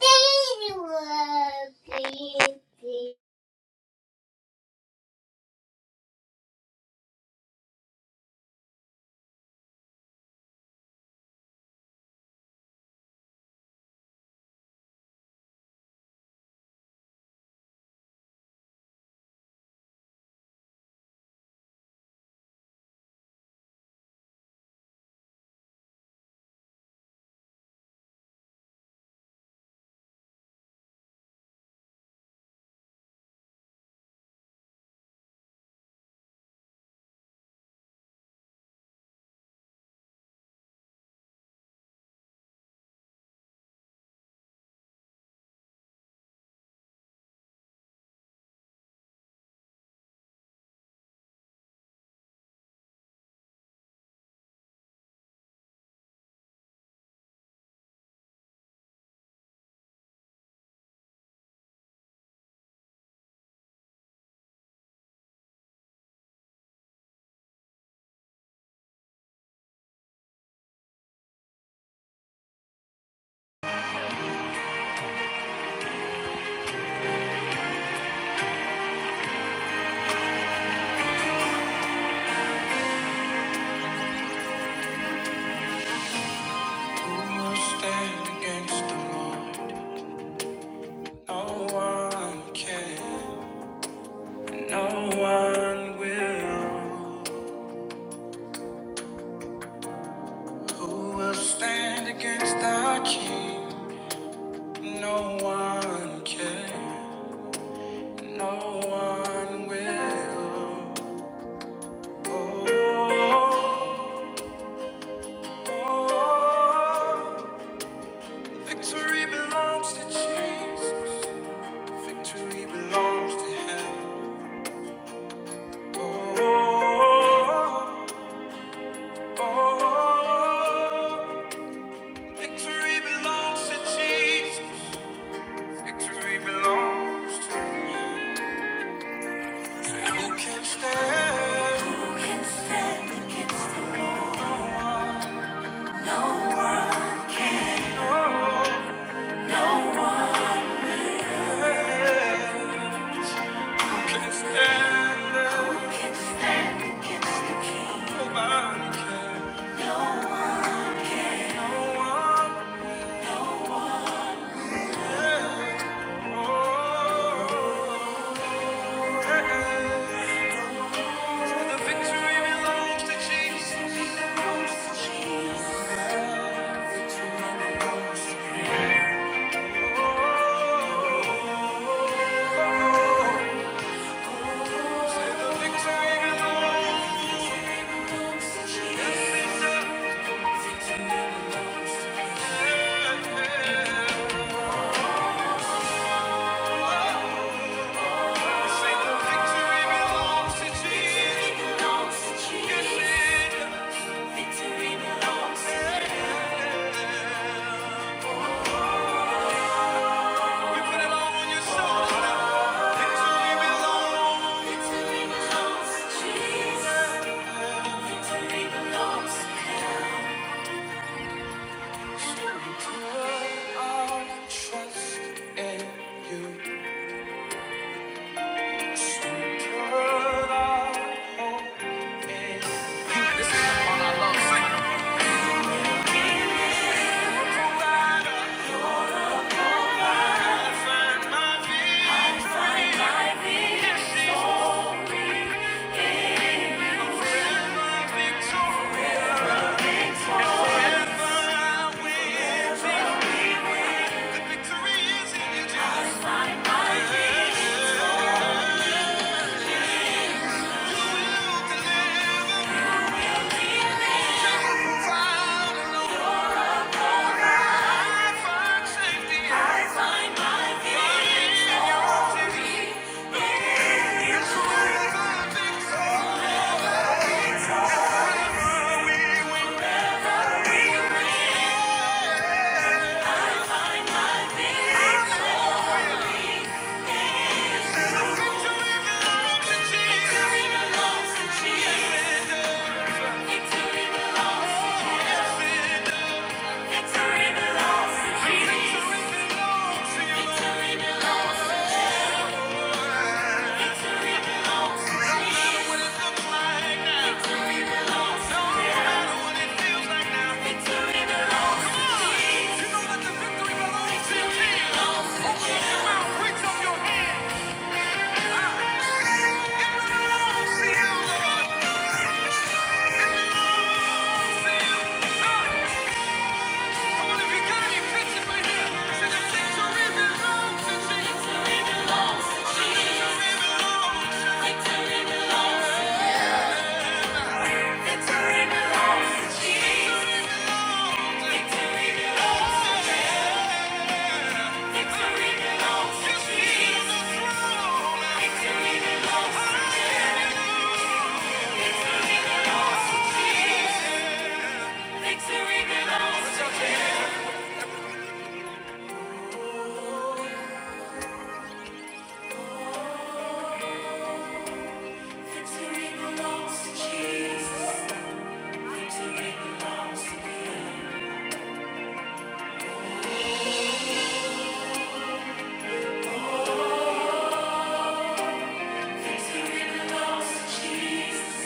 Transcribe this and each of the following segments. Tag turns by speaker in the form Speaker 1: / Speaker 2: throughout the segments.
Speaker 1: They were busy.
Speaker 2: Stand against the Lord. No one can. No one will. Who will stand against our King? No one can. No one will. Oh, oh, victory belongs to Jesus. Victory belongs to Him. Oh. Oh, victory belongs to Jesus. Victory belongs to you. can stand. Oh, yeah. You can stand. Who can stand against the King? Nobody can. No one. Oh, yeah. The victory belongs to Jesus. the victory belongs. Yes, it does. Say the victory belongs to Jesus. Yes, it does. Victory belongs to Jesus. Thank you. Victory belongs to Jesus.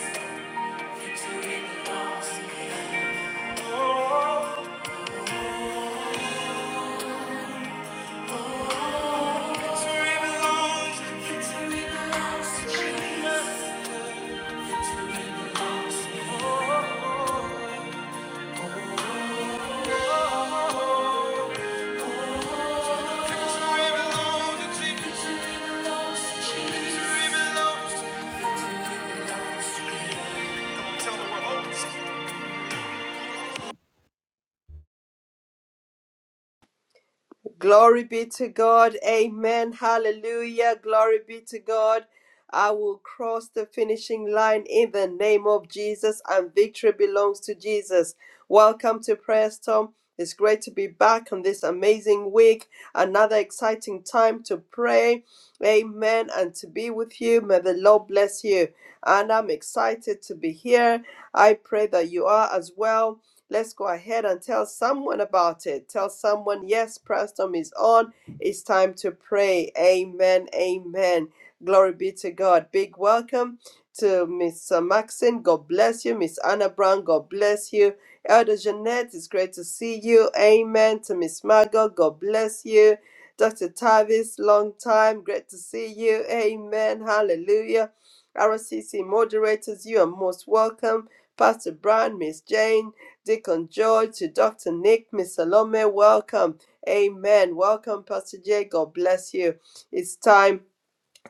Speaker 3: Glory be to God. Amen. Hallelujah. Glory be to God. I will cross the finishing line in the name of Jesus, and victory belongs to Jesus. Welcome to Prayer Storm. It's great to be back on this amazing week. Another exciting time to pray. Amen. And to be with you. May the Lord bless you. And I'm excited to be here. I pray that you are as well. Let's go ahead and tell someone about it. Tell someone, yes, Preston is on. It's time to pray. Amen. Amen. Glory be to God. Big welcome to Miss uh, Maxine. God bless you. Miss Anna Brown, God bless you. Elder Jeanette, it's great to see you. Amen. To Miss Margot, God bless you. Dr. Tavis, long time. Great to see you. Amen. Hallelujah. RCC moderators, you are most welcome. Pastor Brown, Miss Jane, Deacon George, to Dr. Nick, Miss Salome, welcome. Amen. Welcome, Pastor Jay. God bless you. It's time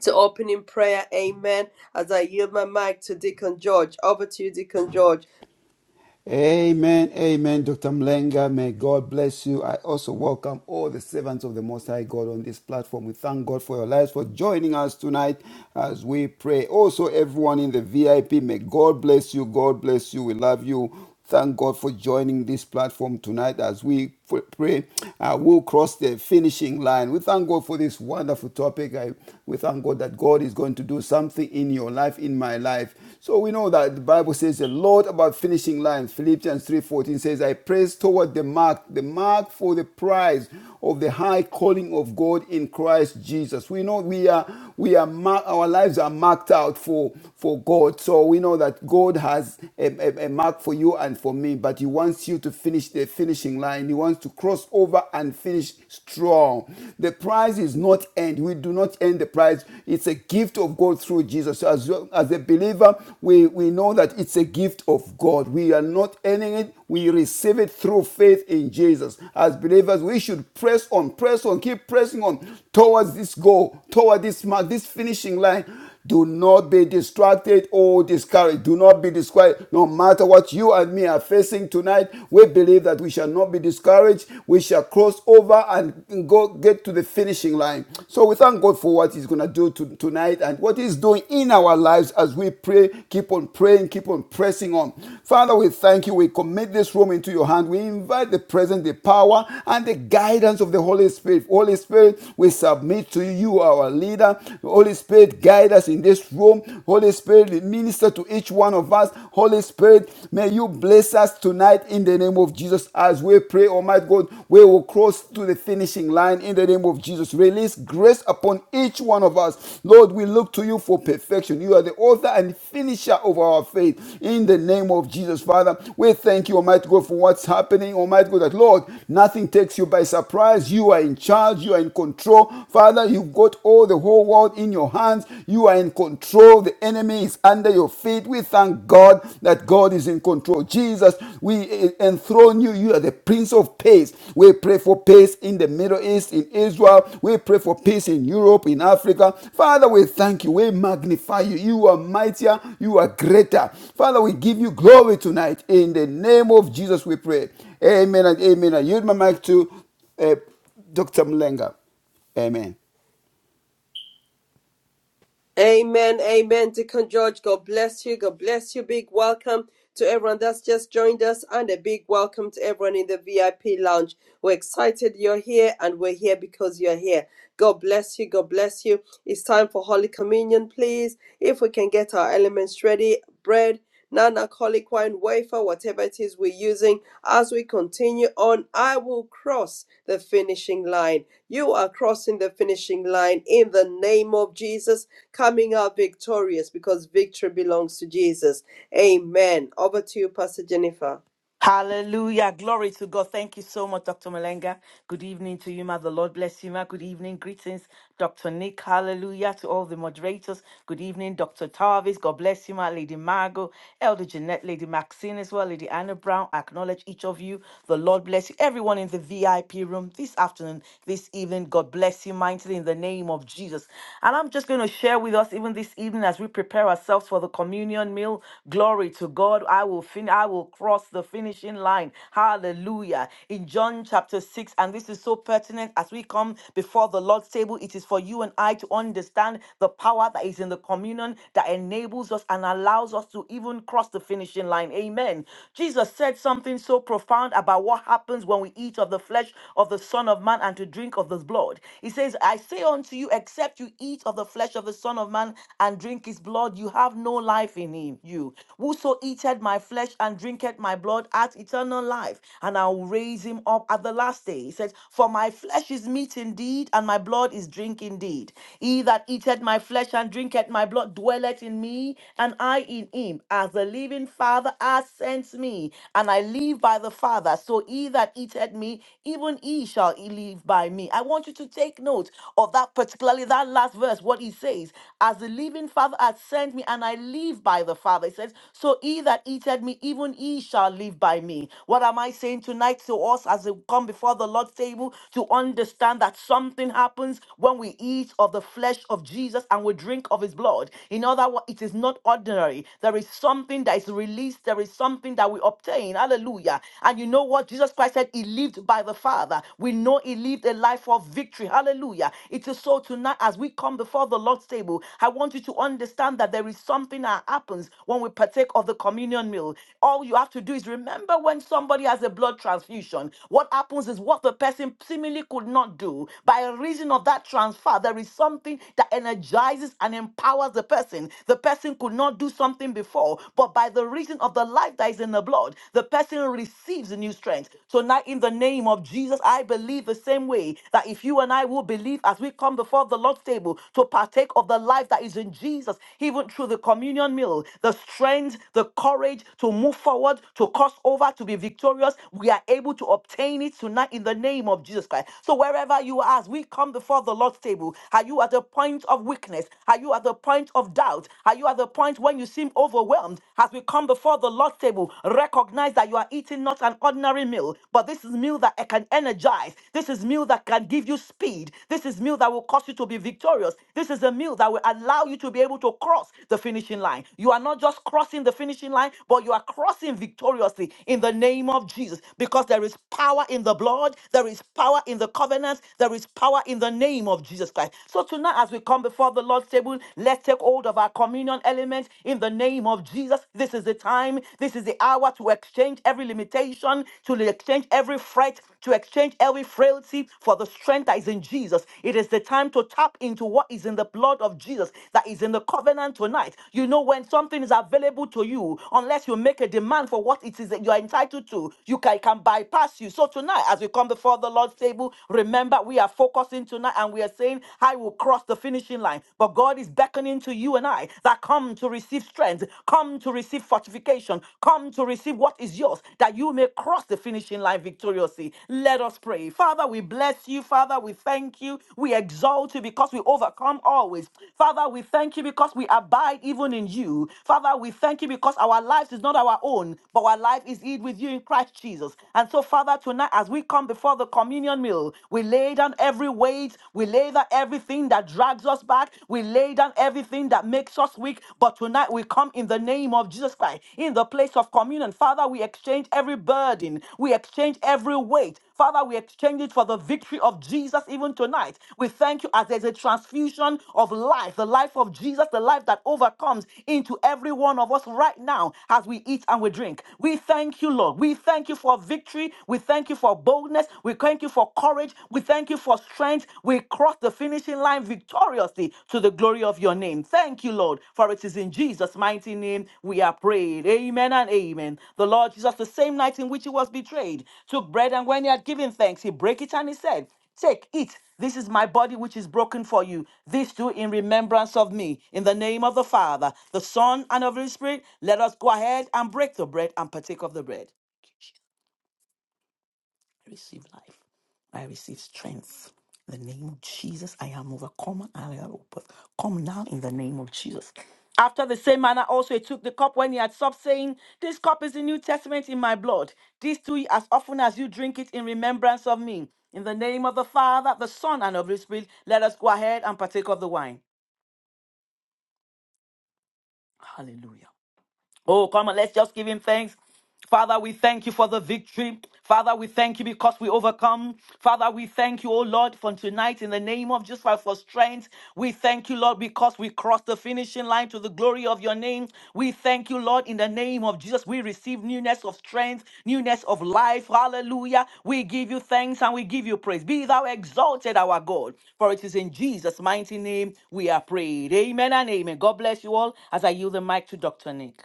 Speaker 3: to open in prayer. Amen. As I yield my mic to Deacon George. Over to you, Deacon George.
Speaker 4: Amen, amen, Dr. Mlenga. May God bless you. I also welcome all the servants of the Most High God on this platform. We thank God for your lives, for joining us tonight as we pray. Also, everyone in the VIP, may God bless you. God bless you. We love you. Thank God for joining this platform tonight as we pray. Uh, we'll cross the finishing line. We thank God for this wonderful topic. I, we thank God that God is going to do something in your life, in my life. So we know that the Bible says a lot about finishing line. Philippians 3:14 says, "I press toward the mark, the mark for the prize of the high calling of God in Christ Jesus." We know we are we are mar- our lives are marked out for for God. So we know that God has as a, a, a mark for you and for me, but He wants you to finish the finishing line. He wants to cross over and finish strong. The prize is not end. We do not end the prize. It's a gift of God through Jesus. So as, as a believer, we, we know that it's a gift of God. We are not earning it. We receive it through faith in Jesus. As believers, we should press on, press on, keep pressing on towards this goal, toward this mark, this finishing line do not be distracted or discouraged. Do not be discouraged. No matter what you and me are facing tonight, we believe that we shall not be discouraged. We shall cross over and go get to the finishing line. So we thank God for what He's going to do to- tonight and what He's doing in our lives as we pray. Keep on praying. Keep on pressing on. Father, we thank you. We commit this room into your hand. We invite the presence, the power, and the guidance of the Holy Spirit. Holy Spirit, we submit to you. our leader. Holy. Holy Spirit, guide us in this room. Holy Spirit, minister to each one of us. Holy Spirit, may you bless us tonight in the name of Jesus as we pray, Almighty God. We will cross to the finishing line in the name of Jesus. Release grace upon each one of us. Lord, we look to you for perfection. You are the author and finisher of our faith in the name of Jesus, Father. We thank you, Almighty God, for what's happening, Almighty God, that Lord, nothing takes you by surprise. You are in charge, you are in control. Father, you've got all the hold the whole world in your hands. You are in control. The enemy is under your feet. We thank God that God is in control. Jesus, we eh, enthrone you. You are the Prince of Peace. We pray for peace in the Middle East, in Israel. We pray for peace in Europe, in Africa. Father, we thank you. We magnify you. You are mightier. You are greater. Father, we give you glory tonight. In the name of Jesus, we pray. Amen and amen. I yield my mic to uh, Dr. Mlenga. Amen.
Speaker 3: Amen, amen. Deacon George, God bless you. God bless you. Big welcome to everyone that's just joined us, and a big welcome to everyone in the VIP lounge. We're excited you're here, and we're here because you're here. God bless you. God bless you. It's time for Holy Communion, please. If we can get our elements ready, bread, non alcoholic wine, wafer, whatever it is we're using, as we continue on, I will cross the finishing line. You are crossing the finishing line in the name of Jesus, coming out victorious because victory belongs to Jesus. Amen. Over to you, Pastor Jennifer.
Speaker 5: Hallelujah. Glory to God. Thank you so much, Dr. Malenga. Good evening to you, ma. The Lord bless you, ma. Good evening. Greetings, Dr. Nick. Hallelujah to all the moderators. Good evening, Dr. Tarvis. God bless you, ma. Lady Margot, Elder Jeanette, Lady Maxine as well, Lady Anna Brown. I acknowledge each of you. The Lord bless you. Everyone in the VIP room this afternoon, this evening. God bless you mightily in the name of Jesus. And I'm just going to share with us even this evening as we prepare ourselves for the communion meal. Glory to God. I will fin- I will cross the finish finishing line. Hallelujah. In John chapter 6, and this is so pertinent as we come before the Lord's table, it is for you and I to understand the power that is in the communion that enables us and allows us to even cross the finishing line. Amen. Jesus said something so profound about what happens when we eat of the flesh of the Son of Man and to drink of the blood. He says, I say unto you, except you eat of the flesh of the Son of Man and drink his blood, you have no life in him. You whoso eateth my flesh and drinketh my blood, hath eternal life, and I'll raise him up at the last day. He says, For my flesh is meat indeed, and my blood is drink indeed. He that eateth my flesh and drinketh my blood dwelleth in me, and I in him. As the living Father hath sent me, and I live by the Father, so he that eateth me, even he shall live by me. I want you to take note of that, particularly that last verse, what he says, As the living Father hath sent me, and I live by the Father. He says, So he that eateth me, even he shall live by me by me. What am I saying tonight to us as we come before the Lord's table to understand that something happens when we eat of the flesh of Jesus and we drink of his blood? In other words, it is not ordinary. There is something that is released, there is something that we obtain. Hallelujah. And you know what? Jesus Christ said he lived by the Father. We know he lived a life of victory. Hallelujah. It is so tonight as we come before the Lord's table, I want you to understand that there is something that happens when we partake of the communion meal. All you have to do is remember Remember when somebody has a blood transfusion, what happens is what the person seemingly could not do by reason of that transfer. There is something that energizes and empowers the person. The person could not do something before, but by the reason of the life that is in the blood, the person receives a new strength. So now, in the name of Jesus, I believe the same way that if you and I will believe as we come before the Lord's table to partake of the life that is in Jesus, even through the communion meal, the strength, the courage to move forward, to cross over, over to be victorious, we are able to obtain it tonight in the name of Jesus Christ. So wherever you are, as we come before the Lord's table, are you at the point of weakness? Are you at the point of doubt? Are you at the point when you seem overwhelmed? As we come before the Lord's table, recognize that you are eating not an ordinary meal, but this is meal that can energize. This is meal that can give you speed. This is meal that will cause you to be victorious. This is a meal that will allow you to be able to cross the finishing line. You are not just crossing the finishing line, but you are crossing victoriously in in the name of Jesus because there is power in the blood, there is power in the covenant, there is power in the name of Jesus Christ. So tonight, as we come before the Lord's table, let's take hold of our communion element in the name of Jesus. This is the time, this is the hour to exchange every limitation, to exchange every fret, to exchange every frailty for the strength that is in Jesus. It is the time to tap into what is in the blood of Jesus that is in the covenant tonight. You know, when something is available to you, unless you make a demand for what it is that you are entitled to. You can, it can bypass you. So tonight, as we come before the Lord's table, remember we are focusing tonight and we are saying, I will cross the finishing line. But God is beckoning to you and I that come to receive strength, come to receive fortification, come to receive what is yours, that you may cross the finishing line victoriously. Let us pray. Father, we bless you. Father, we thank you. We exalt you because we overcome always. Father, we thank you because we abide even in you. Father, we thank you because our life is not our own, but our life is hid with with you in Christ Jesus. And so, Father, tonight as we come before the communion meal, we lay down every weight, we lay down everything that drags us back, we lay down everything that makes us weak. But tonight we come in the name of Jesus Christ, in the place of communion. Father, we exchange every burden, we exchange every weight. Father, we exchange it for the victory of Jesus even tonight. We thank you as there's a transfusion of life, the life of Jesus, the life that overcomes into every one of us right now as we eat and we drink. We thank you, Lord. Lord. We thank you for victory. We thank you for boldness. We thank you for courage. We thank you for strength. We cross the finishing line victoriously to the glory of your name. Thank you, Lord, for it is in Jesus' mighty name we are prayed. Amen and amen. The Lord Jesus, the same night in which he was betrayed, took bread and when he had given thanks, he broke it and he said, Take, eat. This is my body which is broken for you. This do in remembrance of me. In the name of the Father, the Son, and of the Holy Spirit, let us go ahead and break the bread and partake of the bread. I receive life. I receive strength. In the name of Jesus, I am overcomer and I am open. Come now in the name of Jesus. After the same manner, also he took the cup when he had supped, saying, This cup is the New Testament in my blood. This do ye as often as you drink it in remembrance of me. In the name of the Father, the Son, and of the Spirit, let us go ahead and partake of the wine. Hallelujah. Oh, come on, let's just give him thanks. Father, we thank you for the victory. Father, we thank you because we overcome. Father, we thank you, oh Lord, for tonight in the name of Jesus Christ for strength. We thank you, Lord, because we crossed the finishing line to the glory of your name. We thank you, Lord, in the name of Jesus. We receive newness of strength, newness of life. Hallelujah. We give you thanks and we give you praise. Be thou exalted, our God, for it is in Jesus' mighty name we are prayed. Amen and amen. God bless you all as I yield the mic to Dr. Nick.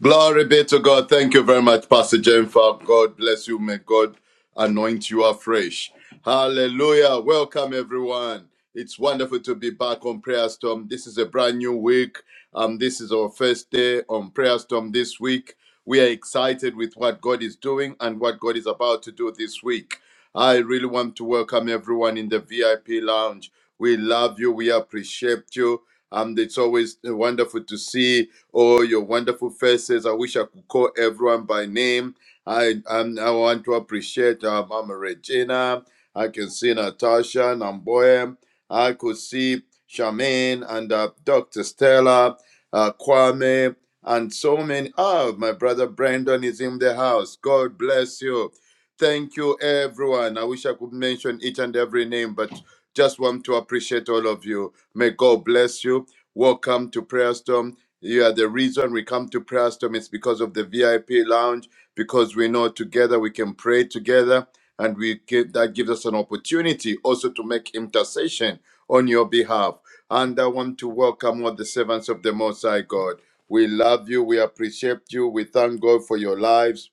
Speaker 6: Glory be to God. Thank you very much, Pastor Jennifer. God bless you. May God anoint you afresh. Hallelujah. Welcome, everyone. It's wonderful to be back on Prayer Storm. This is a brand new week. Um, this is our first day on Prayer Storm this week. We are excited with what God is doing and what God is about to do this week. I really want to welcome everyone in the VIP lounge. We love you. We appreciate you. And it's always wonderful to see Oh, your wonderful faces. I wish I could call everyone by name. I I'm, I want to appreciate uh, Mama Regina. I can see Natasha, Namboya. I could see Charmaine and uh, Dr. Stella, uh, Kwame, and so many. Oh, my brother Brandon is in the house. God bless you. Thank you, everyone. I wish I could mention each and every name, but just want to appreciate all of you. May God bless you. Welcome to Prayer Storm. Yeah, the reason we come to Prayer Storm is because of the VIP lounge, because we know together we can pray together, and we get, that gives us an opportunity also to make intercession on your behalf. And I want to welcome all the servants of the Most High God. We love you. We appreciate you. We thank God for your lives.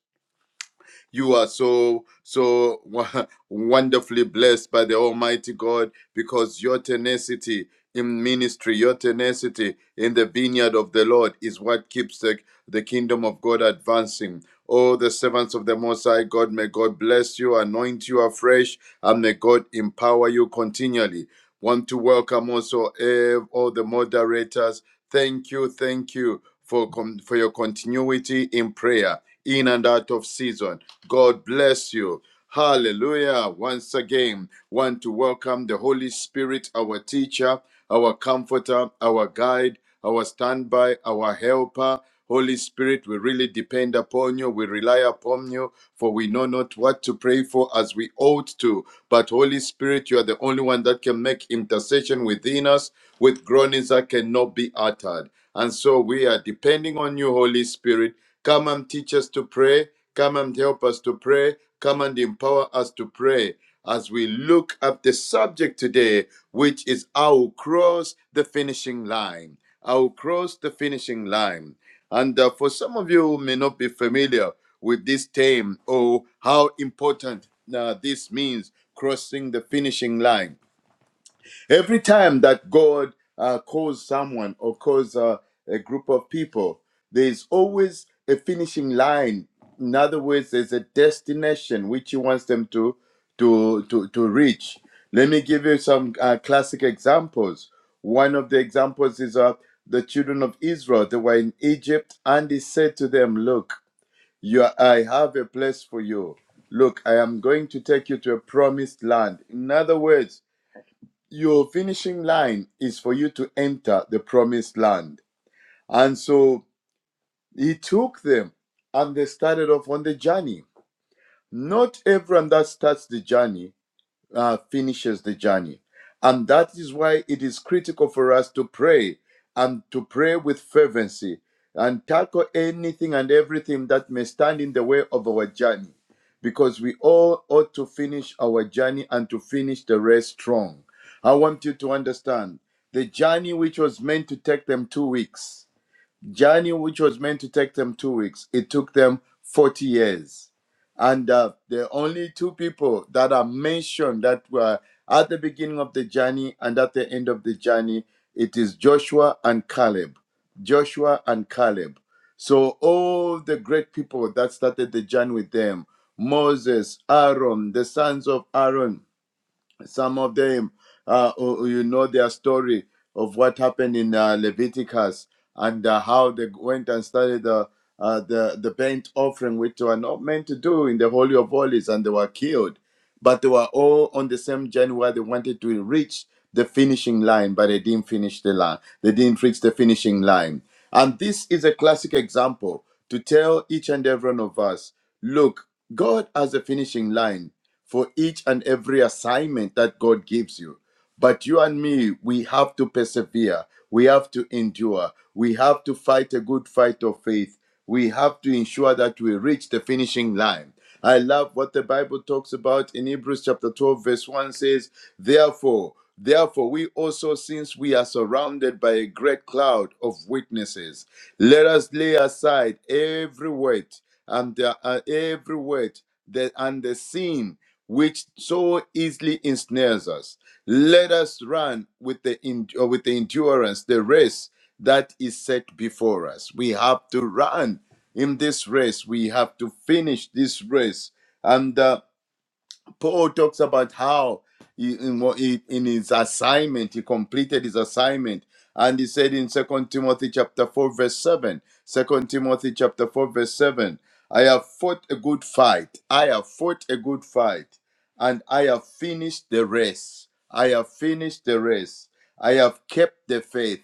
Speaker 6: You are so, so wo- wonderfully blessed by the Almighty God because your tenacity in ministry, your tenacity in the vineyard of the Lord is what keeps the, the kingdom of God advancing. Oh, the servants of the Most High God, may God bless you, anoint you afresh, and may God empower you continually. Want to welcome also ev- all the moderators. Thank you, thank you for com for your continuity in prayer in and out of season. God bless you. Hallelujah. Once again, want to welcome the Holy Spirit, our teacher, our comforter, our guide, our standby, our helper. Holy Spirit, we really depend upon you. We rely upon you, for we know not what to pray for as we ought to. But Holy Spirit, you are the only one that can make intercession within us with groanings that cannot be uttered. And so we are depending on you, Holy Spirit. Come and teach us to pray. Come and help us to pray. Come and empower us to pray. As we look at the subject today, which is I will cross the finishing line. I will cross the finishing line. And uh, for some of you who may not be familiar with this term or how important uh, this means crossing the finishing line. Every time that God uh, calls someone or calls uh, a group of people, there's always a finishing line. In other words, there's a destination which He wants them to to to, to reach. Let me give you some uh, classic examples. One of the examples is uh, the children of Israel. They were in Egypt, and He said to them, "Look, you are, I have a place for you. Look, I am going to take you to a promised land." In other words your finishing line is for you to enter the promised land. And so he took them and they started off on the journey. Not everyone that starts the journey uh, finishes the journey. And that is why it is critical for us to pray and to pray with fervency and tackle anything and everything that may stand in the way of our journey. Because we all ought to finish our journey and to finish the race strong. I want you to understand the journey which was meant to take them two weeks journey which was meant to take them two weeks it took them 40 years and uh, the only two people that are mentioned that were at the beginning of the journey and at the end of the journey it is joshua and caleb joshua and caleb so all the great people that started the journey with them moses aaron the sons of aaron some of them uh, oh, you know their story of what happened in uh, leviticus and uh, how they went and started the uh, the the burnt offering which were not meant to do in the holy of holies and they were killed but they were all on the same journey where they wanted to reach the finishing line, but they didn't finish the line. They didn't reach the finishing line. And this is a classic example to tell each and every one of us look, God has a finishing line for each and every assignment that God gives you. But you and me, we have to persevere. We have to endure. We have to fight a good fight of faith. We have to ensure that we reach the finishing line. I love what the Bible talks about in Hebrews chapter 12, verse 1 says, Therefore, therefore, we also, since we are surrounded by a great cloud of witnesses, let us lay aside every weight and the, uh, every weight the, and the sin which so easily ensnares us. Let us run with the en- uh, with the endurance the race that is set before us. We have to run in this race. We have to finish this race, and. uh, Paul talks about how he, in, in his assignment, he completed his assignment. And he said in Second Timothy chapter 4, verse 7, 2 Timothy chapter 4, verse 7, I have fought a good fight. I have fought a good fight. And I have finished the race. I have finished the race. I have kept the faith.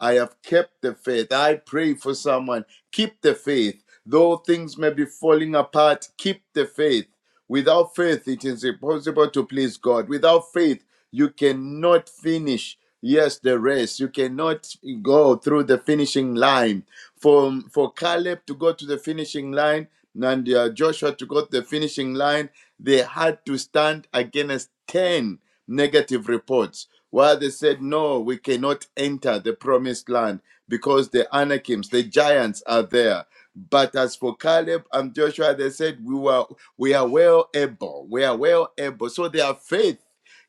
Speaker 6: I have kept the faith. I pray for someone. Keep the faith. Though things may be falling apart, keep the faith Without faith, it is impossible to please God. Without faith, you cannot finish. Yes, the race. You cannot go through the finishing line. For, for Caleb to go to the finishing line and uh, Joshua to go to the finishing line, they had to stand against 10 negative reports. While they said, No, we cannot enter the promised land because the Anakims, the giants, are there. But as for Caleb and Joshua, they said, We were we are well able. We are well able. So their faith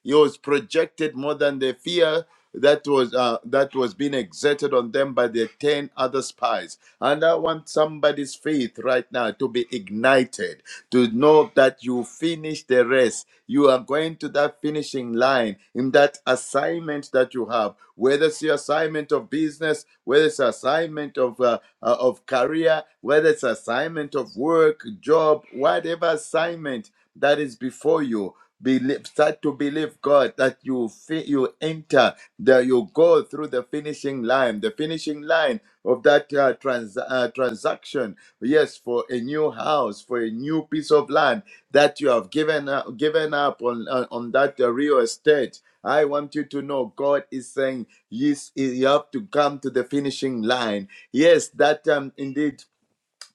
Speaker 6: it was projected more than the fear that was uh, that was being exerted on them by the ten other spies. And I want somebody's faith right now to be ignited to know that you finish the race. You are going to that finishing line in that assignment that you have, whether it's your assignment of business, whether it's assignment of uh, uh, of career, whether it's assignment of work, job, whatever assignment that is before you. Believe, start to believe God that you fi- you enter that you go through the finishing line. The finishing line of that uh, trans- uh, transaction. Yes, for a new house, for a new piece of land that you have given uh, given up on on, on that uh, real estate. I want you to know God is saying, yes, you have to come to the finishing line. Yes, that um, indeed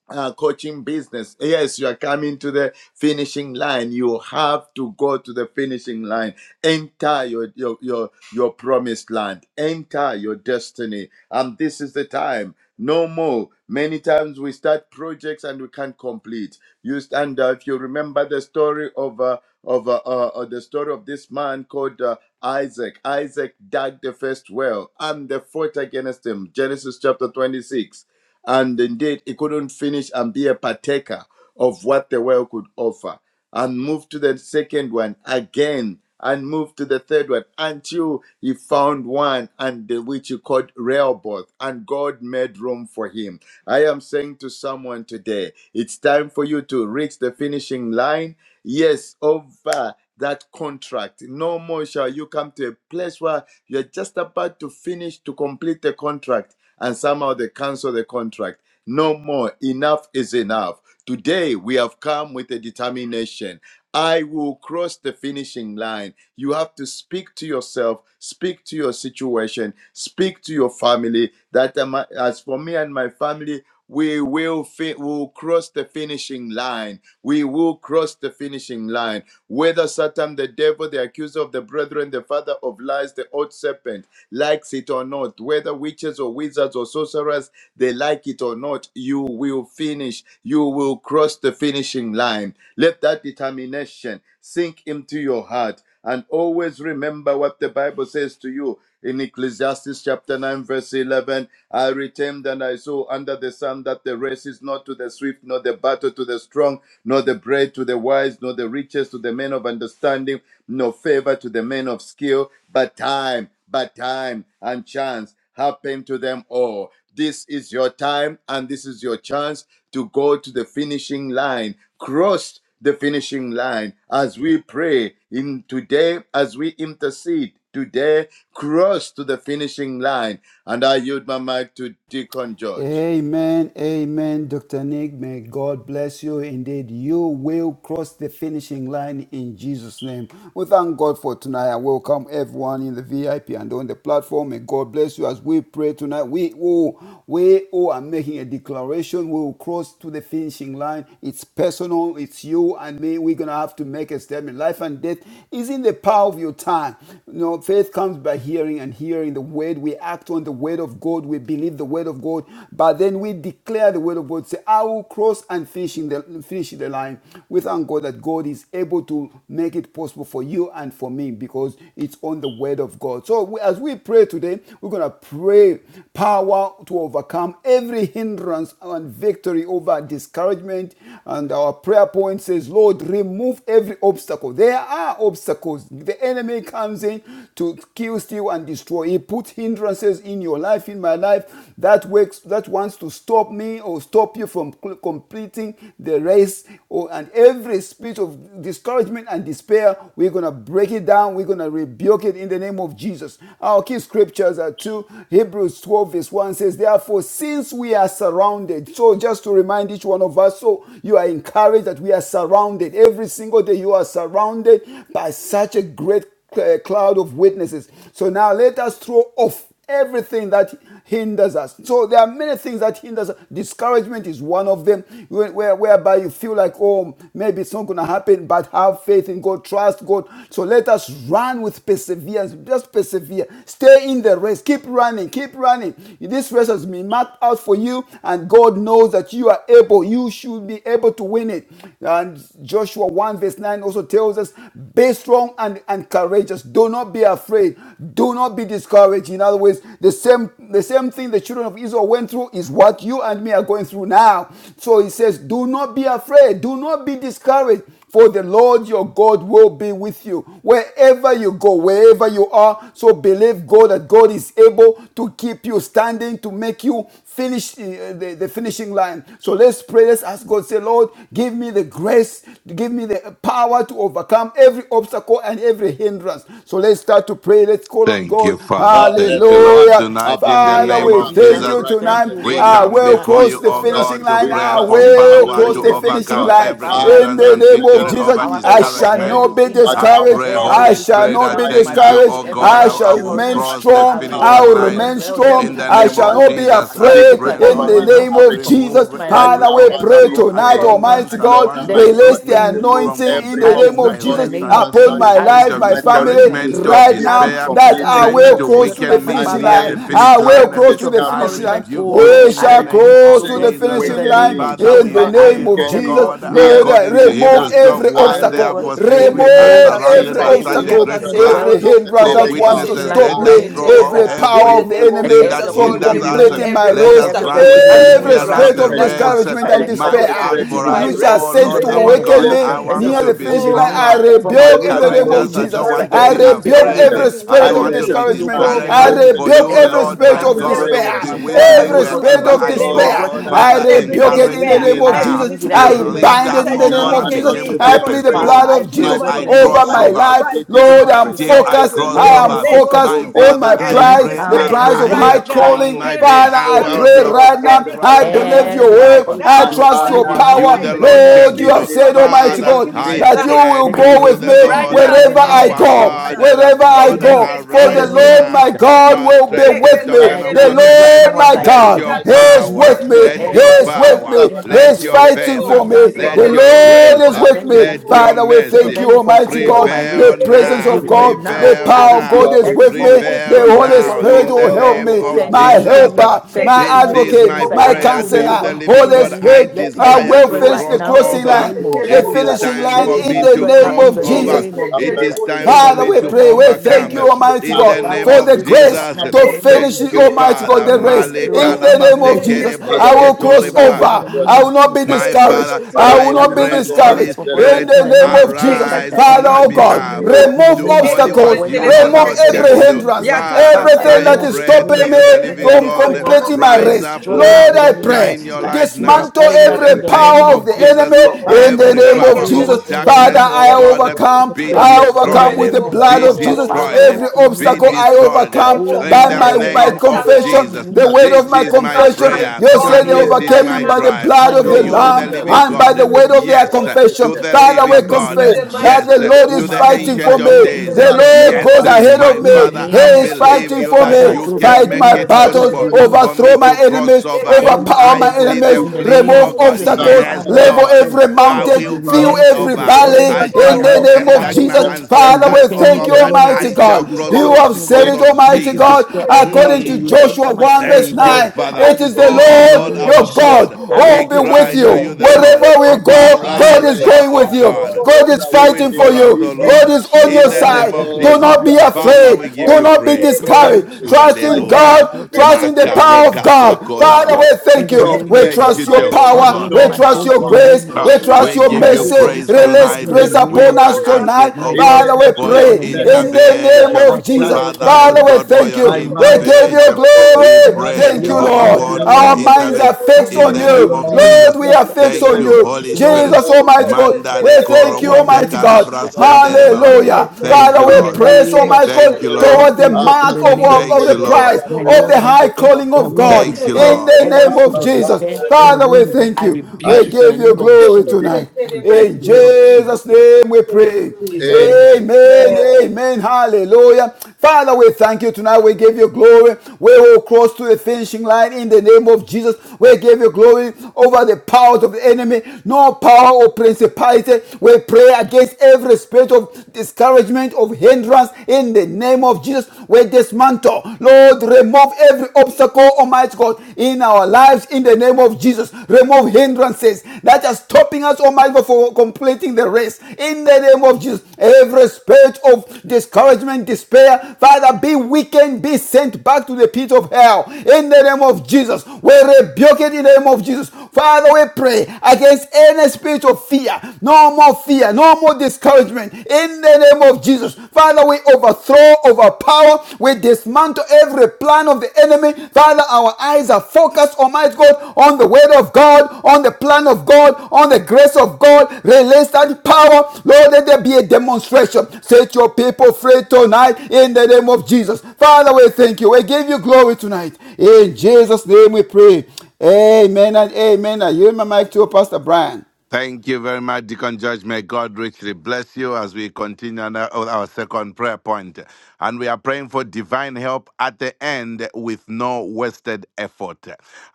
Speaker 6: uh, coaching business. Yes, you are coming to the finishing line. You have to go to the finishing line. Enter your your your, your promised land. Enter your destiny. And this is the time. No more. Many times we start projects and we can't complete. You stand uh, if you remember the story of uh, of uh, uh, uh, the story of this man called uh, Isaac. Isaac dug the first well, and they fought against him. Genesis chapter twenty six and indeed he couldn't finish and be a partaker of what the world could offer and moved to the second one again and moved to the third one until he found one and the which he called Rehoboth and God made room for him. I am saying to someone today, it's time for you to reach the finishing line Yes, over that contract. No more shall you come to a place where you're just about to finish to complete the contract and somehow they cancel the contract. No more. Enough is enough. Today we have come with a determination. I will cross the finishing line. You have to speak to yourself, speak to your situation, speak to your family. That am as for me and my family, we will fi- will cross the finishing line. We will cross the finishing line. Whether Satan, the devil, the accuser of the brethren, the father of lies, the old serpent likes it or not, whether witches witches or wizards or sorcerers, they like it or not, you will finish. You will cross the finishing line. Let that determination sink into your heart. And always remember what the Bible says to you in Ecclesiastes chapter 9, verse 11. I returned and I saw under the sun that the race is not to the swift, nor the battle to the strong, nor the bread to the wise, nor the riches to the men of understanding, nor favor to the men of skill, but time, but time and chance. Happen to them all. This is your time and this is your chance to go to the finishing line. Cross the finishing line as we pray in today, as we intercede today, cross to the finishing line. And I yield my mic to Deacon George.
Speaker 4: Amen, amen, Dr. Nick. May God bless you. Indeed, you will cross the finishing line in Jesus' name. We thank God for tonight and welcome everyone in the VIP and on the platform. May God bless you as we pray tonight. We all, we all are making a declaration. We will cross to the finishing line. It's personal, it's you and me. We're going to have to make a statement. Life and death is in the power of your time. You know, faith comes by hearing and hearing the word. We act on the word of God. We believe the the word of God, but then we declare the word of God. Say, I will cross and finish in the finish in the line. We thank God that God is able to make it possible for you and for me because it's on the word of God. So we, as we pray today, we're gonna pray power to overcome every hindrance and victory over discouragement. And our prayer point says, Lord, remove every obstacle. There are obstacles. The enemy comes in to kill, steal, and destroy. He puts hindrances in your life in my life that works that wants to stop me or stop you from completing the race or and every spirit of discouragement and despair we're going to break it down we're going to rebuke it in the name of jesus our key scriptures are two hebrews 12 verse 1 says therefore since we are surrounded so just to remind each one of us so you are encouraged that we are surrounded every single day you are surrounded by such a great uh, cloud of witnesses. So now let us throw off everything that hinders us. So there are many things that hinders us. Discouragement is one of them, where, whereby you feel like, oh, maybe it's not going to happen, but have faith in God, trust God. So let us run with perseverance. Just persevere. Stay in the race. Keep running. Keep running. This race has been marked out for you, and God knows that you are able. You should be able to win it. And Joshua 1 verse 9 also tells us, be strong and, and courageous courageous. Do not be afraid. Do not be discouraged. In other words, the same the same thing the children of Israel went through is what you and me are going through now. So he says, do not be afraid. Do not be discouraged. For the Lord your God will be with you wherever you go, wherever you are. So believe God that God is able to keep you standing, to make you finish uh, the, the finishing line. So let's pray. Let's ask God, say, Lord, give me the grace, give me the power to overcome every obstacle and every hindrance. So let's start to pray. Let's call on
Speaker 7: Thank
Speaker 4: God.
Speaker 7: you, Father. Thank you,
Speaker 6: Hallelujah.
Speaker 7: Lord.
Speaker 4: Hallelujah.
Speaker 7: Tonight,
Speaker 6: Abba,
Speaker 7: in the
Speaker 6: Father,
Speaker 4: Father,
Speaker 5: name
Speaker 6: we
Speaker 7: name
Speaker 5: of
Speaker 4: we
Speaker 7: of
Speaker 6: come to
Speaker 4: thank
Speaker 5: Jesus,
Speaker 6: you
Speaker 7: Jesus,
Speaker 4: you
Speaker 5: we
Speaker 6: right now in
Speaker 5: thank
Speaker 4: tonight.
Speaker 6: the
Speaker 5: you,
Speaker 7: we
Speaker 5: God,
Speaker 6: name of
Speaker 4: I
Speaker 5: even
Speaker 6: the
Speaker 7: come
Speaker 4: will
Speaker 6: Lord
Speaker 5: tonight
Speaker 7: before
Speaker 5: as
Speaker 4: cross
Speaker 5: we
Speaker 7: you,
Speaker 4: the
Speaker 6: Jesus
Speaker 7: O
Speaker 5: come even
Speaker 6: Christ.
Speaker 4: finishing
Speaker 7: God,
Speaker 5: this
Speaker 7: to
Speaker 4: line.
Speaker 6: We
Speaker 5: way.
Speaker 7: pray
Speaker 4: I
Speaker 7: for
Speaker 6: trust
Speaker 5: In
Speaker 6: you,
Speaker 5: the
Speaker 4: will
Speaker 7: power
Speaker 6: covenant
Speaker 4: cross
Speaker 7: to
Speaker 5: name
Speaker 4: the
Speaker 5: of
Speaker 6: keeping
Speaker 4: finishing
Speaker 5: Jesus
Speaker 7: overcome
Speaker 6: God.
Speaker 4: line.
Speaker 5: Christ,
Speaker 7: every
Speaker 5: Father, I
Speaker 6: Father,
Speaker 4: In
Speaker 7: hindrance
Speaker 6: right
Speaker 4: the
Speaker 5: pray
Speaker 7: and
Speaker 6: now in
Speaker 4: name
Speaker 6: the
Speaker 4: of
Speaker 7: victory
Speaker 6: name
Speaker 5: for the
Speaker 6: of
Speaker 4: Jesus,
Speaker 7: over
Speaker 5: power to
Speaker 6: Jesus,
Speaker 4: I
Speaker 6: we
Speaker 5: overcome
Speaker 4: shall
Speaker 6: pray
Speaker 4: not
Speaker 7: discouragement.
Speaker 5: every
Speaker 4: be
Speaker 6: that
Speaker 7: I
Speaker 5: hindrance,
Speaker 6: our
Speaker 4: discouraged.
Speaker 7: pray,
Speaker 5: every
Speaker 6: Father,
Speaker 4: I
Speaker 7: Holy
Speaker 5: vic-
Speaker 4: shall
Speaker 7: Spirit,
Speaker 4: not
Speaker 7: I
Speaker 4: be
Speaker 5: hindrance
Speaker 6: right
Speaker 5: of my
Speaker 7: thank you,
Speaker 6: now,
Speaker 5: victory,
Speaker 7: O
Speaker 4: discouraged.
Speaker 5: every
Speaker 6: my
Speaker 7: God,
Speaker 4: I
Speaker 5: form
Speaker 7: I,
Speaker 5: of
Speaker 6: God,
Speaker 7: I
Speaker 4: shall
Speaker 6: give
Speaker 7: will
Speaker 6: us the
Speaker 4: remain
Speaker 5: discouragement,
Speaker 6: might,
Speaker 7: cross
Speaker 5: that
Speaker 6: God,
Speaker 7: the
Speaker 6: the
Speaker 5: I
Speaker 4: strong.
Speaker 5: will
Speaker 4: I
Speaker 6: power
Speaker 7: finishing
Speaker 4: will
Speaker 6: to
Speaker 5: overcome
Speaker 7: line.
Speaker 5: them.
Speaker 4: remain
Speaker 6: overcome
Speaker 5: Well, Lord,
Speaker 4: strong.
Speaker 7: In
Speaker 6: every
Speaker 7: the
Speaker 5: remove
Speaker 4: I
Speaker 7: name
Speaker 5: every
Speaker 4: shall
Speaker 7: of
Speaker 5: o-
Speaker 6: hindrance
Speaker 4: not be
Speaker 7: Jesus,
Speaker 6: and
Speaker 7: I
Speaker 4: afraid
Speaker 5: obstacle
Speaker 6: victory
Speaker 7: pray,
Speaker 5: and
Speaker 4: in
Speaker 6: over
Speaker 4: the
Speaker 7: Lord,
Speaker 5: everyone won't
Speaker 4: name
Speaker 5: stop me
Speaker 4: of
Speaker 5: from
Speaker 6: discouragement.
Speaker 4: Jesus.
Speaker 5: completing
Speaker 7: remove
Speaker 5: my
Speaker 6: Right
Speaker 5: race
Speaker 7: every
Speaker 4: Father,
Speaker 6: now,
Speaker 5: and
Speaker 4: we
Speaker 5: every
Speaker 6: Father,
Speaker 4: pray
Speaker 5: spirit
Speaker 6: we
Speaker 7: obstacle
Speaker 5: of
Speaker 7: and
Speaker 4: tonight,
Speaker 6: pray,
Speaker 5: discouragement.
Speaker 7: hindrance
Speaker 4: Almighty
Speaker 6: my
Speaker 7: that
Speaker 4: God,
Speaker 6: Lord
Speaker 7: wants
Speaker 6: and my
Speaker 7: to
Speaker 5: Let's
Speaker 7: stop
Speaker 6: God,
Speaker 4: release the
Speaker 7: me
Speaker 5: weaken me
Speaker 6: remove
Speaker 7: from
Speaker 4: anointing in
Speaker 6: every
Speaker 4: the
Speaker 5: I
Speaker 4: name
Speaker 7: completing
Speaker 4: of
Speaker 7: my
Speaker 5: rebuke it in
Speaker 6: obstacle,
Speaker 5: the
Speaker 4: Jesus
Speaker 7: race
Speaker 5: name
Speaker 7: and
Speaker 5: of
Speaker 6: hindrance
Speaker 4: upon
Speaker 6: that
Speaker 7: every
Speaker 5: Jesus.
Speaker 4: my
Speaker 5: I
Speaker 6: wants
Speaker 7: spirit
Speaker 4: life,
Speaker 6: to,
Speaker 5: rebuke
Speaker 7: of
Speaker 4: my
Speaker 6: my
Speaker 5: it in the
Speaker 6: God,
Speaker 5: name
Speaker 4: family,
Speaker 5: of
Speaker 6: to
Speaker 7: discouragement
Speaker 5: Jesus.
Speaker 7: or
Speaker 6: stop
Speaker 4: right
Speaker 6: me
Speaker 5: I
Speaker 4: now,
Speaker 6: from
Speaker 7: despair
Speaker 5: rebuke it
Speaker 4: that
Speaker 5: in the
Speaker 4: I
Speaker 6: completing
Speaker 5: name
Speaker 6: my
Speaker 7: sent
Speaker 4: will
Speaker 7: to
Speaker 5: of
Speaker 4: cross
Speaker 6: race
Speaker 5: Jesus
Speaker 4: to the
Speaker 7: weaken
Speaker 5: Christ, my
Speaker 7: me
Speaker 6: and
Speaker 4: finishing
Speaker 5: Father. I
Speaker 7: near
Speaker 4: line.
Speaker 7: the
Speaker 6: every
Speaker 5: rebuke
Speaker 4: I
Speaker 7: finish
Speaker 6: spirit
Speaker 4: will
Speaker 7: line.
Speaker 6: of
Speaker 5: every
Speaker 4: cross
Speaker 5: spirit
Speaker 4: to
Speaker 5: of
Speaker 4: the
Speaker 7: I
Speaker 4: finishing
Speaker 6: discouragement
Speaker 4: line.
Speaker 5: discouragement.
Speaker 7: rebuke
Speaker 5: Oh
Speaker 6: or
Speaker 7: you
Speaker 4: We
Speaker 5: God,
Speaker 7: in
Speaker 5: I
Speaker 7: the
Speaker 4: shall
Speaker 6: despair
Speaker 7: name
Speaker 5: rebuke it,
Speaker 4: cross
Speaker 7: of
Speaker 5: oh
Speaker 4: to the
Speaker 5: God,
Speaker 6: sent to
Speaker 7: Jesus.
Speaker 5: in
Speaker 4: finishing
Speaker 5: the
Speaker 6: waken
Speaker 4: line
Speaker 5: name of
Speaker 6: me,
Speaker 7: Father,
Speaker 5: Jesus
Speaker 4: in
Speaker 7: we
Speaker 4: the
Speaker 6: uh,
Speaker 5: Christ. I
Speaker 6: to
Speaker 4: name
Speaker 7: pray,
Speaker 4: of
Speaker 5: rebuke
Speaker 7: oh
Speaker 6: weaken
Speaker 5: them
Speaker 6: me
Speaker 4: Jesus.
Speaker 5: all
Speaker 7: God,
Speaker 5: in the
Speaker 6: near
Speaker 4: Lord,
Speaker 5: name
Speaker 6: the
Speaker 5: of
Speaker 7: according
Speaker 5: Jesus
Speaker 7: to
Speaker 6: finish
Speaker 5: Christ. And I
Speaker 4: remove
Speaker 7: Hebrews
Speaker 6: line.
Speaker 5: receive
Speaker 7: 12
Speaker 4: every
Speaker 6: I
Speaker 7: one,
Speaker 5: strength, oh
Speaker 4: obstacle.
Speaker 5: God,
Speaker 6: rebuke
Speaker 7: therefore, since
Speaker 6: you
Speaker 5: in
Speaker 7: we
Speaker 5: the
Speaker 6: in
Speaker 7: are
Speaker 5: name
Speaker 4: Remove
Speaker 5: of
Speaker 6: the
Speaker 5: Jesus
Speaker 6: name
Speaker 4: every
Speaker 7: surrounded by
Speaker 6: of
Speaker 5: Christ to
Speaker 3: Yakaseterebo,
Speaker 7: such a
Speaker 5: fin-
Speaker 4: obstacle,
Speaker 6: Jesus
Speaker 7: great
Speaker 6: Christ,
Speaker 5: finish
Speaker 6: the
Speaker 4: every
Speaker 5: well,
Speaker 6: Son
Speaker 7: cloud
Speaker 6: of
Speaker 3: yakaseterebo,
Speaker 6: the
Speaker 5: to
Speaker 4: hindrance
Speaker 7: of
Speaker 5: cross
Speaker 4: that
Speaker 6: living
Speaker 5: the
Speaker 4: wants
Speaker 6: God.
Speaker 4: to
Speaker 5: finishing
Speaker 7: witnesses,
Speaker 5: line in
Speaker 4: stop
Speaker 7: let
Speaker 3: yekeseterebo,
Speaker 5: the
Speaker 4: me,
Speaker 6: I
Speaker 7: us
Speaker 5: name
Speaker 7: throw
Speaker 5: of Jesus. Christ.
Speaker 7: off
Speaker 4: every
Speaker 3: sheterebo.
Speaker 6: declare
Speaker 3: In
Speaker 4: power
Speaker 3: the
Speaker 7: every
Speaker 4: of the
Speaker 6: Hebrews
Speaker 3: name of
Speaker 5: Let
Speaker 4: enemy
Speaker 7: thing
Speaker 6: chapter
Speaker 5: every
Speaker 7: that
Speaker 3: Jesus,
Speaker 6: 12,
Speaker 4: from
Speaker 5: obstacle
Speaker 3: Lord,
Speaker 6: verse
Speaker 5: be
Speaker 7: hinders us.
Speaker 3: remove
Speaker 6: 1
Speaker 4: completing
Speaker 5: removed.
Speaker 4: my
Speaker 3: every
Speaker 7: Let
Speaker 5: Let
Speaker 4: race,
Speaker 7: us
Speaker 5: every
Speaker 6: Therefore,
Speaker 7: run
Speaker 3: obstacle
Speaker 5: obstacle
Speaker 6: since
Speaker 7: with
Speaker 5: be
Speaker 3: and
Speaker 6: we are
Speaker 4: every
Speaker 5: removed now
Speaker 7: perseverance
Speaker 3: hindrance
Speaker 4: spirit
Speaker 5: in
Speaker 7: the
Speaker 5: the
Speaker 4: of
Speaker 6: surrounded
Speaker 3: that
Speaker 5: name of
Speaker 3: wants
Speaker 7: race
Speaker 6: uh,
Speaker 3: to
Speaker 5: Jesus.
Speaker 4: discouragement
Speaker 5: Like,
Speaker 6: by
Speaker 4: and
Speaker 3: stop
Speaker 5: Let
Speaker 3: me
Speaker 6: such
Speaker 5: every
Speaker 4: despair
Speaker 3: from
Speaker 7: marked
Speaker 6: a
Speaker 7: out
Speaker 5: obstacle
Speaker 6: great
Speaker 5: be
Speaker 4: ah,
Speaker 7: for
Speaker 3: completing my
Speaker 6: cloud
Speaker 7: us.
Speaker 4: which
Speaker 5: removed
Speaker 6: of
Speaker 4: are
Speaker 7: Oh
Speaker 3: race.
Speaker 5: in
Speaker 4: sent
Speaker 5: the
Speaker 7: Lord,
Speaker 4: to
Speaker 3: In
Speaker 6: witnesses,
Speaker 3: the
Speaker 7: our
Speaker 5: name of
Speaker 3: name
Speaker 4: awaken
Speaker 7: God,
Speaker 6: let
Speaker 5: Jesus.
Speaker 3: of
Speaker 4: me
Speaker 7: I
Speaker 5: Let
Speaker 6: us
Speaker 5: every
Speaker 7: want
Speaker 4: near
Speaker 3: Jesus,
Speaker 7: to
Speaker 4: the
Speaker 6: run,
Speaker 5: obstacle
Speaker 7: be
Speaker 5: be
Speaker 4: finishing
Speaker 3: oh
Speaker 4: line.
Speaker 6: let us
Speaker 5: removed
Speaker 4: I
Speaker 7: strong
Speaker 6: uh,
Speaker 3: Father,
Speaker 6: let
Speaker 5: from my
Speaker 4: rebuke
Speaker 7: and
Speaker 3: oh
Speaker 5: way
Speaker 4: in
Speaker 6: let
Speaker 4: the
Speaker 6: us
Speaker 5: in the
Speaker 3: Father,
Speaker 4: name
Speaker 6: throw
Speaker 3: oh
Speaker 4: of
Speaker 7: courageous.
Speaker 5: name
Speaker 7: I
Speaker 5: of
Speaker 6: off
Speaker 4: Jesus.
Speaker 7: don't
Speaker 5: Jesus. But
Speaker 7: want to
Speaker 4: I
Speaker 3: discouragement,
Speaker 7: be
Speaker 5: every
Speaker 6: everything that
Speaker 5: obstacle,
Speaker 4: rebuke
Speaker 3: despair
Speaker 5: Lord
Speaker 6: hinders,
Speaker 3: sent
Speaker 7: afraid.
Speaker 4: every
Speaker 5: God,
Speaker 3: to
Speaker 7: I
Speaker 4: spirit
Speaker 7: don't
Speaker 5: every
Speaker 6: and
Speaker 3: weaken
Speaker 4: of
Speaker 7: want to
Speaker 6: let
Speaker 3: me.
Speaker 6: us
Speaker 7: be
Speaker 5: obstacle, Lord
Speaker 4: discouragement.
Speaker 5: God,
Speaker 6: run
Speaker 5: in
Speaker 3: Oh,
Speaker 5: the
Speaker 4: I
Speaker 7: discouraged.
Speaker 6: with
Speaker 5: name
Speaker 3: Father,
Speaker 5: of
Speaker 3: to
Speaker 7: For
Speaker 5: Jesus.
Speaker 3: true
Speaker 4: rebuke
Speaker 7: you,
Speaker 5: Every
Speaker 4: every
Speaker 3: weaken
Speaker 6: perseverance
Speaker 7: Lord,
Speaker 3: me
Speaker 4: spirit
Speaker 7: my
Speaker 4: of
Speaker 5: hindrance,
Speaker 6: the
Speaker 5: Lord
Speaker 3: near
Speaker 7: God,
Speaker 5: God,
Speaker 3: the
Speaker 6: race
Speaker 7: will
Speaker 4: despair.
Speaker 5: to
Speaker 7: be
Speaker 6: marked
Speaker 3: finishing line.
Speaker 7: with
Speaker 6: out
Speaker 5: deter
Speaker 3: I
Speaker 7: me
Speaker 5: me,
Speaker 4: Every
Speaker 5: Lord
Speaker 6: for
Speaker 5: God,
Speaker 3: rebuke
Speaker 5: to
Speaker 6: us.
Speaker 3: you
Speaker 4: spirit
Speaker 7: wherever
Speaker 3: in
Speaker 4: of
Speaker 3: the
Speaker 7: I
Speaker 5: weaken
Speaker 3: name
Speaker 6: Oh
Speaker 5: me, Lord
Speaker 3: of
Speaker 7: go.
Speaker 4: despair.
Speaker 5: God,
Speaker 6: Lord,
Speaker 5: even
Speaker 3: Jesus.
Speaker 6: I
Speaker 4: I
Speaker 5: from
Speaker 7: Father,
Speaker 4: I
Speaker 6: pray
Speaker 3: Every
Speaker 4: rebuke
Speaker 5: completing
Speaker 4: it
Speaker 5: the
Speaker 4: in
Speaker 7: encourage
Speaker 5: will.
Speaker 4: the
Speaker 6: to
Speaker 3: despair,
Speaker 7: me
Speaker 6: be
Speaker 4: name of
Speaker 5: I
Speaker 3: every
Speaker 6: strong
Speaker 7: now
Speaker 5: remove
Speaker 4: Jesus.
Speaker 5: it.
Speaker 6: and
Speaker 7: to
Speaker 5: Let it
Speaker 4: I
Speaker 5: be
Speaker 6: courageous,
Speaker 3: discouragement
Speaker 5: removed
Speaker 7: lift
Speaker 4: bind it
Speaker 5: now
Speaker 7: up,
Speaker 4: in
Speaker 5: in
Speaker 3: sent
Speaker 4: the
Speaker 7: oh
Speaker 6: and,
Speaker 5: the
Speaker 3: to
Speaker 6: uh,
Speaker 4: name
Speaker 7: God, I
Speaker 5: name
Speaker 4: of
Speaker 6: and
Speaker 5: of
Speaker 3: weaken
Speaker 4: Jesus.
Speaker 6: not
Speaker 5: Jesus.
Speaker 6: to
Speaker 7: begin
Speaker 3: me
Speaker 7: to
Speaker 6: be
Speaker 4: I
Speaker 5: God.
Speaker 3: from
Speaker 4: plead the
Speaker 6: afraid.
Speaker 5: Father,
Speaker 3: finishing,
Speaker 7: pursue
Speaker 4: blood
Speaker 5: I
Speaker 4: of
Speaker 5: pray,
Speaker 3: getting
Speaker 5: oh
Speaker 3: to
Speaker 7: till
Speaker 4: Jesus
Speaker 6: Almighty
Speaker 3: my
Speaker 5: God, in
Speaker 7: I
Speaker 6: God,
Speaker 5: the
Speaker 6: you
Speaker 3: finishing
Speaker 4: over
Speaker 5: name
Speaker 6: I
Speaker 7: cross
Speaker 4: my
Speaker 6: will
Speaker 3: line.
Speaker 7: over
Speaker 6: not
Speaker 4: life.
Speaker 3: Right
Speaker 6: be
Speaker 5: of God,
Speaker 3: now,
Speaker 4: Lord,
Speaker 5: of
Speaker 3: I
Speaker 4: I'm
Speaker 3: come
Speaker 6: discouraged,
Speaker 5: Jesus.
Speaker 7: till
Speaker 5: God.
Speaker 3: against
Speaker 7: I
Speaker 6: for
Speaker 4: focused.
Speaker 3: you
Speaker 6: the
Speaker 5: In
Speaker 7: cross
Speaker 4: I
Speaker 5: the
Speaker 3: in
Speaker 6: Lord
Speaker 5: name
Speaker 3: the
Speaker 4: am
Speaker 5: of
Speaker 7: over.
Speaker 6: God
Speaker 5: Jesus,
Speaker 3: name
Speaker 5: God,
Speaker 3: of
Speaker 4: focused
Speaker 7: My
Speaker 6: will be
Speaker 3: Jesus.
Speaker 4: on
Speaker 7: Father,
Speaker 4: my
Speaker 6: with
Speaker 7: I
Speaker 6: me.
Speaker 3: Every
Speaker 5: remove
Speaker 4: prize,
Speaker 7: pray,
Speaker 4: the
Speaker 6: Yes,
Speaker 5: now in
Speaker 3: despair,
Speaker 4: prize
Speaker 5: the
Speaker 4: of
Speaker 5: name
Speaker 7: arise
Speaker 3: right
Speaker 4: high
Speaker 5: of
Speaker 6: wherever
Speaker 5: Jesus.
Speaker 6: I
Speaker 3: now,
Speaker 7: on
Speaker 4: calling.
Speaker 7: my
Speaker 6: go,
Speaker 3: every
Speaker 4: Father,
Speaker 7: behalf,
Speaker 4: I
Speaker 6: according
Speaker 7: oh
Speaker 4: pray
Speaker 6: to
Speaker 3: discouragement,
Speaker 7: Lord,
Speaker 4: right
Speaker 6: Joshua
Speaker 4: now.
Speaker 3: every
Speaker 6: chapter
Speaker 4: I
Speaker 7: arise
Speaker 6: 1,
Speaker 7: on my
Speaker 4: believe
Speaker 3: obstacle,
Speaker 4: your
Speaker 6: verse
Speaker 5: Every
Speaker 7: behalf.
Speaker 6: 9.
Speaker 3: right
Speaker 4: word. I
Speaker 5: discouragement
Speaker 6: My
Speaker 3: now,
Speaker 7: Do
Speaker 4: trust
Speaker 7: only
Speaker 5: be
Speaker 3: that
Speaker 4: your
Speaker 3: is
Speaker 6: Father,
Speaker 7: what
Speaker 6: I
Speaker 5: removed
Speaker 7: you,
Speaker 4: power.
Speaker 5: in
Speaker 7: the
Speaker 3: assigned
Speaker 5: the
Speaker 3: to
Speaker 6: pray,
Speaker 5: name
Speaker 7: Lord,
Speaker 5: of
Speaker 3: stop
Speaker 4: Lord,
Speaker 5: Jesus
Speaker 4: you
Speaker 7: can
Speaker 3: me
Speaker 6: this
Speaker 4: have
Speaker 7: do.
Speaker 5: Christ.
Speaker 6: is
Speaker 4: said,
Speaker 3: from
Speaker 5: Father,
Speaker 6: my
Speaker 5: I
Speaker 3: reaching
Speaker 4: Almighty
Speaker 5: pray,
Speaker 6: day,
Speaker 3: the
Speaker 7: Father,
Speaker 5: God,
Speaker 4: God,
Speaker 5: in the name
Speaker 6: this
Speaker 7: I
Speaker 5: of
Speaker 3: finishing
Speaker 6: is
Speaker 4: that you
Speaker 5: Jesus,
Speaker 3: line
Speaker 6: my
Speaker 7: pray
Speaker 4: will
Speaker 5: let
Speaker 7: to
Speaker 5: it be
Speaker 6: moment.
Speaker 4: go
Speaker 7: you,
Speaker 4: with
Speaker 7: the
Speaker 4: me
Speaker 5: removed
Speaker 6: This
Speaker 5: from my
Speaker 3: right
Speaker 6: is
Speaker 7: Lord,
Speaker 5: way
Speaker 6: my
Speaker 5: in
Speaker 3: now
Speaker 5: the
Speaker 4: wherever
Speaker 3: in the
Speaker 5: name
Speaker 4: I
Speaker 5: of
Speaker 6: hour.
Speaker 3: name
Speaker 7: our
Speaker 3: of
Speaker 4: go.
Speaker 5: Jesus.
Speaker 6: I
Speaker 7: God,
Speaker 3: Jesus.
Speaker 6: trust
Speaker 7: that
Speaker 4: Wherever
Speaker 6: you,
Speaker 4: I
Speaker 7: Lord,
Speaker 6: the
Speaker 4: go.
Speaker 5: Remove
Speaker 6: covenant
Speaker 4: For
Speaker 5: in the
Speaker 4: the
Speaker 7: arise
Speaker 3: Yekeseterebo,
Speaker 5: name
Speaker 6: keeping
Speaker 5: of
Speaker 4: Lord
Speaker 6: God.
Speaker 4: my
Speaker 7: now.
Speaker 5: Jesus.
Speaker 6: I
Speaker 4: God will
Speaker 3: boseterebo.
Speaker 4: will be
Speaker 6: pray
Speaker 7: Frustrate the
Speaker 4: with
Speaker 6: right
Speaker 4: me.
Speaker 7: token
Speaker 5: Eh, be
Speaker 7: of
Speaker 4: The
Speaker 6: now,
Speaker 3: Yekesenderebo,
Speaker 5: removed right
Speaker 7: wickedness.
Speaker 6: Abba
Speaker 4: Lord
Speaker 5: now as
Speaker 4: my
Speaker 5: I
Speaker 3: seterebo.
Speaker 7: Let
Speaker 6: Father,
Speaker 5: pray.
Speaker 7: your
Speaker 4: God he
Speaker 5: In
Speaker 6: righteous
Speaker 5: the
Speaker 4: is
Speaker 5: name
Speaker 7: power,
Speaker 5: of
Speaker 6: Father,
Speaker 4: with
Speaker 5: Jesus,
Speaker 3: Yakaseterebo,
Speaker 4: me.
Speaker 7: let
Speaker 4: He
Speaker 6: merciful
Speaker 7: your
Speaker 5: every
Speaker 4: is
Speaker 6: Father,
Speaker 3: seterebo.
Speaker 5: form
Speaker 4: with
Speaker 5: of
Speaker 7: power,
Speaker 4: me. He
Speaker 6: covenant
Speaker 5: hindrance,
Speaker 7: let
Speaker 5: oh
Speaker 4: is
Speaker 7: your
Speaker 5: God,
Speaker 6: keeping
Speaker 4: fighting
Speaker 6: God.
Speaker 3: Yekeseterebo.
Speaker 4: for
Speaker 7: favor,
Speaker 4: me.
Speaker 5: hindrance, oh
Speaker 6: You are
Speaker 4: The
Speaker 7: let
Speaker 5: God,
Speaker 7: your
Speaker 6: worthy.
Speaker 5: discouragement
Speaker 4: Lord
Speaker 7: grace,
Speaker 5: to
Speaker 3: Yekeseterebo,
Speaker 4: is
Speaker 6: I
Speaker 4: with
Speaker 5: prevent me
Speaker 4: me.
Speaker 6: believe
Speaker 5: from
Speaker 7: let
Speaker 3: seterebo.
Speaker 6: you,
Speaker 7: your
Speaker 5: victory,
Speaker 4: Father, we
Speaker 6: mighty
Speaker 5: to
Speaker 6: God.
Speaker 4: thank
Speaker 7: mercy,
Speaker 5: prevent
Speaker 4: you,
Speaker 5: me from
Speaker 6: You
Speaker 4: Almighty
Speaker 6: never
Speaker 5: completing
Speaker 4: God.
Speaker 5: my
Speaker 6: leave
Speaker 3: Yekeseterebo.
Speaker 6: me
Speaker 5: race.
Speaker 6: nor
Speaker 7: prevail
Speaker 4: The
Speaker 5: Let
Speaker 4: presence
Speaker 5: it
Speaker 6: forsake
Speaker 5: be
Speaker 7: now,
Speaker 4: of
Speaker 6: me,
Speaker 4: God,
Speaker 5: removed
Speaker 3: Yekeseterebo,
Speaker 6: Almighty
Speaker 5: now.
Speaker 3: bo,
Speaker 4: the
Speaker 3: bo,
Speaker 6: God.
Speaker 7: prevail
Speaker 5: I
Speaker 3: bo, bo.
Speaker 4: power of
Speaker 6: You
Speaker 7: now,
Speaker 5: rebuke
Speaker 4: God
Speaker 6: are
Speaker 4: is
Speaker 6: with
Speaker 5: every
Speaker 4: with
Speaker 5: form
Speaker 4: me.
Speaker 6: me.
Speaker 5: of
Speaker 4: The
Speaker 7: prevail
Speaker 5: spirit
Speaker 6: You
Speaker 5: of
Speaker 6: are
Speaker 4: Holy
Speaker 6: with
Speaker 7: now
Speaker 3: Yekeseterebo,
Speaker 6: me,
Speaker 5: discouragement,
Speaker 4: Spirit
Speaker 6: O
Speaker 7: in
Speaker 5: of
Speaker 3: bo,
Speaker 4: will
Speaker 7: the
Speaker 3: bo,
Speaker 6: God.
Speaker 4: help
Speaker 3: bo,
Speaker 5: despair,
Speaker 7: name
Speaker 4: me.
Speaker 3: bo,
Speaker 6: You
Speaker 7: of
Speaker 3: bo,
Speaker 6: are
Speaker 5: sent to
Speaker 4: My
Speaker 6: my
Speaker 3: bo.
Speaker 5: weaken
Speaker 7: Jesus.
Speaker 5: me,
Speaker 6: sustainer.
Speaker 4: helper,
Speaker 5: sent to
Speaker 4: my
Speaker 6: You are
Speaker 5: feel
Speaker 7: This
Speaker 5: me,
Speaker 6: my
Speaker 7: is
Speaker 5: weaken me,
Speaker 7: my
Speaker 3: Yekeseterebo,
Speaker 4: advocate,
Speaker 5: so I
Speaker 3: bo,
Speaker 4: my
Speaker 6: provider.
Speaker 3: bo,
Speaker 5: cannot
Speaker 7: prayer
Speaker 3: bo,
Speaker 7: to
Speaker 6: You
Speaker 3: bo, bo,
Speaker 4: counselor,
Speaker 5: finish,
Speaker 6: are
Speaker 5: oh
Speaker 7: you, the
Speaker 6: my
Speaker 5: God,
Speaker 3: bo.
Speaker 7: living
Speaker 5: in the
Speaker 4: Holy
Speaker 6: healer.
Speaker 7: God.
Speaker 5: name of
Speaker 7: I
Speaker 5: Jesus.
Speaker 4: Spirit,
Speaker 6: You are
Speaker 5: Let it
Speaker 6: my
Speaker 5: be
Speaker 4: I
Speaker 7: desire
Speaker 4: will
Speaker 7: to
Speaker 5: destroyed
Speaker 6: everything,
Speaker 3: Yekeseterebo.
Speaker 4: finish
Speaker 5: right
Speaker 6: of
Speaker 4: the
Speaker 7: cross
Speaker 6: God.
Speaker 5: now in
Speaker 4: crossing
Speaker 5: the
Speaker 6: In
Speaker 7: over.
Speaker 4: line,
Speaker 5: name of
Speaker 6: you
Speaker 4: the
Speaker 3: Yekeseterebo,
Speaker 6: I
Speaker 7: It
Speaker 5: Jesus
Speaker 7: is
Speaker 3: bo,
Speaker 6: live,
Speaker 5: Christ.
Speaker 3: bo,
Speaker 4: finishing
Speaker 3: bo,
Speaker 6: in
Speaker 7: time
Speaker 3: bo.
Speaker 4: line
Speaker 5: Let
Speaker 7: for
Speaker 6: you
Speaker 5: it be
Speaker 4: in
Speaker 7: me
Speaker 6: I
Speaker 4: the
Speaker 7: to
Speaker 5: destroyed
Speaker 6: move,
Speaker 5: now
Speaker 4: name
Speaker 7: cross
Speaker 5: in
Speaker 4: of
Speaker 5: the
Speaker 6: in
Speaker 3: Yaka
Speaker 6: you
Speaker 7: over.
Speaker 4: Jesus.
Speaker 5: name
Speaker 6: I
Speaker 3: se
Speaker 5: of
Speaker 6: have
Speaker 7: It
Speaker 5: Jesus
Speaker 6: my
Speaker 7: is
Speaker 5: Christ.
Speaker 3: terebo,
Speaker 6: being
Speaker 3: yeke
Speaker 7: time
Speaker 6: of
Speaker 5: Let
Speaker 7: for
Speaker 5: it
Speaker 4: Father,
Speaker 5: be
Speaker 7: me
Speaker 4: we
Speaker 7: to
Speaker 6: God.
Speaker 5: destroyed now
Speaker 4: pray,
Speaker 5: in
Speaker 4: we
Speaker 5: the
Speaker 3: se
Speaker 5: name
Speaker 4: thank
Speaker 5: of
Speaker 7: overcome.
Speaker 4: you,
Speaker 6: My
Speaker 5: Jesus.
Speaker 4: Almighty
Speaker 7: In
Speaker 4: God,
Speaker 7: the
Speaker 3: terebo,
Speaker 6: Father,
Speaker 3: bo
Speaker 5: Father,
Speaker 7: name
Speaker 4: for
Speaker 5: I
Speaker 6: I
Speaker 7: of
Speaker 4: the
Speaker 5: pray
Speaker 6: am
Speaker 5: for this
Speaker 4: grace
Speaker 6: calling
Speaker 5: right
Speaker 7: Jesus,
Speaker 5: now in the
Speaker 4: to
Speaker 6: upon
Speaker 5: name
Speaker 6: you
Speaker 5: of
Speaker 4: finish
Speaker 7: thank
Speaker 5: Jesus
Speaker 7: you,
Speaker 5: Christ.
Speaker 6: because
Speaker 4: Almighty
Speaker 6: my
Speaker 4: God,
Speaker 7: Father.
Speaker 5: Father,
Speaker 4: the
Speaker 6: hope
Speaker 5: Lord,
Speaker 6: and
Speaker 5: I
Speaker 4: race.
Speaker 6: my
Speaker 7: Male
Speaker 5: pray, oh
Speaker 6: trust
Speaker 5: God,
Speaker 4: In
Speaker 6: is
Speaker 4: the
Speaker 5: in the
Speaker 6: in
Speaker 4: name
Speaker 5: name
Speaker 7: kalabase
Speaker 4: of
Speaker 6: you.
Speaker 5: of Jesus
Speaker 7: kere
Speaker 4: Jesus,
Speaker 5: Christ.
Speaker 6: Father,
Speaker 4: I
Speaker 6: some
Speaker 4: will
Speaker 7: broske
Speaker 5: Let
Speaker 6: may
Speaker 5: it be
Speaker 4: cross
Speaker 7: tore
Speaker 6: trust
Speaker 5: right
Speaker 4: over.
Speaker 6: in
Speaker 7: baba.
Speaker 5: now in the
Speaker 6: chariots,
Speaker 5: name
Speaker 4: I will
Speaker 5: of
Speaker 6: others
Speaker 4: not
Speaker 5: Jesus
Speaker 4: be
Speaker 6: in
Speaker 5: Christ.
Speaker 7: My
Speaker 6: horses,
Speaker 4: discouraged.
Speaker 7: Father,
Speaker 6: but
Speaker 4: I
Speaker 6: I've
Speaker 4: will
Speaker 7: I
Speaker 5: I
Speaker 4: not
Speaker 5: will
Speaker 4: be
Speaker 5: not be
Speaker 6: remembered
Speaker 7: pray,
Speaker 6: the name
Speaker 7: Holy
Speaker 5: discouraged,
Speaker 4: discouraged.
Speaker 6: of
Speaker 5: but
Speaker 6: the
Speaker 5: God,
Speaker 4: In
Speaker 6: Lord
Speaker 7: Spirit,
Speaker 5: in
Speaker 4: the
Speaker 5: the
Speaker 6: my
Speaker 4: name
Speaker 5: name of
Speaker 4: of
Speaker 6: God,
Speaker 5: Jesus
Speaker 4: Jesus,
Speaker 6: and
Speaker 5: Christ,
Speaker 7: arise
Speaker 5: that
Speaker 6: I've
Speaker 5: that is
Speaker 7: on
Speaker 4: Father,
Speaker 5: going
Speaker 7: our
Speaker 6: held
Speaker 5: to
Speaker 4: oh
Speaker 6: on
Speaker 4: God,
Speaker 6: to
Speaker 5: weaken
Speaker 7: behalf.
Speaker 5: me
Speaker 6: you,
Speaker 5: in the
Speaker 4: remove
Speaker 6: the
Speaker 7: Do
Speaker 5: name of
Speaker 7: only
Speaker 5: Jesus
Speaker 6: covenant
Speaker 5: Christ,
Speaker 4: obstacles,
Speaker 7: what
Speaker 5: when
Speaker 7: you,
Speaker 5: I'm
Speaker 6: keeping
Speaker 7: the
Speaker 6: God.
Speaker 4: remove
Speaker 5: about to
Speaker 7: Lord,
Speaker 5: get
Speaker 6: I
Speaker 4: every
Speaker 7: can
Speaker 5: my
Speaker 6: have
Speaker 7: do.
Speaker 6: held
Speaker 4: hindrance,
Speaker 6: on
Speaker 5: children.
Speaker 6: to
Speaker 7: Father,
Speaker 6: you,
Speaker 5: Father, I
Speaker 4: everything
Speaker 7: I
Speaker 6: the
Speaker 4: that is
Speaker 5: must in
Speaker 7: pray
Speaker 5: the
Speaker 7: to
Speaker 5: name
Speaker 4: stopping
Speaker 5: of
Speaker 6: waymaker.
Speaker 7: you,
Speaker 5: Jesus
Speaker 7: the
Speaker 5: Christ,
Speaker 4: me
Speaker 5: let
Speaker 6: I
Speaker 5: it
Speaker 7: living
Speaker 5: be
Speaker 6: have
Speaker 4: from
Speaker 6: held
Speaker 5: destroyed
Speaker 7: God,
Speaker 3: bo bo
Speaker 6: on
Speaker 5: now.
Speaker 4: completing
Speaker 6: to
Speaker 3: bo bo
Speaker 4: my
Speaker 6: you,
Speaker 5: Let it
Speaker 7: rise
Speaker 5: be
Speaker 4: race.
Speaker 7: up
Speaker 3: se
Speaker 5: destroyed
Speaker 6: Lord
Speaker 5: now
Speaker 7: now,
Speaker 3: terebo.
Speaker 4: Lord,
Speaker 5: in
Speaker 6: God
Speaker 5: the
Speaker 4: I
Speaker 5: name of
Speaker 4: pray
Speaker 7: shine
Speaker 5: Jesus
Speaker 7: your
Speaker 6: Almighty.
Speaker 5: Christ.
Speaker 7: light
Speaker 5: Be
Speaker 6: You are
Speaker 7: now,
Speaker 4: Dismantle
Speaker 6: my
Speaker 5: destroyed
Speaker 3: Yes,
Speaker 7: in
Speaker 5: now
Speaker 3: yes,
Speaker 4: every
Speaker 7: the
Speaker 5: in the
Speaker 3: yes,
Speaker 6: everything,
Speaker 3: yes.
Speaker 6: O
Speaker 7: name
Speaker 5: name
Speaker 4: power
Speaker 3: Bo-
Speaker 4: of
Speaker 5: of
Speaker 6: God.
Speaker 7: of
Speaker 4: the
Speaker 3: bo- bo-
Speaker 5: Jesus
Speaker 7: Jesus.
Speaker 5: Christ.
Speaker 6: You are
Speaker 3: bo- bo-
Speaker 4: enemy
Speaker 6: my
Speaker 4: in
Speaker 5: Father,
Speaker 3: bo.
Speaker 4: the
Speaker 7: Every
Speaker 5: Lord, I
Speaker 6: everything,
Speaker 4: name
Speaker 3: Yes,
Speaker 4: of
Speaker 7: power
Speaker 5: pray,
Speaker 3: yes, yes.
Speaker 6: Abba
Speaker 4: Jesus.
Speaker 5: Lord,
Speaker 3: Bo-
Speaker 7: of
Speaker 5: in
Speaker 3: bo-
Speaker 5: the
Speaker 6: Father.
Speaker 3: bo-
Speaker 4: Father,
Speaker 7: darkness,
Speaker 5: name of
Speaker 3: bo-
Speaker 7: oh
Speaker 6: You
Speaker 4: I
Speaker 6: are
Speaker 3: bo-
Speaker 5: Jesus
Speaker 3: bo-
Speaker 6: my
Speaker 3: bo.
Speaker 7: God,
Speaker 5: Christ, I
Speaker 4: overcome.
Speaker 6: everything
Speaker 7: be
Speaker 5: pray.
Speaker 3: Yes,
Speaker 4: I
Speaker 3: yes,
Speaker 6: righteous
Speaker 3: yes,
Speaker 5: In the
Speaker 6: God.
Speaker 4: overcome with
Speaker 7: destroyed,
Speaker 3: yes.
Speaker 4: the
Speaker 5: name
Speaker 3: Bo-
Speaker 6: You
Speaker 5: of
Speaker 6: are
Speaker 3: bo-
Speaker 4: blood
Speaker 7: be
Speaker 3: bo-
Speaker 6: my
Speaker 5: Jesus
Speaker 4: of
Speaker 3: bo-
Speaker 5: Christ,
Speaker 3: bo-
Speaker 4: Jesus.
Speaker 3: bo-
Speaker 6: everything
Speaker 5: Father,
Speaker 3: bo-
Speaker 7: destroyed,
Speaker 5: Lord,
Speaker 3: bo.
Speaker 4: Every
Speaker 5: in the
Speaker 6: powerful
Speaker 7: be
Speaker 5: name
Speaker 6: God.
Speaker 4: obstacle
Speaker 5: of
Speaker 3: Yes,
Speaker 4: I
Speaker 3: yes,
Speaker 5: Jesus.
Speaker 6: My
Speaker 3: yes,
Speaker 7: destroyed,
Speaker 5: Oh
Speaker 3: yes.
Speaker 4: overcome
Speaker 6: Father,
Speaker 3: Bo-
Speaker 7: in
Speaker 4: by
Speaker 6: I
Speaker 5: Lord, I
Speaker 7: the
Speaker 4: my,
Speaker 3: Every
Speaker 5: pray,
Speaker 4: my
Speaker 7: name
Speaker 5: I
Speaker 6: overcome
Speaker 5: pray.
Speaker 7: of
Speaker 6: every
Speaker 4: confession,
Speaker 3: obstacle
Speaker 5: In the
Speaker 7: Jesus.
Speaker 5: name of
Speaker 4: the
Speaker 6: obstacle,
Speaker 4: word
Speaker 5: Jesus
Speaker 4: of
Speaker 7: This
Speaker 3: to
Speaker 4: my
Speaker 7: is my
Speaker 6: every
Speaker 3: disrupt
Speaker 4: confession.
Speaker 5: away
Speaker 3: my
Speaker 7: prayer
Speaker 4: You
Speaker 6: barrier,
Speaker 5: in the
Speaker 4: say
Speaker 3: cause
Speaker 7: and
Speaker 4: they
Speaker 5: name
Speaker 7: this
Speaker 5: of
Speaker 7: is
Speaker 6: every
Speaker 4: overcame
Speaker 3: right
Speaker 7: my
Speaker 4: him
Speaker 5: Jesus
Speaker 4: by
Speaker 3: now
Speaker 4: the
Speaker 3: in
Speaker 6: envy,
Speaker 7: cry
Speaker 5: Christ.
Speaker 3: the
Speaker 4: blood
Speaker 5: My
Speaker 3: name
Speaker 4: of
Speaker 7: to
Speaker 4: the
Speaker 3: of
Speaker 5: Lord
Speaker 7: you,
Speaker 6: every
Speaker 5: and
Speaker 7: the
Speaker 4: Lamb
Speaker 5: my
Speaker 3: Jesus.
Speaker 7: living
Speaker 5: God,
Speaker 6: jealous,
Speaker 4: and
Speaker 5: in the
Speaker 4: by the
Speaker 7: God.
Speaker 5: name
Speaker 4: word
Speaker 5: of
Speaker 6: every
Speaker 4: of
Speaker 5: Jesus,
Speaker 4: their
Speaker 3: We
Speaker 7: Yes,
Speaker 3: rebuke
Speaker 4: confession.
Speaker 7: to
Speaker 3: you
Speaker 6: incantation,
Speaker 7: the
Speaker 3: right
Speaker 4: Father,
Speaker 3: now.
Speaker 4: we
Speaker 7: living
Speaker 5: in
Speaker 6: every
Speaker 5: the
Speaker 3: In
Speaker 7: God.
Speaker 5: name
Speaker 4: confess
Speaker 5: of
Speaker 3: the
Speaker 6: spell.
Speaker 5: Jesus.
Speaker 4: that
Speaker 7: Yes,
Speaker 3: mighty
Speaker 6: I
Speaker 4: the
Speaker 7: to
Speaker 3: name
Speaker 4: Lord
Speaker 3: of
Speaker 5: Oh,
Speaker 4: is
Speaker 5: my
Speaker 7: the
Speaker 3: Jesus.
Speaker 6: overcome it
Speaker 5: Lord
Speaker 4: fighting
Speaker 5: and
Speaker 4: for
Speaker 7: ancient
Speaker 5: my
Speaker 6: right
Speaker 4: me.
Speaker 7: of
Speaker 5: God,
Speaker 6: now
Speaker 5: in the
Speaker 7: days.
Speaker 4: The
Speaker 5: name
Speaker 6: by
Speaker 5: of
Speaker 6: the
Speaker 5: Jesus,
Speaker 4: Lord
Speaker 5: I
Speaker 7: Yes,
Speaker 6: blood
Speaker 4: goes
Speaker 6: of
Speaker 5: pray.
Speaker 4: ahead
Speaker 7: my
Speaker 4: of
Speaker 5: In
Speaker 6: the
Speaker 5: the
Speaker 6: Lamb.
Speaker 7: Father,
Speaker 4: me.
Speaker 7: I
Speaker 6: I'm
Speaker 5: name
Speaker 4: He
Speaker 5: of
Speaker 6: by
Speaker 4: is
Speaker 6: the
Speaker 5: Jesus, Christ.
Speaker 7: believe
Speaker 6: weight
Speaker 4: fighting
Speaker 6: of
Speaker 7: you
Speaker 4: for
Speaker 6: my
Speaker 7: that
Speaker 5: Father,
Speaker 4: me.
Speaker 5: I
Speaker 7: you
Speaker 5: pray, God,
Speaker 7: can
Speaker 5: in
Speaker 6: testimony.
Speaker 4: Fight
Speaker 5: the
Speaker 7: make
Speaker 4: my
Speaker 5: name of
Speaker 6: I
Speaker 7: it
Speaker 5: Jesus,
Speaker 6: love
Speaker 4: battles,
Speaker 5: to be
Speaker 7: possible
Speaker 6: God, my
Speaker 5: renewed
Speaker 4: overthrow
Speaker 7: for
Speaker 6: life
Speaker 7: me
Speaker 4: overthrow my
Speaker 7: to
Speaker 6: and
Speaker 7: cross
Speaker 4: enemies,
Speaker 6: death
Speaker 7: over.
Speaker 6: in the
Speaker 4: overpower
Speaker 5: everything
Speaker 7: I
Speaker 4: my
Speaker 5: in
Speaker 6: name of
Speaker 5: God.
Speaker 7: see the
Speaker 4: enemies,
Speaker 5: In the
Speaker 6: Jesus
Speaker 7: fleet,
Speaker 5: name
Speaker 7: oh
Speaker 4: remove
Speaker 6: Christ,
Speaker 5: of
Speaker 6: the
Speaker 7: God.
Speaker 5: Jesus
Speaker 6: Son
Speaker 5: Christ,
Speaker 4: obstacles,
Speaker 6: of
Speaker 7: Yes,
Speaker 6: the
Speaker 5: Father Lord,
Speaker 4: level
Speaker 5: I
Speaker 6: living
Speaker 7: Lord.
Speaker 5: pray.
Speaker 4: every
Speaker 6: God.
Speaker 7: I
Speaker 5: Let it be
Speaker 4: mountain,
Speaker 6: Abba,
Speaker 7: will
Speaker 4: fill
Speaker 6: Father,
Speaker 7: cross
Speaker 5: removed
Speaker 4: every
Speaker 6: thank
Speaker 5: over
Speaker 7: over.
Speaker 6: you
Speaker 4: valley
Speaker 7: I
Speaker 6: that my
Speaker 5: everything
Speaker 7: shall
Speaker 4: in
Speaker 5: that
Speaker 4: the
Speaker 7: not
Speaker 5: wants
Speaker 6: God,
Speaker 5: to
Speaker 4: name
Speaker 7: end
Speaker 4: of
Speaker 7: like
Speaker 5: stand
Speaker 6: you
Speaker 5: with
Speaker 7: my
Speaker 4: Jesus.
Speaker 5: God
Speaker 6: never leave
Speaker 5: to
Speaker 6: me
Speaker 4: Father,
Speaker 7: ancestors,
Speaker 4: we
Speaker 6: nor
Speaker 5: weaken
Speaker 7: oh
Speaker 5: me
Speaker 4: thank
Speaker 5: in
Speaker 4: you,
Speaker 7: God,
Speaker 5: the
Speaker 6: forsake
Speaker 7: that
Speaker 5: name
Speaker 6: me.
Speaker 5: of
Speaker 4: Almighty
Speaker 5: Jesus
Speaker 7: I
Speaker 5: Christ,
Speaker 4: God.
Speaker 7: shall
Speaker 5: to
Speaker 6: Thank
Speaker 7: cross
Speaker 6: you,
Speaker 4: You
Speaker 7: over
Speaker 6: King
Speaker 5: discourage
Speaker 4: have
Speaker 6: of
Speaker 5: me, oh
Speaker 3: Yes,
Speaker 4: said
Speaker 7: because
Speaker 6: Kings.
Speaker 5: God,
Speaker 4: it,
Speaker 7: of
Speaker 5: make
Speaker 4: Almighty
Speaker 5: me
Speaker 6: Thank you,
Speaker 7: Jesus.
Speaker 4: God,
Speaker 6: King
Speaker 5: despair
Speaker 6: of
Speaker 5: and not
Speaker 4: according
Speaker 5: to
Speaker 6: Glory.
Speaker 4: to
Speaker 7: Mm.
Speaker 5: yield.
Speaker 6: Thank
Speaker 5: enter
Speaker 4: Joshua
Speaker 6: you,
Speaker 5: my
Speaker 6: Lord
Speaker 4: 1,
Speaker 6: of
Speaker 4: verse
Speaker 7: Thank
Speaker 5: finishing
Speaker 6: Lords.
Speaker 5: line.
Speaker 7: you,
Speaker 4: 9.
Speaker 5: But
Speaker 7: Father.
Speaker 5: I
Speaker 4: It
Speaker 6: Thank
Speaker 4: is
Speaker 5: rebuke
Speaker 6: you,
Speaker 4: the
Speaker 6: Ancient
Speaker 7: Oh,
Speaker 5: it in
Speaker 6: of
Speaker 5: the
Speaker 7: Lord
Speaker 4: Lord
Speaker 5: name
Speaker 6: Days.
Speaker 5: of
Speaker 7: our
Speaker 4: your God
Speaker 6: Thank
Speaker 5: Jesus.
Speaker 6: you,
Speaker 7: God,
Speaker 4: who
Speaker 5: I
Speaker 6: Covenant
Speaker 7: we
Speaker 4: will
Speaker 5: rebuke
Speaker 4: be
Speaker 5: it in the
Speaker 4: with
Speaker 7: cry
Speaker 6: Keeping
Speaker 7: to
Speaker 4: you.
Speaker 5: name
Speaker 6: God.
Speaker 7: you,
Speaker 5: of
Speaker 7: the
Speaker 6: Mm.
Speaker 5: Jesus.
Speaker 7: Lord.
Speaker 4: Wherever
Speaker 5: I
Speaker 4: we
Speaker 5: rebuke it
Speaker 4: go,
Speaker 5: in the
Speaker 6: I
Speaker 5: name
Speaker 4: God
Speaker 5: of
Speaker 7: Arise
Speaker 4: is
Speaker 6: pray,
Speaker 5: Jesus.
Speaker 7: now,
Speaker 4: going
Speaker 7: oh
Speaker 4: with
Speaker 6: my
Speaker 4: you.
Speaker 6: God,
Speaker 7: God.
Speaker 6: that
Speaker 4: God
Speaker 6: you
Speaker 4: is
Speaker 6: are
Speaker 7: Do
Speaker 6: with
Speaker 7: it
Speaker 4: fighting
Speaker 6: me
Speaker 4: for
Speaker 7: for us,
Speaker 4: you.
Speaker 7: oh
Speaker 5: In the name
Speaker 6: even
Speaker 4: God
Speaker 7: Lord.
Speaker 5: of
Speaker 4: is
Speaker 6: now.
Speaker 4: on
Speaker 5: Jesus
Speaker 7: In
Speaker 4: your
Speaker 5: Christ,
Speaker 7: the
Speaker 5: I
Speaker 6: My
Speaker 7: name
Speaker 4: side.
Speaker 5: rebuke
Speaker 7: of
Speaker 5: it
Speaker 3: Thank
Speaker 4: Do
Speaker 5: right
Speaker 6: Lord,
Speaker 3: you.
Speaker 7: Jesus.
Speaker 5: now
Speaker 4: not
Speaker 6: you
Speaker 5: and
Speaker 4: be
Speaker 5: I
Speaker 6: are
Speaker 5: pray. In
Speaker 6: turning
Speaker 7: Father,
Speaker 4: afraid.
Speaker 6: my
Speaker 7: we give
Speaker 4: Do
Speaker 3: Yes,
Speaker 7: you
Speaker 6: mourning
Speaker 4: not be
Speaker 6: into
Speaker 7: praise.
Speaker 5: the name of
Speaker 4: discouraged.
Speaker 6: dancing.
Speaker 5: Jesus Christ.
Speaker 4: Trust
Speaker 6: My
Speaker 4: in
Speaker 5: Lord, I'm
Speaker 6: God,
Speaker 7: Hallelujah.
Speaker 6: I
Speaker 5: not
Speaker 4: God. Trust
Speaker 6: believe
Speaker 4: in the
Speaker 6: you, O God.
Speaker 7: Makare
Speaker 4: power of
Speaker 6: No
Speaker 4: God.
Speaker 7: kasakola
Speaker 5: Yes,
Speaker 4: Father,
Speaker 7: baba.
Speaker 4: we
Speaker 5: Lord,
Speaker 6: obstacle,
Speaker 5: in
Speaker 4: thank
Speaker 5: the
Speaker 4: you.
Speaker 6: no
Speaker 5: name
Speaker 4: We
Speaker 5: of
Speaker 7: Thank
Speaker 4: trust
Speaker 7: you,
Speaker 5: Jesus.
Speaker 4: your
Speaker 6: principality,
Speaker 5: My
Speaker 7: Jehovah
Speaker 4: power.
Speaker 5: Lord and
Speaker 4: We
Speaker 7: God.
Speaker 6: no
Speaker 5: my
Speaker 4: trust
Speaker 5: God,
Speaker 4: your
Speaker 5: in
Speaker 6: power,
Speaker 5: the
Speaker 4: grace.
Speaker 5: name of
Speaker 7: Uh,
Speaker 6: no
Speaker 4: We
Speaker 5: Jesus.
Speaker 6: ruler
Speaker 4: trust
Speaker 7: we
Speaker 4: your
Speaker 6: of
Speaker 5: I
Speaker 7: give you
Speaker 5: pray
Speaker 4: mercy.
Speaker 5: for
Speaker 6: darkness,
Speaker 7: praise
Speaker 5: this right now
Speaker 6: no
Speaker 4: Release
Speaker 5: in
Speaker 7: tonight.
Speaker 5: the
Speaker 4: grace
Speaker 5: name
Speaker 7: We
Speaker 6: spiritual
Speaker 4: upon
Speaker 5: of
Speaker 7: are
Speaker 4: us
Speaker 5: Jesus.
Speaker 6: wickedness
Speaker 4: tonight.
Speaker 7: asking, oh
Speaker 5: My
Speaker 6: in the
Speaker 7: God,
Speaker 5: Lord,
Speaker 4: Father, we
Speaker 5: my
Speaker 7: for
Speaker 5: God,
Speaker 6: heavenly
Speaker 7: your
Speaker 4: pray
Speaker 5: in the name
Speaker 4: in
Speaker 5: of
Speaker 6: places
Speaker 4: the
Speaker 5: Jesus.
Speaker 6: that
Speaker 4: name
Speaker 7: intervention.
Speaker 6: shall
Speaker 4: of
Speaker 5: I pray
Speaker 4: Jesus.
Speaker 6: stand
Speaker 5: what
Speaker 6: in
Speaker 7: Father,
Speaker 6: my
Speaker 5: even for
Speaker 4: Father,
Speaker 7: Lord
Speaker 5: you
Speaker 4: we
Speaker 7: God,
Speaker 5: today,
Speaker 6: way.
Speaker 7: for
Speaker 4: thank
Speaker 7: your
Speaker 5: in
Speaker 6: My
Speaker 5: the
Speaker 4: you. We
Speaker 5: name
Speaker 6: Father,
Speaker 5: of
Speaker 4: give
Speaker 6: I
Speaker 5: Jesus.
Speaker 4: you
Speaker 7: intervention.
Speaker 6: pray
Speaker 7: We
Speaker 4: glory.
Speaker 5: Lord,
Speaker 6: that,
Speaker 5: we
Speaker 7: pray,
Speaker 4: Thank
Speaker 5: pray
Speaker 4: you,
Speaker 6: Lord,
Speaker 5: God
Speaker 7: Jehovah
Speaker 5: in
Speaker 4: Lord.
Speaker 5: the
Speaker 6: you
Speaker 7: God,
Speaker 6: have
Speaker 7: for your
Speaker 5: name
Speaker 4: Our
Speaker 6: made
Speaker 5: of
Speaker 6: a way
Speaker 4: minds are
Speaker 7: intervention
Speaker 6: for me.
Speaker 4: fixed
Speaker 7: in
Speaker 4: on
Speaker 5: Father,
Speaker 7: the
Speaker 5: Lord,
Speaker 7: name
Speaker 5: in the
Speaker 4: you.
Speaker 7: of
Speaker 6: Lord,
Speaker 5: name of
Speaker 4: Lord,
Speaker 7: Jesus.
Speaker 6: you
Speaker 4: we
Speaker 6: have
Speaker 5: Jesus.
Speaker 4: are
Speaker 6: made
Speaker 4: fixed
Speaker 6: a
Speaker 7: Thank
Speaker 6: way
Speaker 4: on
Speaker 7: you,
Speaker 5: Father,
Speaker 6: for
Speaker 4: you.
Speaker 7: Holy
Speaker 6: me.
Speaker 5: Lord,
Speaker 7: Spirit.
Speaker 4: Jesus,
Speaker 6: Oh
Speaker 4: Almighty
Speaker 6: God,
Speaker 4: God, we
Speaker 7: Mandale
Speaker 6: I call
Speaker 4: thank you,
Speaker 5: in
Speaker 7: korobo
Speaker 5: the
Speaker 7: se
Speaker 6: upon
Speaker 4: Almighty
Speaker 6: you
Speaker 5: name of Jesus.
Speaker 4: God.
Speaker 7: kalabra
Speaker 6: because I have
Speaker 3: Thank
Speaker 6: put
Speaker 7: sendere
Speaker 5: Father,
Speaker 6: my
Speaker 7: baba.
Speaker 5: Lord,
Speaker 4: Hallelujah.
Speaker 6: trust
Speaker 5: I
Speaker 6: in
Speaker 5: pray
Speaker 6: you.
Speaker 7: Thank
Speaker 4: Father,
Speaker 7: you,
Speaker 4: we
Speaker 5: in the
Speaker 7: Lord.
Speaker 6: Some
Speaker 4: praise
Speaker 6: may
Speaker 5: name of
Speaker 6: trust
Speaker 4: Almighty
Speaker 5: Jesus.
Speaker 6: in
Speaker 7: Thank you,
Speaker 4: God
Speaker 6: chariots,
Speaker 5: Help
Speaker 4: towards
Speaker 7: Lord.
Speaker 4: the
Speaker 5: you get in
Speaker 6: others
Speaker 4: mark
Speaker 5: the
Speaker 4: of,
Speaker 6: in
Speaker 5: name
Speaker 4: of,
Speaker 5: of
Speaker 7: Thank
Speaker 6: horses,
Speaker 4: the
Speaker 7: you,
Speaker 5: Jesus.
Speaker 6: but
Speaker 7: Lord.
Speaker 4: prize
Speaker 6: I've
Speaker 5: My
Speaker 4: of
Speaker 5: Lord
Speaker 4: the
Speaker 6: remembered
Speaker 5: and my
Speaker 4: high
Speaker 6: the name
Speaker 5: God,
Speaker 6: of
Speaker 4: calling
Speaker 5: I
Speaker 4: of
Speaker 6: the
Speaker 5: will
Speaker 6: Lord
Speaker 5: not
Speaker 4: God
Speaker 6: my
Speaker 7: Thank you,
Speaker 6: God.
Speaker 5: despair
Speaker 4: in
Speaker 7: Lord.
Speaker 4: the
Speaker 5: every
Speaker 4: name
Speaker 5: sort
Speaker 4: of
Speaker 6: Abba,
Speaker 5: of
Speaker 4: Jesus.
Speaker 6: Father,
Speaker 5: despair
Speaker 6: I
Speaker 5: in the
Speaker 6: bless
Speaker 4: Father, we
Speaker 5: name
Speaker 6: your
Speaker 5: of
Speaker 6: name.
Speaker 4: thank
Speaker 5: I
Speaker 4: you.
Speaker 6: I
Speaker 4: We
Speaker 5: rebuke it in
Speaker 4: give
Speaker 5: the
Speaker 6: bless
Speaker 4: you
Speaker 6: you,
Speaker 5: name
Speaker 6: the
Speaker 5: of
Speaker 6: King of
Speaker 4: glory
Speaker 5: Jesus. I
Speaker 6: Kings.
Speaker 4: tonight.
Speaker 5: rebuke
Speaker 6: Thank
Speaker 5: it
Speaker 4: In
Speaker 5: in the
Speaker 6: you,
Speaker 5: name
Speaker 6: Lord.
Speaker 5: of
Speaker 4: Jesus'
Speaker 5: Jesus.
Speaker 4: name we pray.
Speaker 3: you, Jesus.
Speaker 5: Amen.
Speaker 6: Amen.
Speaker 4: Amen.
Speaker 3: Man.
Speaker 4: Amen. Hallelujah. Father, we thank you tonight. We give you glory. We will cross to the finishing line in the name of Jesus. We give you glory over the powers of the enemy. No power or principality. We pray against every spirit of discouragement, of hindrance in the name of Jesus. We dismantle. Lord, remove every obstacle, Almighty God, in our lives in the name name of Jesus. Remove hindrances that are stopping us, oh my God, for completing the race. In the name of Jesus, every spirit of discouragement, despair, Father, be weakened, be sent back to the pit of hell. In the name of Jesus, we rebuke it in the name of Jesus. Father, we pray against any spirit of fear. No more fear, no more discouragement. In the name of Jesus, Father, we overthrow all of our power. We dismantle every plan of the enemy. Father, our eyes are focused, Almighty God, on the word of God, on the plan of God, on the grace of God. Release that power. Lord, let there be a demonstration. Set your people free tonight in the name of Jesus. Father, we thank you. We give you glory tonight. In Jesus' name we pray. Amen and amen. I yield my mic to Pastor Brian.
Speaker 7: Thank you very much, Deacon George. May God richly bless you as we continue on our, on our second prayer point. And we are praying for divine help at the end with no wasted effort.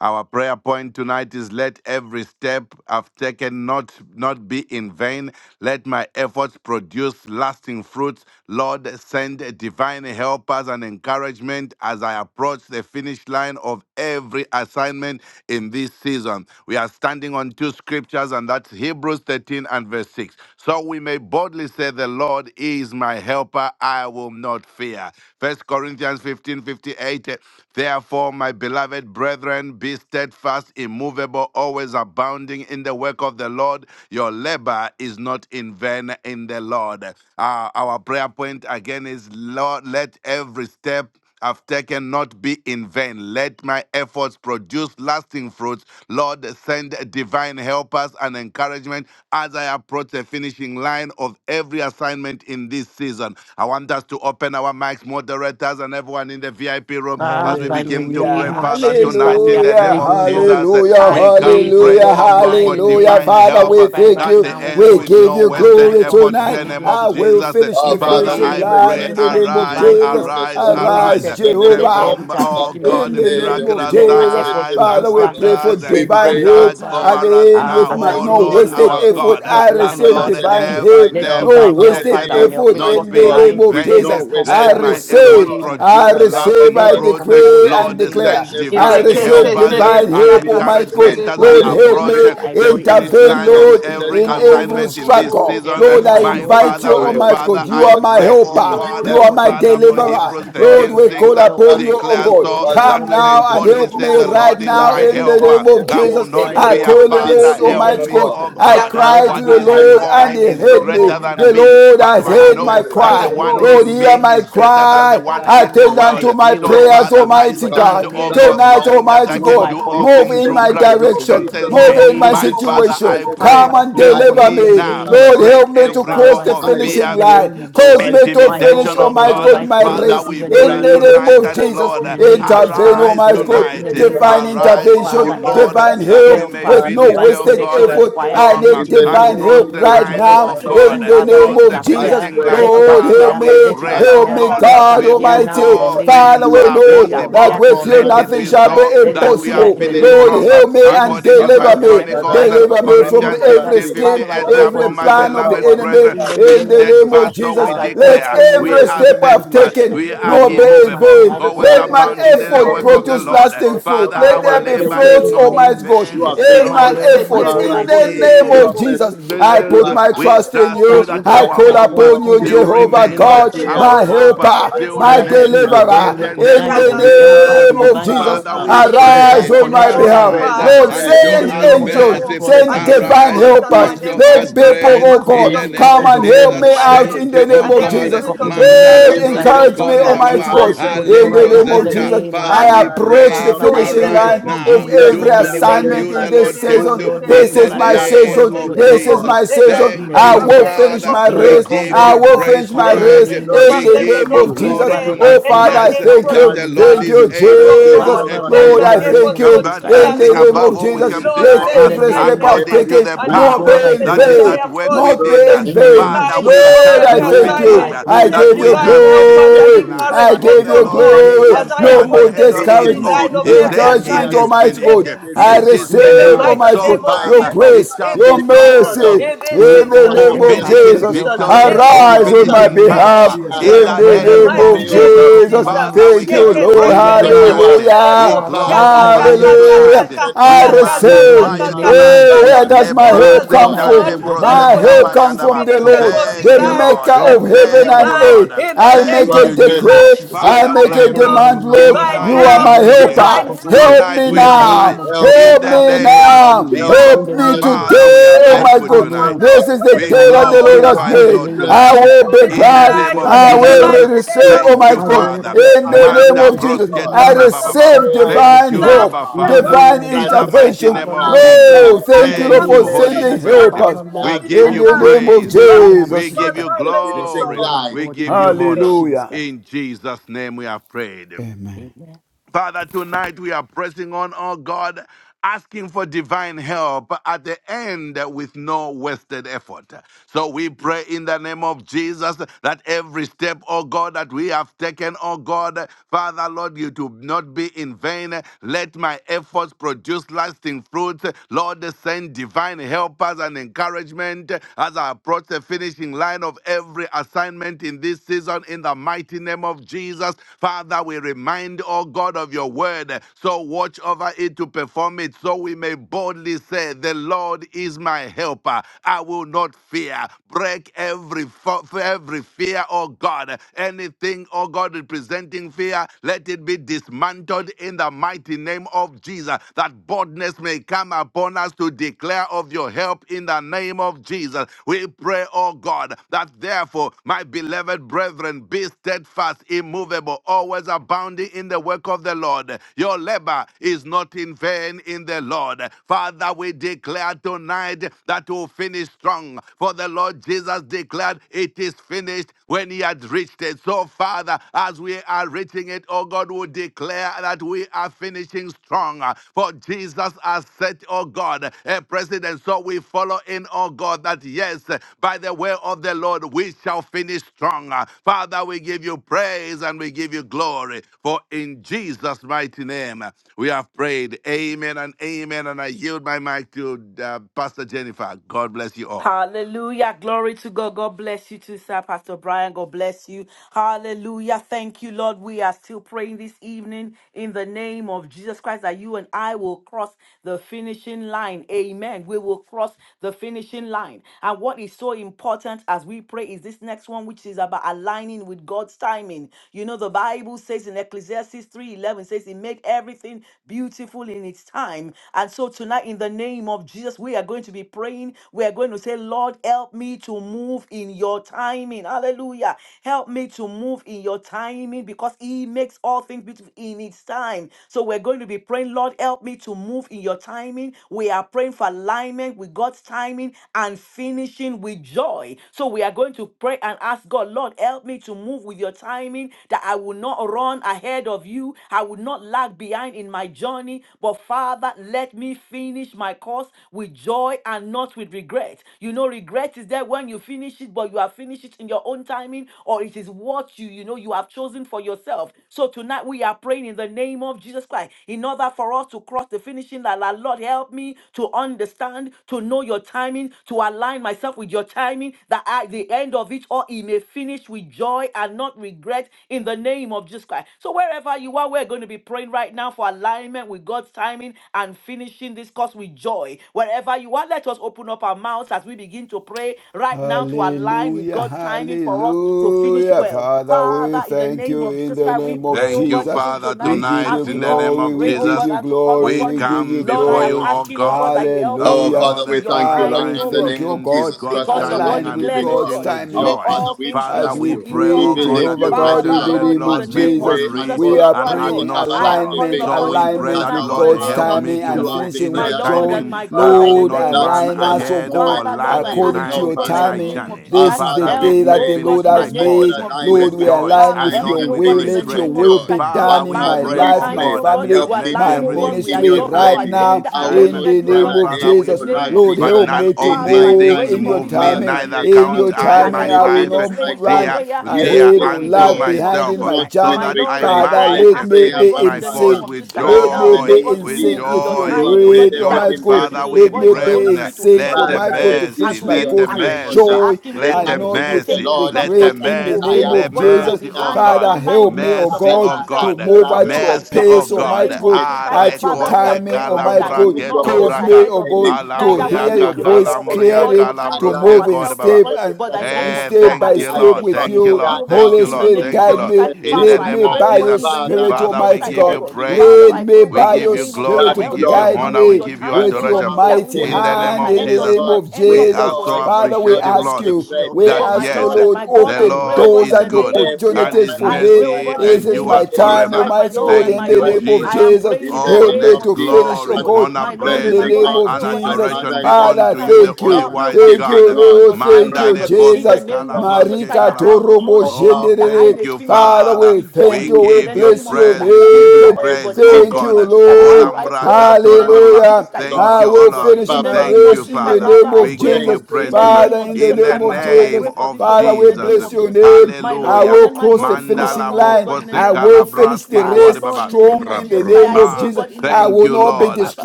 Speaker 7: Our prayer point tonight is let every step I've taken not, not be in vain. Let my efforts produce lasting fruits. Lord, send divine helpers and encouragement as I approach the finish line of every assignment in this season. We are standing on two scriptures, and that's Hebrews 13 and verse 6. So we may boldly say, The Lord is my helper, I will not fear. First Corinthians 15 58. Therefore, my beloved brethren, be steadfast, immovable, always abounding in the work of the Lord. Your labor is not in vain in the Lord. Uh, our prayer point again is Lord, let every step I've taken not be in vain. Let my efforts produce lasting fruits. Lord, send divine helpers and encouragement as I approach the finishing line of every assignment in this season. I want us to open our mics, moderators, and everyone in the VIP room as we
Speaker 5: Father, in the
Speaker 7: begin to
Speaker 4: Hallelujah,
Speaker 7: pray.
Speaker 5: name of
Speaker 7: Father,
Speaker 5: Jesus, that
Speaker 7: tonight
Speaker 5: we
Speaker 7: in
Speaker 5: are
Speaker 7: the name
Speaker 4: hallelujah,
Speaker 5: praying,
Speaker 7: of
Speaker 5: oh God.
Speaker 7: Jesus, eh,
Speaker 4: hallelujah,
Speaker 5: I
Speaker 7: we
Speaker 5: pray,
Speaker 7: come
Speaker 5: oh
Speaker 7: praying,
Speaker 4: hallelujah,
Speaker 5: God,
Speaker 7: oh God,
Speaker 5: tonight in
Speaker 7: for
Speaker 5: the
Speaker 4: hallelujah.
Speaker 5: name
Speaker 7: divine
Speaker 5: of
Speaker 4: Father,
Speaker 7: help
Speaker 5: Jesus
Speaker 4: we
Speaker 7: eh,
Speaker 5: Christ
Speaker 4: thank
Speaker 5: right
Speaker 7: at
Speaker 4: you.
Speaker 7: the
Speaker 5: now, oh
Speaker 7: end
Speaker 4: We
Speaker 5: God.
Speaker 7: with
Speaker 4: give
Speaker 7: no
Speaker 4: you
Speaker 5: As
Speaker 7: wasted
Speaker 5: I
Speaker 4: glory
Speaker 5: come
Speaker 7: effort in
Speaker 4: tonight.
Speaker 5: before
Speaker 7: the
Speaker 5: you
Speaker 7: name
Speaker 5: even
Speaker 7: of
Speaker 4: I
Speaker 5: to
Speaker 4: will
Speaker 7: Jesus.
Speaker 5: pray,
Speaker 7: eh.
Speaker 4: finish
Speaker 5: in
Speaker 6: Oh,
Speaker 4: the
Speaker 5: the
Speaker 6: Father,
Speaker 7: Father,
Speaker 6: we
Speaker 4: finishing
Speaker 7: I
Speaker 5: name of
Speaker 6: pray
Speaker 4: line
Speaker 7: pray,
Speaker 6: right
Speaker 4: in
Speaker 5: Jesus
Speaker 6: now
Speaker 4: the
Speaker 6: in
Speaker 5: Christ,
Speaker 6: the
Speaker 4: name
Speaker 5: we
Speaker 4: of
Speaker 6: name
Speaker 7: arise
Speaker 6: of
Speaker 5: bind
Speaker 4: Jesus.
Speaker 5: help.
Speaker 6: Jesus
Speaker 7: arise,
Speaker 5: We
Speaker 6: Christ, the
Speaker 5: know we
Speaker 6: Son
Speaker 7: arise,
Speaker 4: Arise,
Speaker 6: of
Speaker 5: said
Speaker 7: arise.
Speaker 6: the
Speaker 5: effort.
Speaker 6: living
Speaker 5: Let
Speaker 6: God,
Speaker 5: every
Speaker 7: Perform,
Speaker 4: Jehovah.
Speaker 5: time
Speaker 6: that
Speaker 7: oh
Speaker 5: taken
Speaker 6: from
Speaker 5: not be
Speaker 4: In
Speaker 7: God,
Speaker 5: in
Speaker 4: the
Speaker 6: today
Speaker 5: vain.
Speaker 4: name
Speaker 6: there'll be
Speaker 4: of
Speaker 7: miraculous
Speaker 6: no
Speaker 5: Let my
Speaker 4: Jesus,
Speaker 6: wasted
Speaker 5: efforts
Speaker 7: signs and
Speaker 6: effort,
Speaker 4: Father,
Speaker 5: produce
Speaker 4: we
Speaker 6: oh
Speaker 5: lasting
Speaker 4: pray
Speaker 6: God.
Speaker 4: for
Speaker 5: fruit.
Speaker 7: wonders.
Speaker 6: We
Speaker 5: Send
Speaker 4: divine
Speaker 5: divine
Speaker 6: pray and
Speaker 5: help
Speaker 4: help
Speaker 7: Charge
Speaker 5: us.
Speaker 6: stand,
Speaker 4: at
Speaker 7: over
Speaker 6: might
Speaker 7: us
Speaker 6: God
Speaker 4: the end
Speaker 5: Uh,
Speaker 6: stand
Speaker 4: with
Speaker 7: now,
Speaker 5: as
Speaker 4: my,
Speaker 5: I
Speaker 7: oh
Speaker 6: upon
Speaker 4: no
Speaker 6: your
Speaker 5: finish,
Speaker 7: Lord
Speaker 6: word,
Speaker 5: oh
Speaker 6: oh
Speaker 4: wasted
Speaker 5: God,
Speaker 7: our
Speaker 6: God.
Speaker 5: approach the
Speaker 4: effort.
Speaker 7: God,
Speaker 4: I
Speaker 6: That,
Speaker 5: finish
Speaker 6: Father,
Speaker 7: that
Speaker 5: line of
Speaker 4: receive
Speaker 6: you're
Speaker 5: my
Speaker 7: Lord,
Speaker 6: sending
Speaker 4: divine
Speaker 5: assignment.
Speaker 7: every
Speaker 4: help,
Speaker 6: divine
Speaker 5: Let the
Speaker 7: step
Speaker 6: help
Speaker 4: no
Speaker 7: I've
Speaker 5: divine
Speaker 6: at the
Speaker 5: help
Speaker 4: wasted
Speaker 5: us
Speaker 7: taken
Speaker 5: that
Speaker 7: eh,
Speaker 5: will
Speaker 6: end,
Speaker 5: help
Speaker 4: effort
Speaker 5: me
Speaker 7: not
Speaker 5: cross
Speaker 4: in
Speaker 6: Almighty
Speaker 5: the
Speaker 4: the
Speaker 7: be
Speaker 6: God,
Speaker 5: line
Speaker 4: name
Speaker 7: in
Speaker 4: of
Speaker 6: with
Speaker 5: let
Speaker 7: vain.
Speaker 6: no
Speaker 7: eh.
Speaker 4: Jesus.
Speaker 5: them come
Speaker 4: I
Speaker 6: wasted
Speaker 7: Let my
Speaker 5: forward
Speaker 6: effort,
Speaker 5: in the
Speaker 6: oh
Speaker 7: efforts
Speaker 4: receive,
Speaker 6: God.
Speaker 5: name of
Speaker 7: produce
Speaker 4: I
Speaker 5: Jesus
Speaker 6: Father,
Speaker 5: Christ.
Speaker 6: oh
Speaker 4: receive,
Speaker 7: lasting
Speaker 5: Let
Speaker 4: I
Speaker 6: God,
Speaker 5: them
Speaker 7: fruits.
Speaker 5: come
Speaker 7: eh.
Speaker 6: we
Speaker 5: forward
Speaker 4: decree
Speaker 5: in
Speaker 6: pray,
Speaker 5: the
Speaker 4: and
Speaker 7: Lord, eh,
Speaker 5: name of
Speaker 6: let
Speaker 7: send
Speaker 4: declare
Speaker 5: Jesus
Speaker 6: every
Speaker 5: Christ.
Speaker 4: I
Speaker 7: divine
Speaker 6: step
Speaker 5: Let
Speaker 6: I
Speaker 4: receive
Speaker 5: them
Speaker 6: have
Speaker 5: come
Speaker 7: helpers eh,
Speaker 6: taken
Speaker 5: forward
Speaker 4: divine
Speaker 5: in
Speaker 6: not
Speaker 5: the
Speaker 7: and
Speaker 4: help,
Speaker 6: be
Speaker 5: name of
Speaker 4: Almighty
Speaker 5: Jesus
Speaker 6: in
Speaker 4: God.
Speaker 6: vain.
Speaker 5: Christ.
Speaker 7: encouragement as
Speaker 5: My
Speaker 7: I
Speaker 4: Lord,
Speaker 6: Let
Speaker 5: Lord and
Speaker 4: help
Speaker 5: my
Speaker 6: every
Speaker 7: approach
Speaker 4: me
Speaker 7: eh,
Speaker 5: God, I
Speaker 7: the
Speaker 6: effort,
Speaker 5: pray, oh
Speaker 7: finish
Speaker 5: God,
Speaker 6: let
Speaker 5: even
Speaker 4: intervene,
Speaker 7: line
Speaker 5: for
Speaker 7: of
Speaker 4: Lord,
Speaker 5: this, oh
Speaker 6: effort,
Speaker 5: God,
Speaker 6: let
Speaker 7: every
Speaker 5: in
Speaker 4: in
Speaker 6: my
Speaker 5: the name
Speaker 4: every
Speaker 6: effort
Speaker 7: assignment
Speaker 5: of
Speaker 7: in
Speaker 5: Jesus
Speaker 7: this
Speaker 5: Christ.
Speaker 6: produce
Speaker 4: struggle.
Speaker 7: season.
Speaker 5: Help
Speaker 7: eh.
Speaker 5: me,
Speaker 4: Lord, I
Speaker 5: my
Speaker 6: lasting
Speaker 7: My
Speaker 5: Lord
Speaker 6: fruit,
Speaker 5: and
Speaker 4: invite
Speaker 7: Father,
Speaker 5: my
Speaker 4: you,
Speaker 6: O
Speaker 7: my
Speaker 5: God,
Speaker 6: Lord.
Speaker 5: in
Speaker 4: Almighty
Speaker 5: the
Speaker 7: Father,
Speaker 4: God. You
Speaker 5: name
Speaker 7: I
Speaker 5: of
Speaker 4: are
Speaker 6: Lord,
Speaker 5: Jesus,
Speaker 4: my
Speaker 7: pray,
Speaker 5: I
Speaker 6: send
Speaker 7: oh oh
Speaker 5: pray.
Speaker 4: helper.
Speaker 6: divine
Speaker 7: God.
Speaker 4: You
Speaker 5: Oh
Speaker 7: Uh,
Speaker 6: help
Speaker 4: are
Speaker 5: God,
Speaker 4: my
Speaker 6: us.
Speaker 5: in the
Speaker 7: Father, for
Speaker 5: name of Jesus,
Speaker 7: Hebrews
Speaker 6: Almighty
Speaker 4: deliverer.
Speaker 5: Christ,
Speaker 6: God,
Speaker 5: Lord,
Speaker 4: Lord,
Speaker 7: thirteen
Speaker 5: for
Speaker 4: we
Speaker 5: that
Speaker 6: and
Speaker 7: six,
Speaker 5: they
Speaker 7: 6
Speaker 4: call
Speaker 7: uh,
Speaker 5: help
Speaker 4: upon you,
Speaker 5: us.
Speaker 4: oh
Speaker 6: encouragement
Speaker 5: The
Speaker 7: declares
Speaker 5: people
Speaker 4: God.
Speaker 7: so
Speaker 6: as
Speaker 5: shall
Speaker 4: Come
Speaker 7: that
Speaker 5: help
Speaker 7: we
Speaker 6: I
Speaker 7: may
Speaker 5: me,
Speaker 4: now
Speaker 5: but
Speaker 4: and
Speaker 7: boldly
Speaker 5: even
Speaker 6: approach
Speaker 4: help
Speaker 5: to
Speaker 7: say,
Speaker 4: me
Speaker 6: the
Speaker 7: The
Speaker 5: cross over.
Speaker 4: right
Speaker 6: finish
Speaker 7: Lord is
Speaker 4: now
Speaker 7: my
Speaker 6: line
Speaker 5: Let
Speaker 4: in
Speaker 5: them
Speaker 4: the
Speaker 6: of
Speaker 5: come
Speaker 7: helper.
Speaker 4: name of
Speaker 3: Yes,
Speaker 5: forth.
Speaker 7: I
Speaker 6: every
Speaker 7: will
Speaker 4: Jesus.
Speaker 5: Let
Speaker 7: not
Speaker 5: them
Speaker 4: I
Speaker 6: assignment
Speaker 5: come
Speaker 7: fear,
Speaker 4: call
Speaker 6: in
Speaker 4: the
Speaker 5: forth.
Speaker 6: this
Speaker 7: Father,
Speaker 4: Lord,
Speaker 5: Let
Speaker 6: season
Speaker 7: help
Speaker 5: them
Speaker 6: of
Speaker 4: Almighty
Speaker 7: me,
Speaker 5: come
Speaker 4: God.
Speaker 6: God.
Speaker 7: oh
Speaker 5: forth.
Speaker 4: I
Speaker 6: My
Speaker 7: God.
Speaker 5: And
Speaker 6: Father,
Speaker 5: let
Speaker 4: cry
Speaker 5: me
Speaker 4: to
Speaker 7: What
Speaker 5: be
Speaker 4: the
Speaker 5: able to
Speaker 7: is
Speaker 6: I
Speaker 4: Lord
Speaker 7: before
Speaker 6: pray,
Speaker 4: and
Speaker 5: identify
Speaker 7: me
Speaker 4: he
Speaker 5: them, oh
Speaker 7: is
Speaker 5: God,
Speaker 6: no
Speaker 4: heard
Speaker 5: in the
Speaker 7: greater
Speaker 4: me.
Speaker 5: name
Speaker 7: than
Speaker 4: The
Speaker 5: of
Speaker 7: me,
Speaker 5: Jesus
Speaker 6: discouragement,
Speaker 4: Lord
Speaker 7: but
Speaker 4: has
Speaker 7: I
Speaker 5: that
Speaker 6: no
Speaker 4: heard my
Speaker 7: know
Speaker 5: identify
Speaker 7: that
Speaker 6: weariness,
Speaker 7: the
Speaker 4: cry.
Speaker 5: them, oh
Speaker 7: one
Speaker 5: God,
Speaker 6: no
Speaker 4: Lord,
Speaker 5: in the
Speaker 7: in
Speaker 4: hear
Speaker 7: me
Speaker 5: name
Speaker 4: my
Speaker 5: of
Speaker 7: is
Speaker 6: setback
Speaker 5: Jesus
Speaker 7: greater
Speaker 5: Christ.
Speaker 7: than
Speaker 6: back.
Speaker 7: the
Speaker 4: cry.
Speaker 7: one
Speaker 6: Father, I
Speaker 7: in the
Speaker 4: Attend
Speaker 7: world.
Speaker 5: I
Speaker 4: unto
Speaker 6: pray,
Speaker 4: my
Speaker 5: pray, oh
Speaker 7: So,
Speaker 5: God,
Speaker 6: same
Speaker 5: even
Speaker 4: prayers,
Speaker 7: Father,
Speaker 5: for this,
Speaker 7: I
Speaker 5: oh
Speaker 6: Almighty
Speaker 4: Almighty
Speaker 5: God,
Speaker 6: God,
Speaker 5: in the
Speaker 7: stand,
Speaker 4: God.
Speaker 7: oh
Speaker 5: name
Speaker 6: thy
Speaker 5: of
Speaker 7: God,
Speaker 5: Jesus
Speaker 4: Tonight,
Speaker 6: my
Speaker 5: Christ.
Speaker 7: knowing that I
Speaker 4: Almighty
Speaker 6: effort
Speaker 5: Jehovah,
Speaker 7: can
Speaker 6: will
Speaker 4: God,
Speaker 5: I
Speaker 7: do
Speaker 6: not be
Speaker 5: call
Speaker 7: all
Speaker 4: move
Speaker 5: upon
Speaker 7: things
Speaker 5: you,
Speaker 4: in
Speaker 6: wasted
Speaker 5: God,
Speaker 7: through
Speaker 6: in
Speaker 4: my
Speaker 5: even
Speaker 6: the
Speaker 5: for
Speaker 7: Christ
Speaker 6: name
Speaker 5: this,
Speaker 7: who
Speaker 6: of
Speaker 5: oh
Speaker 4: direction,
Speaker 5: God,
Speaker 6: Jesus
Speaker 7: strengthens
Speaker 5: in the
Speaker 4: move
Speaker 7: me.
Speaker 6: Christ,
Speaker 4: in my
Speaker 5: name
Speaker 7: My
Speaker 6: the
Speaker 5: of
Speaker 6: Son
Speaker 5: Jesus
Speaker 6: of
Speaker 7: Father,
Speaker 4: situation.
Speaker 6: the
Speaker 5: Christ.
Speaker 7: I
Speaker 6: Living
Speaker 5: Father,
Speaker 7: pray,
Speaker 4: Come
Speaker 6: God.
Speaker 5: I
Speaker 4: and
Speaker 5: pray, oh
Speaker 6: I
Speaker 7: help
Speaker 5: God,
Speaker 4: deliver
Speaker 6: look
Speaker 5: in
Speaker 7: me
Speaker 5: the
Speaker 6: to
Speaker 4: me.
Speaker 6: you,
Speaker 7: now,
Speaker 5: name of
Speaker 4: Lord,
Speaker 6: covenant
Speaker 5: Jesus
Speaker 4: help
Speaker 7: break
Speaker 5: Christ.
Speaker 4: me
Speaker 6: keeping
Speaker 4: to
Speaker 7: every
Speaker 6: God.
Speaker 5: Father,
Speaker 4: cross
Speaker 7: form
Speaker 5: I
Speaker 4: the
Speaker 7: of
Speaker 6: I
Speaker 5: pray, oh God,
Speaker 6: look
Speaker 4: finishing
Speaker 5: in
Speaker 7: fear
Speaker 6: to
Speaker 5: the
Speaker 6: you,
Speaker 4: line.
Speaker 5: name
Speaker 6: the
Speaker 5: of Jesus
Speaker 4: Cause
Speaker 5: Christ.
Speaker 4: me
Speaker 6: Almighty God,
Speaker 4: to
Speaker 5: My
Speaker 4: finish,
Speaker 7: intimidation,
Speaker 5: Lord
Speaker 6: the
Speaker 5: and
Speaker 7: oh
Speaker 5: my
Speaker 4: Almighty
Speaker 5: God,
Speaker 7: God.
Speaker 6: Father.
Speaker 4: God,
Speaker 5: I
Speaker 4: my
Speaker 5: pray, oh God,
Speaker 7: Father,
Speaker 4: race.
Speaker 6: Now
Speaker 5: in
Speaker 7: we
Speaker 5: the
Speaker 6: it's
Speaker 4: In
Speaker 7: pray
Speaker 6: time
Speaker 4: the
Speaker 5: name
Speaker 6: for
Speaker 5: of
Speaker 4: name
Speaker 7: tonight
Speaker 4: of
Speaker 5: Jesus
Speaker 7: that,
Speaker 5: Christ.
Speaker 6: divine
Speaker 4: Jesus,
Speaker 7: Lord,
Speaker 6: things,
Speaker 5: In the
Speaker 6: my
Speaker 5: name of
Speaker 6: for
Speaker 5: Jesus Christ,
Speaker 4: intervene,
Speaker 5: we
Speaker 6: divine
Speaker 7: arise
Speaker 4: Almighty
Speaker 5: pray, oh
Speaker 4: God.
Speaker 6: help,
Speaker 5: God, in
Speaker 7: tonight.
Speaker 5: the name of
Speaker 4: Divine
Speaker 6: divine
Speaker 5: Jesus Christ.
Speaker 6: help,
Speaker 7: Arise, oh
Speaker 4: intervention,
Speaker 5: Father,
Speaker 6: divine
Speaker 5: help
Speaker 7: Lord,
Speaker 4: divine
Speaker 5: us.
Speaker 6: help,
Speaker 7: that we
Speaker 5: Help
Speaker 4: help
Speaker 7: may
Speaker 5: us.
Speaker 4: with
Speaker 5: The
Speaker 6: divine
Speaker 4: no
Speaker 7: finish,
Speaker 5: divine
Speaker 6: help,
Speaker 7: oh
Speaker 4: wasted
Speaker 5: connection
Speaker 7: God.
Speaker 6: right
Speaker 4: effort.
Speaker 6: now.
Speaker 5: required
Speaker 4: I
Speaker 5: for
Speaker 7: Strong
Speaker 5: me
Speaker 6: In
Speaker 4: need
Speaker 5: to
Speaker 6: the
Speaker 5: move,
Speaker 7: and
Speaker 6: name
Speaker 4: divine
Speaker 5: oh
Speaker 6: of
Speaker 7: cross
Speaker 4: help
Speaker 5: God,
Speaker 7: the
Speaker 6: Jesus
Speaker 5: and
Speaker 4: right
Speaker 5: to
Speaker 7: line,
Speaker 6: Christ, the
Speaker 5: cross
Speaker 4: now.
Speaker 5: my
Speaker 7: oh
Speaker 6: Son of
Speaker 5: finish
Speaker 6: the
Speaker 5: line.
Speaker 4: In
Speaker 7: God,
Speaker 4: the
Speaker 6: Living
Speaker 5: Father,
Speaker 4: name
Speaker 6: God,
Speaker 7: cross
Speaker 5: let it
Speaker 7: the
Speaker 4: of
Speaker 6: I
Speaker 5: appear
Speaker 4: Jesus,
Speaker 7: finishing
Speaker 6: pray,
Speaker 7: line.
Speaker 5: let it
Speaker 6: Abba
Speaker 4: Lord,
Speaker 7: Father,
Speaker 4: help
Speaker 5: appear,
Speaker 6: Father.
Speaker 7: we
Speaker 4: me,
Speaker 5: let it
Speaker 7: pray,
Speaker 6: I
Speaker 7: oh
Speaker 4: help
Speaker 5: appear,
Speaker 6: trust
Speaker 4: me,
Speaker 6: you,
Speaker 4: God.
Speaker 7: God,
Speaker 5: let it
Speaker 4: God
Speaker 6: covenant
Speaker 7: with
Speaker 5: appear
Speaker 7: you
Speaker 5: now
Speaker 6: keeping
Speaker 5: in
Speaker 4: Almighty.
Speaker 5: the
Speaker 7: all
Speaker 6: God.
Speaker 5: name of this
Speaker 4: Father,
Speaker 7: things
Speaker 6: You
Speaker 5: Christ.
Speaker 4: we
Speaker 6: are
Speaker 7: are
Speaker 5: Let it
Speaker 4: know
Speaker 6: able,
Speaker 4: that
Speaker 5: appear
Speaker 7: possible.
Speaker 5: in
Speaker 4: with
Speaker 5: the
Speaker 6: more
Speaker 4: you
Speaker 6: than
Speaker 7: Let
Speaker 5: name of
Speaker 7: it
Speaker 4: nothing
Speaker 7: be
Speaker 5: Jesus
Speaker 6: able,
Speaker 4: shall be
Speaker 5: Christ.
Speaker 7: so
Speaker 6: to
Speaker 5: Let it
Speaker 7: that
Speaker 6: do
Speaker 7: we
Speaker 5: appear
Speaker 7: are
Speaker 5: in
Speaker 4: impossible.
Speaker 5: the
Speaker 7: finished
Speaker 6: exceeding
Speaker 5: name
Speaker 6: and
Speaker 5: of
Speaker 4: Lord,
Speaker 5: this
Speaker 4: heal
Speaker 7: strong,
Speaker 5: Christ.
Speaker 4: me
Speaker 6: abundantly
Speaker 5: Let me
Speaker 4: and
Speaker 7: according
Speaker 5: see
Speaker 7: to
Speaker 5: it, oh
Speaker 4: deliver
Speaker 6: above
Speaker 7: First
Speaker 5: God, and
Speaker 6: all
Speaker 4: me.
Speaker 6: that
Speaker 7: Chronicles,
Speaker 5: recognize
Speaker 6: I
Speaker 5: it,
Speaker 6: ask,
Speaker 4: Deliver
Speaker 5: God, in
Speaker 4: me
Speaker 5: the
Speaker 6: above
Speaker 7: Corinthians.
Speaker 5: name
Speaker 4: from
Speaker 6: all
Speaker 5: of
Speaker 6: that
Speaker 5: Jesus
Speaker 7: Corinthians
Speaker 6: I
Speaker 5: Christ.
Speaker 4: every
Speaker 7: 15
Speaker 3: Thank
Speaker 6: think,
Speaker 7: fifty
Speaker 4: scheme,
Speaker 5: Father, I
Speaker 7: eight.
Speaker 5: pray
Speaker 3: you.
Speaker 5: for
Speaker 4: every
Speaker 7: Therefore,
Speaker 6: according
Speaker 5: this,
Speaker 7: my
Speaker 6: to
Speaker 5: oh
Speaker 6: the
Speaker 5: God,
Speaker 4: plan of
Speaker 5: even
Speaker 4: the
Speaker 7: beloved
Speaker 6: power
Speaker 5: this evening,
Speaker 4: enemy
Speaker 7: brethren,
Speaker 5: in
Speaker 6: that
Speaker 5: the
Speaker 6: is
Speaker 7: be
Speaker 4: in
Speaker 5: name
Speaker 4: the
Speaker 6: at
Speaker 5: of
Speaker 4: name
Speaker 5: Jesus
Speaker 6: work.
Speaker 4: of
Speaker 7: steadfast,
Speaker 5: Christ.
Speaker 7: so
Speaker 4: Jesus.
Speaker 7: we
Speaker 5: As I
Speaker 6: Father,
Speaker 5: call
Speaker 4: Let
Speaker 7: declare.
Speaker 6: I
Speaker 5: upon you,
Speaker 7: We
Speaker 6: pray
Speaker 5: God,
Speaker 4: every
Speaker 5: in
Speaker 7: are
Speaker 5: the
Speaker 4: step
Speaker 6: in
Speaker 4: I've
Speaker 5: name of
Speaker 6: the
Speaker 3: Yes,
Speaker 7: steadfast,
Speaker 5: Jesus
Speaker 6: name
Speaker 5: Christ.
Speaker 3: it's
Speaker 4: taken
Speaker 6: of
Speaker 7: we are
Speaker 5: My
Speaker 4: no
Speaker 3: terrible.
Speaker 6: Jesus
Speaker 5: Lord
Speaker 4: obey
Speaker 5: and
Speaker 6: Christ,
Speaker 4: in
Speaker 5: my
Speaker 7: immovable,
Speaker 5: God, I
Speaker 6: the
Speaker 4: vain.
Speaker 7: always
Speaker 5: call
Speaker 6: Son
Speaker 4: Let
Speaker 6: of
Speaker 3: Yes,
Speaker 5: upon
Speaker 4: my
Speaker 5: you
Speaker 6: the
Speaker 5: for
Speaker 7: abounding
Speaker 3: it's
Speaker 5: this, oh
Speaker 7: in
Speaker 6: living
Speaker 7: the
Speaker 5: God,
Speaker 4: effort
Speaker 6: God.
Speaker 5: in
Speaker 7: work
Speaker 5: the
Speaker 7: of
Speaker 3: terrible.
Speaker 7: the
Speaker 4: produce
Speaker 5: name
Speaker 6: My
Speaker 5: of
Speaker 7: Lord.
Speaker 5: Jesus
Speaker 4: lasting
Speaker 6: God,
Speaker 5: Christ.
Speaker 6: Lord,
Speaker 4: fruit.
Speaker 7: Father,
Speaker 6: I
Speaker 4: Let
Speaker 3: Yes,
Speaker 5: Father,
Speaker 7: our
Speaker 4: there
Speaker 5: I
Speaker 6: look
Speaker 4: be
Speaker 6: to
Speaker 5: pray, oh
Speaker 7: labor
Speaker 3: it's
Speaker 6: you.
Speaker 5: God,
Speaker 7: is
Speaker 5: in
Speaker 4: fruits,
Speaker 5: the
Speaker 7: not
Speaker 3: terrible.
Speaker 7: in
Speaker 5: name
Speaker 4: Almighty
Speaker 5: of
Speaker 4: God,
Speaker 7: vain
Speaker 6: You are
Speaker 7: in
Speaker 5: Jesus.
Speaker 7: the
Speaker 3: Yes,
Speaker 4: in
Speaker 5: My
Speaker 4: my
Speaker 6: faithful.
Speaker 7: Lord.
Speaker 5: Lord and
Speaker 3: it's terrible. It's terrible. Yes, it's
Speaker 6: You
Speaker 5: my
Speaker 7: We
Speaker 4: efforts.
Speaker 6: are
Speaker 5: God,
Speaker 4: In
Speaker 5: I
Speaker 3: terrible.
Speaker 4: the
Speaker 5: pray,
Speaker 6: righteous.
Speaker 3: Yes,
Speaker 5: God,
Speaker 3: it's
Speaker 7: believe
Speaker 6: You
Speaker 4: name
Speaker 5: in
Speaker 7: you.
Speaker 6: are
Speaker 4: of
Speaker 3: terrible.
Speaker 4: Jesus,
Speaker 6: merciful.
Speaker 4: I
Speaker 3: Yes,
Speaker 6: You
Speaker 4: put
Speaker 6: are
Speaker 4: my
Speaker 6: kind.
Speaker 7: We
Speaker 4: trust in
Speaker 7: trust you
Speaker 4: you.
Speaker 5: Christ, oh
Speaker 7: that
Speaker 4: I
Speaker 5: God,
Speaker 6: Father,
Speaker 7: our
Speaker 5: as
Speaker 4: call
Speaker 6: in
Speaker 5: I
Speaker 6: the
Speaker 7: hope
Speaker 5: call
Speaker 6: name
Speaker 7: uh,
Speaker 6: of
Speaker 4: upon
Speaker 5: upon
Speaker 4: you,
Speaker 5: you, oh
Speaker 7: still
Speaker 5: God, in
Speaker 6: Jesus,
Speaker 5: the
Speaker 4: Jehovah
Speaker 5: name
Speaker 7: remains.
Speaker 5: of
Speaker 4: God,
Speaker 5: Jesus Christ.
Speaker 6: appear
Speaker 7: Our
Speaker 4: my
Speaker 6: now
Speaker 7: hope uh,
Speaker 6: and
Speaker 4: helper,
Speaker 7: still
Speaker 4: my
Speaker 5: Other
Speaker 6: strengthen
Speaker 7: remains.
Speaker 5: helping
Speaker 6: my
Speaker 5: God, let
Speaker 3: it's
Speaker 5: me
Speaker 4: deliverer.
Speaker 7: In the
Speaker 3: terrible.
Speaker 7: name
Speaker 4: In
Speaker 5: recognize
Speaker 3: Yes,
Speaker 5: you,
Speaker 7: of
Speaker 5: but the
Speaker 3: it's
Speaker 5: helper,
Speaker 4: the
Speaker 5: the
Speaker 7: Jesus.
Speaker 4: name
Speaker 3: terrible.
Speaker 4: of
Speaker 5: divine
Speaker 4: Jesus,
Speaker 7: Father, we
Speaker 5: helpers, the
Speaker 4: arise
Speaker 7: pray,
Speaker 5: divine
Speaker 4: on my
Speaker 5: connections
Speaker 3: Yekesekerebo.
Speaker 5: I
Speaker 4: behalf.
Speaker 7: arise
Speaker 5: require.
Speaker 3: Father,
Speaker 4: Lord,
Speaker 7: and
Speaker 3: remove
Speaker 5: In
Speaker 7: show
Speaker 5: the
Speaker 4: send
Speaker 3: every
Speaker 7: us
Speaker 5: name of this
Speaker 4: angels,
Speaker 5: Christ,
Speaker 7: mercy.
Speaker 3: obstacle
Speaker 5: cross the
Speaker 4: send
Speaker 3: and
Speaker 5: finishing
Speaker 3: every
Speaker 5: line.
Speaker 4: divine
Speaker 7: Arise
Speaker 3: obstacle
Speaker 4: helpers.
Speaker 7: and
Speaker 5: Father,
Speaker 3: and
Speaker 7: show
Speaker 5: let it
Speaker 3: every
Speaker 7: us
Speaker 4: Let
Speaker 5: come.
Speaker 3: hindrance
Speaker 4: people,
Speaker 3: that
Speaker 5: Let
Speaker 7: grace
Speaker 5: it
Speaker 4: oh
Speaker 3: wants to
Speaker 5: come.
Speaker 7: in
Speaker 4: God,
Speaker 5: Let
Speaker 7: the
Speaker 3: stop
Speaker 5: it
Speaker 3: me
Speaker 7: name
Speaker 5: come
Speaker 3: from
Speaker 4: come
Speaker 5: in
Speaker 7: of
Speaker 5: the
Speaker 4: and
Speaker 5: name
Speaker 4: help
Speaker 7: Jesus.
Speaker 5: of
Speaker 4: me
Speaker 3: completing my
Speaker 4: out
Speaker 5: Jesus.
Speaker 3: race.
Speaker 4: in
Speaker 7: Thank
Speaker 4: the
Speaker 7: you,
Speaker 5: Let
Speaker 7: oh
Speaker 4: name
Speaker 3: And
Speaker 5: it
Speaker 4: of
Speaker 5: come.
Speaker 3: every
Speaker 7: God.
Speaker 5: Let it
Speaker 4: Jesus.
Speaker 5: come
Speaker 3: spirit
Speaker 5: in
Speaker 3: of
Speaker 5: the name of
Speaker 7: Mandala
Speaker 4: Lord,
Speaker 3: discouragement
Speaker 5: Jesus.
Speaker 3: and
Speaker 7: brosco
Speaker 4: encourage me,
Speaker 7: kori
Speaker 5: Father, I
Speaker 3: despair,
Speaker 5: pray
Speaker 4: Almighty
Speaker 7: bababa.
Speaker 5: for
Speaker 3: all
Speaker 4: God,
Speaker 5: this,
Speaker 3: sent
Speaker 5: God,
Speaker 3: to
Speaker 5: even
Speaker 7: Ale
Speaker 4: in the
Speaker 5: right
Speaker 3: weaken
Speaker 5: now,
Speaker 4: name
Speaker 3: me
Speaker 5: in
Speaker 3: at
Speaker 4: of
Speaker 5: the
Speaker 3: the
Speaker 7: brozeska.
Speaker 4: Jesus.
Speaker 3: finishing
Speaker 5: name of
Speaker 7: Father,
Speaker 3: line, we
Speaker 5: Jesus.
Speaker 4: I
Speaker 7: we
Speaker 3: rebuke
Speaker 4: approach the
Speaker 7: pray.
Speaker 5: Father,
Speaker 3: you
Speaker 5: I
Speaker 3: in
Speaker 4: finishing
Speaker 3: the
Speaker 5: pray,
Speaker 7: Arise
Speaker 5: God,
Speaker 4: line
Speaker 3: name
Speaker 5: in
Speaker 3: of
Speaker 4: of
Speaker 7: now.
Speaker 3: Jesus.
Speaker 5: Jesus'
Speaker 7: Do
Speaker 4: every
Speaker 5: name, in
Speaker 7: only
Speaker 5: the
Speaker 7: what
Speaker 5: name of
Speaker 4: assignment
Speaker 7: you,
Speaker 4: in
Speaker 7: the
Speaker 5: Jesus.
Speaker 4: this
Speaker 7: Lord,
Speaker 5: Oh,
Speaker 7: can
Speaker 4: season.
Speaker 7: do
Speaker 5: Lord, my
Speaker 7: in
Speaker 4: This
Speaker 7: the
Speaker 3: Yekeseterebo-seterebo.
Speaker 5: God,
Speaker 4: is
Speaker 5: I
Speaker 4: my
Speaker 5: call upon
Speaker 7: name
Speaker 5: you,
Speaker 4: season.
Speaker 7: of
Speaker 5: God, even
Speaker 4: This
Speaker 5: for
Speaker 4: is
Speaker 3: Yekeseterebo.
Speaker 7: Jesus.
Speaker 5: this,
Speaker 4: my
Speaker 5: God,
Speaker 3: Let
Speaker 4: season.
Speaker 3: every
Speaker 5: in the
Speaker 7: Thank
Speaker 3: step
Speaker 4: I
Speaker 7: you,
Speaker 5: name
Speaker 3: I've
Speaker 4: will
Speaker 5: of Jesus.
Speaker 3: taken
Speaker 4: finish
Speaker 7: Father.
Speaker 3: not
Speaker 4: my
Speaker 3: be
Speaker 5: Let
Speaker 3: in
Speaker 7: We
Speaker 5: it
Speaker 4: race.
Speaker 5: come,
Speaker 3: vain,
Speaker 7: give
Speaker 5: let
Speaker 3: O
Speaker 4: I
Speaker 7: you
Speaker 5: it come,
Speaker 4: will
Speaker 5: let
Speaker 3: God.
Speaker 7: praise
Speaker 5: it
Speaker 4: finish
Speaker 5: come,
Speaker 4: my
Speaker 5: in
Speaker 3: Let
Speaker 5: the
Speaker 4: race
Speaker 7: tonight.
Speaker 3: every
Speaker 5: name
Speaker 3: step
Speaker 5: of
Speaker 4: in
Speaker 7: We
Speaker 3: I've
Speaker 5: Jesus.
Speaker 4: the
Speaker 3: taken
Speaker 7: give
Speaker 4: name of
Speaker 7: you
Speaker 3: not
Speaker 4: of
Speaker 3: be in
Speaker 4: Jesus.
Speaker 7: glory
Speaker 5: Jehovah,
Speaker 3: vain.
Speaker 5: Lord, I
Speaker 4: Oh,
Speaker 7: tonight.
Speaker 3: Let
Speaker 5: pray
Speaker 4: Father,
Speaker 3: my
Speaker 5: for
Speaker 7: Yes,
Speaker 4: I
Speaker 5: this night
Speaker 4: thank
Speaker 5: now
Speaker 3: efforts
Speaker 7: that
Speaker 5: in
Speaker 3: produce
Speaker 7: the
Speaker 5: the
Speaker 4: you.
Speaker 7: Lord
Speaker 4: Thank
Speaker 5: name
Speaker 7: is
Speaker 3: lasting
Speaker 4: you,
Speaker 5: of Jesus
Speaker 3: fruits,
Speaker 5: Christ.
Speaker 7: able
Speaker 3: O
Speaker 7: to do
Speaker 4: Jesus.
Speaker 3: God.
Speaker 5: Father,
Speaker 3: Let
Speaker 5: Lord,
Speaker 4: Lord,
Speaker 5: in
Speaker 3: my
Speaker 5: the
Speaker 4: I
Speaker 7: exceedingly
Speaker 5: name
Speaker 4: thank
Speaker 3: efforts
Speaker 5: of
Speaker 4: you.
Speaker 5: Jesus
Speaker 3: produce
Speaker 5: Christ, I
Speaker 4: In
Speaker 7: abundantly
Speaker 4: the
Speaker 5: pray,
Speaker 3: lasting
Speaker 4: name
Speaker 5: God,
Speaker 7: above
Speaker 4: of
Speaker 3: fruits.
Speaker 5: even
Speaker 7: all
Speaker 5: for
Speaker 7: we
Speaker 4: Jesus,
Speaker 5: this
Speaker 7: can
Speaker 5: super.
Speaker 3: Lord,
Speaker 7: think
Speaker 4: let
Speaker 7: or
Speaker 3: send
Speaker 5: In
Speaker 7: ask,
Speaker 5: the
Speaker 4: every
Speaker 3: divine
Speaker 5: name
Speaker 4: step
Speaker 5: of
Speaker 4: I've
Speaker 5: Jesus.
Speaker 7: according
Speaker 3: helpers
Speaker 7: to the
Speaker 4: taken
Speaker 3: and
Speaker 5: Oh
Speaker 4: not
Speaker 7: power
Speaker 5: God,
Speaker 4: be
Speaker 5: I
Speaker 4: in
Speaker 3: encouragement
Speaker 5: pray,
Speaker 7: that
Speaker 3: as
Speaker 7: is
Speaker 5: God,
Speaker 4: vain.
Speaker 7: at
Speaker 3: I
Speaker 7: work
Speaker 3: approach
Speaker 4: Not be
Speaker 7: within
Speaker 3: the
Speaker 7: us.
Speaker 4: in
Speaker 5: in the
Speaker 3: finish
Speaker 4: vain.
Speaker 5: name of
Speaker 7: Father,
Speaker 3: line
Speaker 7: we
Speaker 5: Jesus
Speaker 3: of
Speaker 5: Christ.
Speaker 4: Lord,
Speaker 7: stand
Speaker 3: every
Speaker 4: I
Speaker 7: to
Speaker 4: thank
Speaker 5: Jehovah,
Speaker 7: believe
Speaker 5: I
Speaker 3: assignment.
Speaker 4: you.
Speaker 5: pray,
Speaker 4: I
Speaker 5: God,
Speaker 7: that
Speaker 3: Send
Speaker 4: give
Speaker 5: in the
Speaker 4: you
Speaker 7: we are
Speaker 3: divine
Speaker 5: name of Jesus
Speaker 3: helpers
Speaker 7: finishing
Speaker 3: and
Speaker 7: the
Speaker 4: glory.
Speaker 7: line.
Speaker 5: Jehovah.
Speaker 4: I
Speaker 7: For
Speaker 3: encouragement,
Speaker 5: The
Speaker 4: give
Speaker 7: the
Speaker 3: oh
Speaker 4: you
Speaker 5: God, in
Speaker 7: Lord
Speaker 5: the
Speaker 3: God,
Speaker 5: name of
Speaker 4: glory.
Speaker 3: as
Speaker 7: Jesus,
Speaker 5: Jesus
Speaker 3: I
Speaker 5: Christ,
Speaker 4: No
Speaker 5: even
Speaker 7: at
Speaker 5: as
Speaker 3: approach
Speaker 4: more
Speaker 5: I
Speaker 7: the
Speaker 3: the
Speaker 7: end
Speaker 5: pray
Speaker 7: of it
Speaker 5: upon you,
Speaker 3: finishing
Speaker 4: discouragement.
Speaker 7: all,
Speaker 3: line of
Speaker 7: he
Speaker 5: even right
Speaker 3: every
Speaker 5: now,
Speaker 7: said,
Speaker 5: in the
Speaker 7: It
Speaker 4: Encouragement,
Speaker 5: name
Speaker 7: is
Speaker 5: of
Speaker 3: assignment
Speaker 5: Jesus.
Speaker 4: Almighty
Speaker 3: in
Speaker 7: finished.
Speaker 4: God.
Speaker 3: this
Speaker 4: I
Speaker 3: season,
Speaker 7: It
Speaker 5: Because
Speaker 7: is
Speaker 5: in the
Speaker 3: in the
Speaker 4: receive,
Speaker 7: finished.
Speaker 5: name of
Speaker 3: mighty
Speaker 4: Almighty
Speaker 7: So,
Speaker 4: God,
Speaker 3: name
Speaker 5: Jesus.
Speaker 3: of
Speaker 4: your
Speaker 7: Father,
Speaker 3: Jesus,
Speaker 7: it
Speaker 4: grace,
Speaker 7: shall
Speaker 3: in
Speaker 4: your
Speaker 7: be
Speaker 3: this
Speaker 7: so, O
Speaker 3: season,
Speaker 7: God.
Speaker 4: mercy.
Speaker 3: in this
Speaker 5: Oh
Speaker 4: In the
Speaker 3: season,
Speaker 7: Oh,
Speaker 5: God,
Speaker 4: name
Speaker 5: help
Speaker 3: in
Speaker 4: of
Speaker 5: us,
Speaker 3: this
Speaker 5: possible
Speaker 7: finishing
Speaker 5: the
Speaker 4: Jesus,
Speaker 5: help
Speaker 3: season,
Speaker 5: us,
Speaker 7: victory,
Speaker 5: come
Speaker 3: in this
Speaker 5: forth
Speaker 7: oh,
Speaker 5: in
Speaker 4: arise
Speaker 5: the
Speaker 4: on
Speaker 5: in the
Speaker 3: season,
Speaker 4: my
Speaker 7: finishing
Speaker 5: name
Speaker 3: in
Speaker 5: of
Speaker 3: this
Speaker 7: power
Speaker 4: behalf
Speaker 5: Jesus
Speaker 7: in
Speaker 3: season,
Speaker 5: Christ.
Speaker 4: in
Speaker 7: the
Speaker 5: My
Speaker 4: the
Speaker 3: in the
Speaker 7: name
Speaker 5: Lord
Speaker 4: name
Speaker 5: and my
Speaker 7: of
Speaker 3: mighty
Speaker 4: of
Speaker 5: God,
Speaker 3: name
Speaker 5: in
Speaker 7: Jesus.
Speaker 3: of
Speaker 5: the
Speaker 4: Jesus.
Speaker 3: Jesus.
Speaker 5: name of
Speaker 7: Father, we
Speaker 5: Jesus.
Speaker 4: Thank
Speaker 7: give
Speaker 4: you,
Speaker 7: you
Speaker 3: Yeke
Speaker 4: Lord.
Speaker 3: se
Speaker 5: In
Speaker 7: praise
Speaker 5: the name
Speaker 3: terebo,
Speaker 5: of
Speaker 7: tonight.
Speaker 3: se
Speaker 5: Jesus.
Speaker 7: We
Speaker 4: Hallelujah.
Speaker 3: terebo,
Speaker 5: Father, Lord,
Speaker 3: yaka
Speaker 5: in the
Speaker 7: glorify
Speaker 3: ka
Speaker 5: name
Speaker 7: you
Speaker 3: ka
Speaker 5: of
Speaker 3: ka
Speaker 5: Jesus.
Speaker 3: ka
Speaker 7: tonight.
Speaker 4: Hallelujah. I
Speaker 7: We
Speaker 5: Father, I
Speaker 3: yaka
Speaker 5: pray,
Speaker 3: ka
Speaker 5: God,
Speaker 4: receive.
Speaker 5: in
Speaker 7: magnify
Speaker 5: the
Speaker 7: you
Speaker 5: name of
Speaker 7: tonight.
Speaker 4: Oh,
Speaker 3: Father,
Speaker 4: where
Speaker 5: Jesus.
Speaker 4: does
Speaker 3: send
Speaker 4: my help
Speaker 5: Oh,
Speaker 3: helpers, oh
Speaker 5: Lord,
Speaker 4: come
Speaker 5: I
Speaker 7: Lebraseta
Speaker 4: from?
Speaker 5: pray,
Speaker 3: God,
Speaker 5: God, in
Speaker 3: that
Speaker 5: the
Speaker 4: My
Speaker 3: will
Speaker 7: lebrozeska
Speaker 5: name
Speaker 3: help
Speaker 4: help
Speaker 5: of
Speaker 3: me
Speaker 4: comes
Speaker 5: Jesus.
Speaker 3: to
Speaker 4: from
Speaker 7: padiandaba.
Speaker 4: the
Speaker 3: finish
Speaker 5: For
Speaker 3: the
Speaker 4: Lord,
Speaker 5: help
Speaker 3: crossing
Speaker 5: us,
Speaker 4: the
Speaker 7: Thank you,
Speaker 5: help
Speaker 3: line
Speaker 4: maker
Speaker 5: us,
Speaker 7: Lord.
Speaker 3: the
Speaker 4: of
Speaker 5: help us.
Speaker 4: heaven
Speaker 5: help
Speaker 3: finishing
Speaker 5: us.
Speaker 7: Thank
Speaker 4: and
Speaker 7: you,
Speaker 3: line
Speaker 7: Lord.
Speaker 4: earth.
Speaker 3: in the
Speaker 4: I
Speaker 3: name
Speaker 4: make
Speaker 5: In
Speaker 7: Thank
Speaker 4: a
Speaker 5: the
Speaker 7: you,
Speaker 3: of
Speaker 5: name of
Speaker 7: Jesus.
Speaker 3: Jesus.
Speaker 4: decree.
Speaker 5: Jesus Christ,
Speaker 4: I
Speaker 7: Father, we
Speaker 4: make
Speaker 3: Divine
Speaker 5: my
Speaker 4: a
Speaker 7: are
Speaker 5: Lord
Speaker 3: help,
Speaker 7: grateful.
Speaker 4: demand,
Speaker 5: and my God,
Speaker 4: Lord.
Speaker 5: I
Speaker 3: divine
Speaker 4: You
Speaker 5: pray
Speaker 7: Tonight
Speaker 5: in
Speaker 4: are
Speaker 7: we
Speaker 5: the
Speaker 3: help,
Speaker 4: my
Speaker 5: name of
Speaker 7: appreciate
Speaker 5: Jesus
Speaker 7: you.
Speaker 3: divine
Speaker 4: helper.
Speaker 5: Christ, oh
Speaker 3: help,
Speaker 5: God.
Speaker 4: Help
Speaker 7: Tonight
Speaker 4: me
Speaker 5: In
Speaker 7: we
Speaker 5: the
Speaker 3: divine
Speaker 7: honor
Speaker 4: now.
Speaker 5: name
Speaker 7: you.
Speaker 5: of
Speaker 3: help,
Speaker 5: Jesus Christ,
Speaker 7: In
Speaker 4: Help
Speaker 7: the
Speaker 3: divine
Speaker 5: Father,
Speaker 4: me
Speaker 5: Lord,
Speaker 7: name
Speaker 5: I
Speaker 3: help,
Speaker 5: pray.
Speaker 7: of
Speaker 4: now.
Speaker 7: Jesus.
Speaker 3: divine
Speaker 5: In
Speaker 4: Help
Speaker 5: the
Speaker 4: me
Speaker 3: help
Speaker 5: name of
Speaker 3: from
Speaker 7: Father,
Speaker 3: the
Speaker 5: Jesus,
Speaker 7: we are
Speaker 4: today.
Speaker 3: north,
Speaker 4: Oh
Speaker 5: ah,
Speaker 4: my
Speaker 3: the
Speaker 7: thankful
Speaker 3: east,
Speaker 5: in the
Speaker 3: the
Speaker 4: God.
Speaker 5: name
Speaker 3: south,
Speaker 7: tonight.
Speaker 5: of
Speaker 3: and
Speaker 5: Jesus
Speaker 4: This
Speaker 3: the
Speaker 4: is
Speaker 5: Christ,
Speaker 4: the
Speaker 3: west
Speaker 7: We
Speaker 4: day
Speaker 5: Father,
Speaker 4: that
Speaker 3: that
Speaker 5: I
Speaker 4: the
Speaker 3: will
Speaker 5: pray,
Speaker 4: Lord
Speaker 3: help
Speaker 4: has
Speaker 5: God,
Speaker 7: glorify
Speaker 3: me
Speaker 5: in
Speaker 7: the
Speaker 5: the
Speaker 4: made.
Speaker 7: Lord
Speaker 5: name
Speaker 3: to
Speaker 5: of
Speaker 4: I
Speaker 7: tonight.
Speaker 3: cross
Speaker 5: Jesus
Speaker 3: the
Speaker 4: will
Speaker 5: Christ.
Speaker 4: be
Speaker 7: In
Speaker 5: I
Speaker 3: finishing
Speaker 7: the
Speaker 4: glad.
Speaker 5: pray,
Speaker 7: name
Speaker 3: line
Speaker 5: God,
Speaker 7: of
Speaker 5: in
Speaker 4: I
Speaker 5: the
Speaker 3: in the
Speaker 5: name
Speaker 4: will
Speaker 7: Jesus.
Speaker 5: of
Speaker 4: really
Speaker 3: mighty name
Speaker 4: receive.
Speaker 5: Jesus.
Speaker 3: of
Speaker 4: Oh
Speaker 7: Thank
Speaker 4: my
Speaker 7: you,
Speaker 5: My
Speaker 4: God.
Speaker 3: Jesus,
Speaker 5: Lord,
Speaker 7: Father.
Speaker 3: the
Speaker 4: In
Speaker 3: King
Speaker 5: I
Speaker 4: the
Speaker 3: of
Speaker 5: pray,
Speaker 4: name
Speaker 7: Manda
Speaker 5: God,
Speaker 4: of
Speaker 3: Kings.
Speaker 4: Jesus,
Speaker 5: in the
Speaker 3: The
Speaker 4: I
Speaker 5: name
Speaker 7: brosketara
Speaker 5: of
Speaker 3: banner
Speaker 5: Jesus
Speaker 7: bababa.
Speaker 5: Christ,
Speaker 4: receive
Speaker 3: belongs to
Speaker 5: Father, I
Speaker 7: Thank
Speaker 4: divine
Speaker 7: you,
Speaker 5: pray.
Speaker 3: Jesus.
Speaker 4: help,
Speaker 7: Abba
Speaker 5: In
Speaker 3: The
Speaker 5: the
Speaker 7: Father.
Speaker 5: name
Speaker 4: divine
Speaker 3: banner
Speaker 5: of
Speaker 7: In the
Speaker 3: belongs
Speaker 5: Jesus
Speaker 3: to
Speaker 5: Christ,
Speaker 7: mighty
Speaker 4: intervention.
Speaker 3: Jesus.
Speaker 7: name
Speaker 5: Father,
Speaker 7: of
Speaker 5: Lord,
Speaker 3: Oh,
Speaker 5: I
Speaker 7: Jesus.
Speaker 5: pray.
Speaker 4: Lord,
Speaker 5: In
Speaker 4: thank
Speaker 3: Father,
Speaker 4: you,
Speaker 5: the
Speaker 4: Lord,
Speaker 7: Thank
Speaker 3: help
Speaker 4: for
Speaker 5: name
Speaker 7: you,
Speaker 5: of
Speaker 7: Holy
Speaker 3: Christians
Speaker 4: sending
Speaker 5: Jesus Christ,
Speaker 7: Spirit.
Speaker 3: cross in
Speaker 4: helpers.
Speaker 5: Father,
Speaker 3: this
Speaker 7: We
Speaker 5: Lord,
Speaker 7: give
Speaker 4: In
Speaker 5: I
Speaker 3: finishing
Speaker 7: you
Speaker 4: the
Speaker 5: pray,
Speaker 3: line
Speaker 4: name
Speaker 5: God,
Speaker 4: of
Speaker 5: in
Speaker 7: praise.
Speaker 5: the
Speaker 3: because
Speaker 5: name
Speaker 3: it
Speaker 5: of
Speaker 3: is
Speaker 7: We
Speaker 4: Jesus.
Speaker 5: Jesus
Speaker 3: your
Speaker 7: give
Speaker 5: Christ.
Speaker 7: you
Speaker 3: assignment, oh
Speaker 5: Yes,
Speaker 7: glory.
Speaker 5: Lord,
Speaker 3: God.
Speaker 5: my
Speaker 7: We
Speaker 5: God, in
Speaker 7: give
Speaker 5: the
Speaker 7: you
Speaker 5: name of
Speaker 3: Amen.
Speaker 7: honor.
Speaker 5: Jesus.
Speaker 4: Hallelujah.
Speaker 7: In Jesus' name we have prayed.
Speaker 4: Amen.
Speaker 5: Amen.
Speaker 7: Father, tonight we are pressing on, oh God, asking for divine help at the end with no wasted effort. So we pray in the name of Jesus that every step, oh God, that we have taken, oh God, Father, Lord, you do not be in vain. Let my efforts produce lasting fruits. Lord, send divine helpers and encouragement as I approach the finishing line of every assignment in this season in the mighty name of Jesus. Father, we remind, oh God, of your word. So watch over it to perform it so we may boldly say, The Lord is my helper. I will not fear. Break every, fo- every fear, oh God. Anything, oh God, representing fear, let it be dismantled in the mighty name of Jesus. That boldness may come come upon us to declare of your help in the name of Jesus. We pray, oh God, that therefore, my beloved brethren, be steadfast, immovable, always abounding in the work of the Lord. Your labor is not in vain in the Lord. Father, we declare tonight that we'll finish strong. For the Lord Jesus declared, It is finished when he had reached it. So, Father, as we we are reaching it, oh God, we declare that we are finishing strong. uh, For Jesus has set, oh God, a precedent. So we follow in, oh God, that yes, uh, by the way of the Lord, we shall finish strong. Uh, Father, we give you praise and we give you glory. For in Jesus' mighty name, uh, we have prayed. Amen and amen. And I yield my mic to uh, Pastor Jennifer. God bless you all.
Speaker 5: Hallelujah. Glory to God. God bless you too, sir. Pastor Brian, God bless you. Hallelujah. Thank you, Lord. We are still praying this evening in the name of Jesus Christ that you and I will cross the finishing line. Amen. We will cross the finishing line. And what is so important as we pray is this next one, which is about aligning with God's timing. You know, the Bible says in Ecclesiastes 3:11 says, It make everything beautiful in its time. And so tonight, in the name of Jesus, we are going to be praying. We are going to say, Lord, help me to move in your timing. Hallelujah. Help me to move in your timing because He makes all things beautiful in its time. So we're going to be praying, Lord, help me to move in your timing. We are praying for alignment with God's timing and finishing with joy. So we are going to pray and ask God, Lord, help me to move with your timing that I will not run ahead of you of you. I will not lag behind in my journey, but Father, let me finish my course with joy and not with regret. You know, regret is there when you finish it, but you have finished it in your own timing, or it is what you, you know, you have chosen for yourself. So tonight we are praying in the name of Jesus Christ in order for us to cross the finishing line. Lord, Lord, help me to understand, to know your timing, to align myself with your timing, that at the end of it all, it may finish rich with joy and not regret in the name of Jesus Christ. So wherever you are, we're going to be praying right now for alignment with God's timing and finishing this course with joy. Wherever you are, let us open up our mouths as we begin to pray right now to align with
Speaker 4: Hallelujah,
Speaker 5: God's timing for us to finish
Speaker 4: hallelujah.
Speaker 5: well.
Speaker 4: Father, we
Speaker 5: Father, in the
Speaker 4: thank
Speaker 5: name
Speaker 4: you
Speaker 5: of
Speaker 4: in
Speaker 5: Jesus
Speaker 4: the
Speaker 5: Christ, we
Speaker 4: name of
Speaker 5: pray, oh
Speaker 7: Thank you,
Speaker 5: God,
Speaker 4: Jesus.
Speaker 5: even
Speaker 7: Father,
Speaker 5: tonight
Speaker 4: We give
Speaker 5: as
Speaker 4: you
Speaker 7: tonight
Speaker 5: we
Speaker 7: in the
Speaker 5: come
Speaker 7: name
Speaker 5: to
Speaker 4: glory,
Speaker 7: of
Speaker 4: we
Speaker 5: pray, oh
Speaker 4: give
Speaker 5: God,
Speaker 7: Jesus.
Speaker 4: you
Speaker 5: and to call
Speaker 4: glory,
Speaker 7: We
Speaker 4: we
Speaker 5: upon you.
Speaker 4: give you
Speaker 7: come
Speaker 5: Lord, I
Speaker 7: before
Speaker 5: am
Speaker 7: you,
Speaker 4: glory.
Speaker 7: oh
Speaker 5: asking, oh God,
Speaker 7: God,
Speaker 5: that you help us
Speaker 7: that
Speaker 6: Our
Speaker 5: to
Speaker 4: Hallelujah.
Speaker 5: move
Speaker 6: Father,
Speaker 7: Lord,
Speaker 6: we
Speaker 5: in your
Speaker 6: thank you
Speaker 4: Father,
Speaker 6: right
Speaker 4: we
Speaker 5: timing,
Speaker 6: now in
Speaker 5: oh
Speaker 6: the
Speaker 5: God.
Speaker 4: thank
Speaker 6: name
Speaker 4: you, oh
Speaker 6: of
Speaker 7: alignment with
Speaker 4: God,
Speaker 6: Jesus
Speaker 7: God's
Speaker 6: Christ, the
Speaker 5: Because your
Speaker 6: Son of
Speaker 7: timing
Speaker 5: word
Speaker 6: the
Speaker 4: aligned
Speaker 7: and
Speaker 4: with
Speaker 5: declares,
Speaker 6: living
Speaker 5: oh
Speaker 6: God.
Speaker 4: God's
Speaker 7: finishing
Speaker 5: God,
Speaker 7: with
Speaker 5: you make
Speaker 6: Our
Speaker 7: joy.
Speaker 6: Father,
Speaker 4: timing.
Speaker 5: all
Speaker 6: we
Speaker 5: things
Speaker 7: Father,
Speaker 4: As
Speaker 6: trust
Speaker 4: we
Speaker 7: we
Speaker 5: beautiful
Speaker 6: you.
Speaker 5: in
Speaker 7: pray,
Speaker 5: your
Speaker 6: We
Speaker 4: pray,
Speaker 7: oh
Speaker 5: time.
Speaker 7: God,
Speaker 6: believe
Speaker 7: that
Speaker 4: Jehovah
Speaker 7: the
Speaker 6: you right
Speaker 4: God,
Speaker 7: blessings
Speaker 5: Father,
Speaker 4: in
Speaker 6: now
Speaker 7: that
Speaker 4: the
Speaker 7: the
Speaker 5: Lord,
Speaker 4: name
Speaker 5: in
Speaker 4: of
Speaker 5: the
Speaker 6: as
Speaker 7: Lord
Speaker 6: we
Speaker 7: make
Speaker 5: name of
Speaker 7: one
Speaker 4: Jesus,
Speaker 6: pray and
Speaker 5: Jesus,
Speaker 7: rich
Speaker 4: we
Speaker 6: call
Speaker 5: oh
Speaker 4: are
Speaker 7: and
Speaker 5: my
Speaker 6: upon you,
Speaker 7: add
Speaker 6: the
Speaker 5: God,
Speaker 4: praying
Speaker 7: no
Speaker 5: I
Speaker 6: covenant
Speaker 5: am
Speaker 7: sorrow.
Speaker 5: calling
Speaker 4: alignment,
Speaker 6: keeping
Speaker 7: So
Speaker 5: upon
Speaker 6: God,
Speaker 7: we
Speaker 5: even
Speaker 7: pray
Speaker 6: that
Speaker 4: alignment
Speaker 7: that,
Speaker 5: tonight
Speaker 4: with
Speaker 5: in
Speaker 6: our
Speaker 7: Lord,
Speaker 5: the
Speaker 4: God's
Speaker 5: name
Speaker 7: help
Speaker 6: Father,
Speaker 5: of
Speaker 7: me
Speaker 4: timing
Speaker 7: to
Speaker 4: and
Speaker 6: you
Speaker 5: Jesus
Speaker 6: have
Speaker 7: move
Speaker 5: Christ,
Speaker 4: finishing
Speaker 7: in
Speaker 5: my
Speaker 7: your
Speaker 4: with
Speaker 6: declared,
Speaker 5: Lord
Speaker 4: joy.
Speaker 5: and
Speaker 7: timing,
Speaker 6: Almighty
Speaker 5: my
Speaker 7: that
Speaker 5: God,
Speaker 7: I
Speaker 5: in
Speaker 6: Father,
Speaker 7: will
Speaker 5: the
Speaker 4: Lord,
Speaker 7: not
Speaker 5: name
Speaker 6: that
Speaker 5: of
Speaker 6: you
Speaker 7: run
Speaker 4: align
Speaker 5: Jesus
Speaker 4: us,
Speaker 5: Christ.
Speaker 4: oh
Speaker 6: alone,
Speaker 7: ahead
Speaker 4: God,
Speaker 7: or
Speaker 6: Almighty
Speaker 5: Father, Lord,
Speaker 7: lag
Speaker 6: Father,
Speaker 5: we're
Speaker 6: you
Speaker 4: according to
Speaker 5: asking,
Speaker 6: help
Speaker 5: oh
Speaker 7: behind
Speaker 4: your
Speaker 5: God,
Speaker 7: in
Speaker 6: us,
Speaker 5: by
Speaker 6: oh
Speaker 5: the
Speaker 7: my
Speaker 6: God.
Speaker 4: timing.
Speaker 5: name of
Speaker 7: journey.
Speaker 5: Jesus Christ
Speaker 6: And
Speaker 4: This is the
Speaker 7: Father,
Speaker 6: Father, we
Speaker 5: Help
Speaker 4: day
Speaker 7: let
Speaker 5: me,
Speaker 7: me
Speaker 4: that
Speaker 5: oh
Speaker 4: the
Speaker 5: God,
Speaker 4: Lord
Speaker 7: finish
Speaker 5: in the
Speaker 7: my
Speaker 4: has made.
Speaker 7: course
Speaker 5: name of
Speaker 4: Lord,
Speaker 5: Jesus
Speaker 7: with
Speaker 4: we
Speaker 5: Christ.
Speaker 7: joy
Speaker 4: align
Speaker 5: Father,
Speaker 7: and
Speaker 4: with
Speaker 5: help
Speaker 7: not
Speaker 4: your
Speaker 5: me, oh
Speaker 7: with
Speaker 5: God,
Speaker 4: will.
Speaker 5: in the
Speaker 4: Let your
Speaker 5: name
Speaker 7: regret.
Speaker 5: of
Speaker 4: will
Speaker 5: Jesus
Speaker 4: be
Speaker 5: Christ, to
Speaker 7: Father,
Speaker 4: done in
Speaker 7: we
Speaker 5: align
Speaker 4: my
Speaker 5: with
Speaker 7: pray,
Speaker 5: your
Speaker 4: life,
Speaker 7: oh
Speaker 4: my
Speaker 5: timing, oh
Speaker 7: God, that He
Speaker 5: God,
Speaker 4: family,
Speaker 5: to
Speaker 7: has made
Speaker 5: align,
Speaker 4: my
Speaker 5: oh God,
Speaker 7: everything
Speaker 5: with
Speaker 4: ministry
Speaker 5: your
Speaker 7: beautiful
Speaker 5: your
Speaker 4: right
Speaker 7: in
Speaker 4: now,
Speaker 5: agenda
Speaker 7: its
Speaker 5: and your
Speaker 4: in
Speaker 7: time.
Speaker 4: the
Speaker 5: schedule, oh
Speaker 4: name
Speaker 7: So,
Speaker 5: God,
Speaker 4: of
Speaker 5: in
Speaker 7: Father,
Speaker 5: the
Speaker 7: we
Speaker 4: Jesus.
Speaker 5: name
Speaker 7: pray.
Speaker 5: of
Speaker 4: Lord,
Speaker 7: But
Speaker 5: Jesus
Speaker 4: help
Speaker 5: Christ.
Speaker 7: none
Speaker 4: me to
Speaker 7: of
Speaker 5: Father,
Speaker 7: these
Speaker 5: I
Speaker 4: move
Speaker 7: things
Speaker 5: pray
Speaker 4: in
Speaker 5: for
Speaker 4: your
Speaker 7: move
Speaker 5: this, oh
Speaker 7: me,
Speaker 5: God.
Speaker 4: timing.
Speaker 7: neither
Speaker 4: In
Speaker 5: Even
Speaker 4: your
Speaker 7: count
Speaker 5: tonight,
Speaker 7: I
Speaker 5: as
Speaker 7: my
Speaker 5: I
Speaker 4: timing, I
Speaker 5: come
Speaker 4: will
Speaker 5: in
Speaker 7: life
Speaker 5: the
Speaker 4: not
Speaker 5: place of
Speaker 4: run
Speaker 7: dear,
Speaker 5: prayer, oh
Speaker 7: dear
Speaker 4: ahead
Speaker 5: God,
Speaker 4: or
Speaker 5: in the
Speaker 7: unto
Speaker 4: lag
Speaker 5: name of
Speaker 4: behind
Speaker 7: myself,
Speaker 4: in
Speaker 5: Jesus
Speaker 4: my
Speaker 5: Christ,
Speaker 7: so
Speaker 5: my
Speaker 4: journey.
Speaker 7: that
Speaker 5: Lord
Speaker 7: I
Speaker 5: and my
Speaker 4: Father,
Speaker 5: God, we are
Speaker 7: might
Speaker 4: let me
Speaker 5: asking, oh
Speaker 4: be
Speaker 7: finish
Speaker 5: God, in
Speaker 4: in
Speaker 7: my
Speaker 5: the name
Speaker 7: course
Speaker 4: sync.
Speaker 5: of
Speaker 7: with
Speaker 5: Jesus Christ,
Speaker 4: Let
Speaker 5: help
Speaker 4: me
Speaker 5: me,
Speaker 4: be
Speaker 5: oh
Speaker 7: joy,
Speaker 5: God, to
Speaker 4: in
Speaker 7: with
Speaker 5: move
Speaker 4: sync
Speaker 5: in
Speaker 4: with
Speaker 5: your
Speaker 4: your
Speaker 7: joy,
Speaker 5: timing, oh God,
Speaker 7: with
Speaker 4: word,
Speaker 5: that
Speaker 7: joy.
Speaker 5: I'll be
Speaker 4: Almighty God.
Speaker 5: sensitive
Speaker 7: Father,
Speaker 5: to the
Speaker 7: we
Speaker 4: Let me
Speaker 5: voice of the
Speaker 7: pray,
Speaker 5: Holy
Speaker 4: be in
Speaker 5: Spirit to
Speaker 4: sync,
Speaker 5: hear
Speaker 7: let
Speaker 5: what
Speaker 7: the
Speaker 5: you're
Speaker 4: Almighty God,
Speaker 5: saying
Speaker 4: to
Speaker 5: and
Speaker 4: finish
Speaker 7: mercy,
Speaker 5: to
Speaker 4: my
Speaker 7: let
Speaker 5: move
Speaker 7: the
Speaker 4: course
Speaker 5: at the
Speaker 4: with
Speaker 5: speed
Speaker 7: mercy.
Speaker 5: you're
Speaker 4: joy
Speaker 5: asking me to
Speaker 7: Let
Speaker 4: and
Speaker 7: the
Speaker 5: move,
Speaker 4: not
Speaker 5: to
Speaker 4: with
Speaker 5: take
Speaker 7: mercy, let the
Speaker 5: instructions,
Speaker 4: regret in
Speaker 5: to
Speaker 4: the
Speaker 7: mercy,
Speaker 5: obey,
Speaker 4: name
Speaker 5: oh
Speaker 4: of
Speaker 7: let
Speaker 5: God, it will
Speaker 4: Jesus.
Speaker 7: mercy,
Speaker 5: be
Speaker 7: oh
Speaker 5: line
Speaker 4: Father,
Speaker 7: God,
Speaker 5: upon line,
Speaker 4: help me,
Speaker 5: precept
Speaker 4: oh
Speaker 7: mercy,
Speaker 5: upon
Speaker 4: God,
Speaker 7: oh
Speaker 5: precept,
Speaker 4: to
Speaker 7: God,
Speaker 4: move at
Speaker 5: instruction by
Speaker 4: your
Speaker 7: mercy,
Speaker 5: instruction,
Speaker 7: oh
Speaker 4: pace,
Speaker 5: in the
Speaker 7: God.
Speaker 4: Almighty
Speaker 5: name of name of
Speaker 4: God,
Speaker 5: Jesus
Speaker 7: Ah,
Speaker 5: Christ.
Speaker 4: at your
Speaker 5: Father,
Speaker 7: recose
Speaker 5: we are
Speaker 4: timing,
Speaker 5: praying, oh God,
Speaker 4: Almighty tonight,
Speaker 5: that we
Speaker 7: calambra
Speaker 4: God,
Speaker 5: will
Speaker 7: que
Speaker 5: not run
Speaker 4: cause me,
Speaker 7: tobraca,
Speaker 5: ahead
Speaker 4: oh
Speaker 5: of you,
Speaker 4: God, to
Speaker 5: neither would
Speaker 4: hear
Speaker 5: we
Speaker 4: your
Speaker 7: alambriaca,
Speaker 5: create,
Speaker 4: voice
Speaker 5: or, oh
Speaker 7: calambria,
Speaker 5: God,
Speaker 4: clearly, to
Speaker 5: alternatives for
Speaker 7: calabroske
Speaker 4: move in
Speaker 5: ourselves, oh
Speaker 7: corbaba.
Speaker 4: step
Speaker 5: God, but
Speaker 4: and
Speaker 5: in the
Speaker 4: in
Speaker 5: name of
Speaker 7: Eh,
Speaker 5: Jesus
Speaker 4: step
Speaker 5: Christ, I
Speaker 4: by
Speaker 7: thank
Speaker 5: will
Speaker 7: you,
Speaker 5: wait
Speaker 4: step
Speaker 7: Lord,
Speaker 4: with
Speaker 5: patiently
Speaker 7: thank you,
Speaker 5: for
Speaker 4: you.
Speaker 5: you, oh
Speaker 7: Lord,
Speaker 5: God,
Speaker 7: thank
Speaker 4: Holy
Speaker 7: you,
Speaker 5: in the
Speaker 7: Lord,
Speaker 4: Spirit,
Speaker 5: name
Speaker 7: thank
Speaker 5: of
Speaker 7: you,
Speaker 4: guide
Speaker 5: Jesus
Speaker 7: Lord.
Speaker 5: Christ.
Speaker 4: me,
Speaker 7: In
Speaker 5: Father,
Speaker 7: the
Speaker 4: lead
Speaker 5: I
Speaker 7: name
Speaker 4: me
Speaker 5: pray,
Speaker 7: of
Speaker 5: oh
Speaker 4: by
Speaker 5: God,
Speaker 4: your
Speaker 7: Jesus,
Speaker 5: in the name
Speaker 4: Spirit,
Speaker 5: of
Speaker 7: Father,
Speaker 5: Jesus
Speaker 7: we
Speaker 4: Almighty
Speaker 5: Christ,
Speaker 7: give
Speaker 5: oh
Speaker 4: God.
Speaker 7: you
Speaker 5: God.
Speaker 7: praise,
Speaker 5: Father,
Speaker 4: Lead
Speaker 5: I pray,
Speaker 4: me
Speaker 5: oh God,
Speaker 7: we
Speaker 4: by
Speaker 5: in the
Speaker 7: give
Speaker 4: your
Speaker 7: you
Speaker 5: name of Jesus
Speaker 7: glory,
Speaker 4: Spirit
Speaker 5: Christ,
Speaker 4: to
Speaker 7: we
Speaker 5: help
Speaker 7: give
Speaker 5: us
Speaker 7: you
Speaker 5: to
Speaker 4: guide
Speaker 5: move
Speaker 7: honor,
Speaker 5: in
Speaker 7: we
Speaker 5: your
Speaker 4: me
Speaker 7: give you
Speaker 5: timing,
Speaker 4: with
Speaker 5: oh
Speaker 4: your
Speaker 5: God,
Speaker 7: adoration.
Speaker 5: that we
Speaker 4: mighty
Speaker 5: will
Speaker 7: In the
Speaker 5: not
Speaker 7: name
Speaker 5: run
Speaker 4: hand
Speaker 7: of
Speaker 4: in
Speaker 5: ahead
Speaker 4: the
Speaker 5: of
Speaker 7: Jesus,
Speaker 5: you
Speaker 4: name
Speaker 5: and
Speaker 4: of
Speaker 5: end
Speaker 7: we
Speaker 5: up, oh
Speaker 4: Jesus.
Speaker 7: are
Speaker 5: God,
Speaker 7: so
Speaker 5: in the name
Speaker 4: Father,
Speaker 5: of
Speaker 4: we
Speaker 5: Jesus Christ,
Speaker 7: appreciative,
Speaker 5: with
Speaker 4: ask
Speaker 7: Lord
Speaker 4: you,
Speaker 5: Israel.
Speaker 4: we
Speaker 7: that
Speaker 5: But my
Speaker 4: ask you,
Speaker 7: yes,
Speaker 5: Lord and
Speaker 4: Lord,
Speaker 5: my God,
Speaker 7: the
Speaker 5: I
Speaker 4: open
Speaker 5: pray, oh
Speaker 7: Lord
Speaker 5: God,
Speaker 4: doors
Speaker 5: in
Speaker 7: is
Speaker 5: the
Speaker 4: and
Speaker 7: good
Speaker 5: name of Jesus
Speaker 7: and
Speaker 5: Christ.
Speaker 4: opportunities
Speaker 7: his
Speaker 4: for
Speaker 5: I pray,
Speaker 4: me.
Speaker 5: oh
Speaker 7: mercy
Speaker 5: God, in the
Speaker 4: This is
Speaker 5: name
Speaker 4: my
Speaker 7: endures
Speaker 5: of Jesus
Speaker 4: time,
Speaker 7: forever.
Speaker 5: Christ, my
Speaker 4: Almighty
Speaker 5: Lord
Speaker 4: God,
Speaker 5: and
Speaker 4: in
Speaker 7: Thank
Speaker 5: my
Speaker 4: the
Speaker 5: God.
Speaker 7: you,
Speaker 4: name of Jesus.
Speaker 5: I
Speaker 7: Jesus.
Speaker 5: am
Speaker 4: Jesus.
Speaker 5: praying in the
Speaker 7: Oh,
Speaker 4: Help me
Speaker 5: name
Speaker 7: let
Speaker 5: of
Speaker 4: to
Speaker 5: Jesus
Speaker 4: finish,
Speaker 5: Christ, oh
Speaker 4: oh
Speaker 7: glory,
Speaker 5: God.
Speaker 4: God,
Speaker 7: honor,
Speaker 5: My Lord
Speaker 4: in
Speaker 5: and
Speaker 7: praise,
Speaker 4: the
Speaker 5: my God,
Speaker 4: name
Speaker 5: I
Speaker 4: of
Speaker 5: pray,
Speaker 7: and
Speaker 5: oh God, in the
Speaker 4: Jesus.
Speaker 5: name
Speaker 7: adoration
Speaker 5: of
Speaker 7: be
Speaker 5: Jesus Christ,
Speaker 4: Father,
Speaker 5: even
Speaker 7: unto
Speaker 5: now,
Speaker 7: you,
Speaker 5: God.
Speaker 7: the
Speaker 4: thank
Speaker 7: only
Speaker 5: Help
Speaker 4: you.
Speaker 5: me, oh
Speaker 7: wise
Speaker 5: God,
Speaker 4: Thank
Speaker 5: in to
Speaker 4: you,
Speaker 7: God.
Speaker 5: move in
Speaker 4: Lord.
Speaker 5: your
Speaker 4: Thank
Speaker 5: timing, oh
Speaker 4: you,
Speaker 7: Mandale
Speaker 5: God. In the
Speaker 7: kose
Speaker 4: Jesus.
Speaker 5: name of Jesus
Speaker 7: kalabraske
Speaker 5: Christ,
Speaker 4: Marika
Speaker 5: that I
Speaker 7: kalaba.
Speaker 5: will not
Speaker 4: Toromo
Speaker 5: run ahead,
Speaker 7: Oh,
Speaker 5: that I
Speaker 4: Jenderere.
Speaker 7: thank
Speaker 5: may
Speaker 7: you,
Speaker 5: finish my
Speaker 4: Father,
Speaker 5: course
Speaker 7: Father.
Speaker 4: we
Speaker 5: with
Speaker 4: thank
Speaker 7: We
Speaker 5: joy.
Speaker 4: you. We
Speaker 5: In
Speaker 7: give
Speaker 5: the
Speaker 7: you
Speaker 5: name
Speaker 4: bless
Speaker 5: of
Speaker 4: your
Speaker 5: Jesus
Speaker 7: praise.
Speaker 5: Christ,
Speaker 7: We
Speaker 5: with
Speaker 7: give you
Speaker 4: name.
Speaker 5: joy, oh God.
Speaker 7: praise,
Speaker 5: In the
Speaker 7: oh
Speaker 4: Thank you,
Speaker 5: name
Speaker 7: God.
Speaker 5: of Jesus Christ,
Speaker 7: Oh,
Speaker 4: Lord.
Speaker 5: Father, I
Speaker 7: lambra
Speaker 5: pray, oh God, in
Speaker 7: kator
Speaker 5: the name
Speaker 7: bababa.
Speaker 5: of Jesus
Speaker 4: Hallelujah.
Speaker 5: Christ, even
Speaker 7: Thank
Speaker 5: for
Speaker 4: I
Speaker 7: you,
Speaker 5: this,
Speaker 7: oh
Speaker 4: will
Speaker 5: oh God.
Speaker 7: Lord.
Speaker 4: finish
Speaker 5: In the
Speaker 4: my
Speaker 5: name
Speaker 7: Thank
Speaker 5: of
Speaker 7: you,
Speaker 4: race
Speaker 5: Jesus
Speaker 4: in the
Speaker 5: Christ,
Speaker 7: Father.
Speaker 5: Father,
Speaker 4: name
Speaker 5: I
Speaker 7: We
Speaker 4: of
Speaker 5: pray, oh
Speaker 7: give you
Speaker 4: Jesus.
Speaker 5: God. In
Speaker 7: praise
Speaker 5: the
Speaker 7: tonight
Speaker 4: Father,
Speaker 5: name of
Speaker 4: in the
Speaker 7: in
Speaker 5: Jesus
Speaker 7: the
Speaker 4: name
Speaker 5: Christ,
Speaker 4: of
Speaker 5: Father, I
Speaker 7: name
Speaker 5: pray
Speaker 4: Jesus.
Speaker 5: for this,
Speaker 7: of
Speaker 5: oh
Speaker 4: Father,
Speaker 5: God. In
Speaker 4: we
Speaker 5: the
Speaker 7: Jesus.
Speaker 5: name
Speaker 4: bless
Speaker 5: of
Speaker 4: your
Speaker 5: Jesus Christ.
Speaker 4: name.
Speaker 5: My
Speaker 4: I
Speaker 5: Lord
Speaker 7: Hallelujah.
Speaker 4: will
Speaker 5: and my
Speaker 4: cross
Speaker 5: God,
Speaker 4: the
Speaker 5: we call
Speaker 4: finishing
Speaker 7: Mandala
Speaker 5: upon you, O
Speaker 4: line.
Speaker 5: God, in the
Speaker 7: bokose
Speaker 4: I
Speaker 5: name of
Speaker 4: will
Speaker 5: Jesus Christ.
Speaker 4: finish the
Speaker 7: kalabraske kore
Speaker 5: Father,
Speaker 4: race
Speaker 5: Lord,
Speaker 7: baba.
Speaker 5: in the name
Speaker 4: strong
Speaker 5: of
Speaker 6: pray
Speaker 4: in the
Speaker 5: Jesus Christ,
Speaker 4: name
Speaker 5: I
Speaker 4: of
Speaker 5: pray, O
Speaker 7: Ah,
Speaker 4: Jesus.
Speaker 5: God, in the
Speaker 4: I
Speaker 5: name
Speaker 7: thank
Speaker 5: of
Speaker 4: will
Speaker 7: you,
Speaker 5: Jesus
Speaker 4: not be
Speaker 5: Christ,
Speaker 7: Lord.
Speaker 5: Father,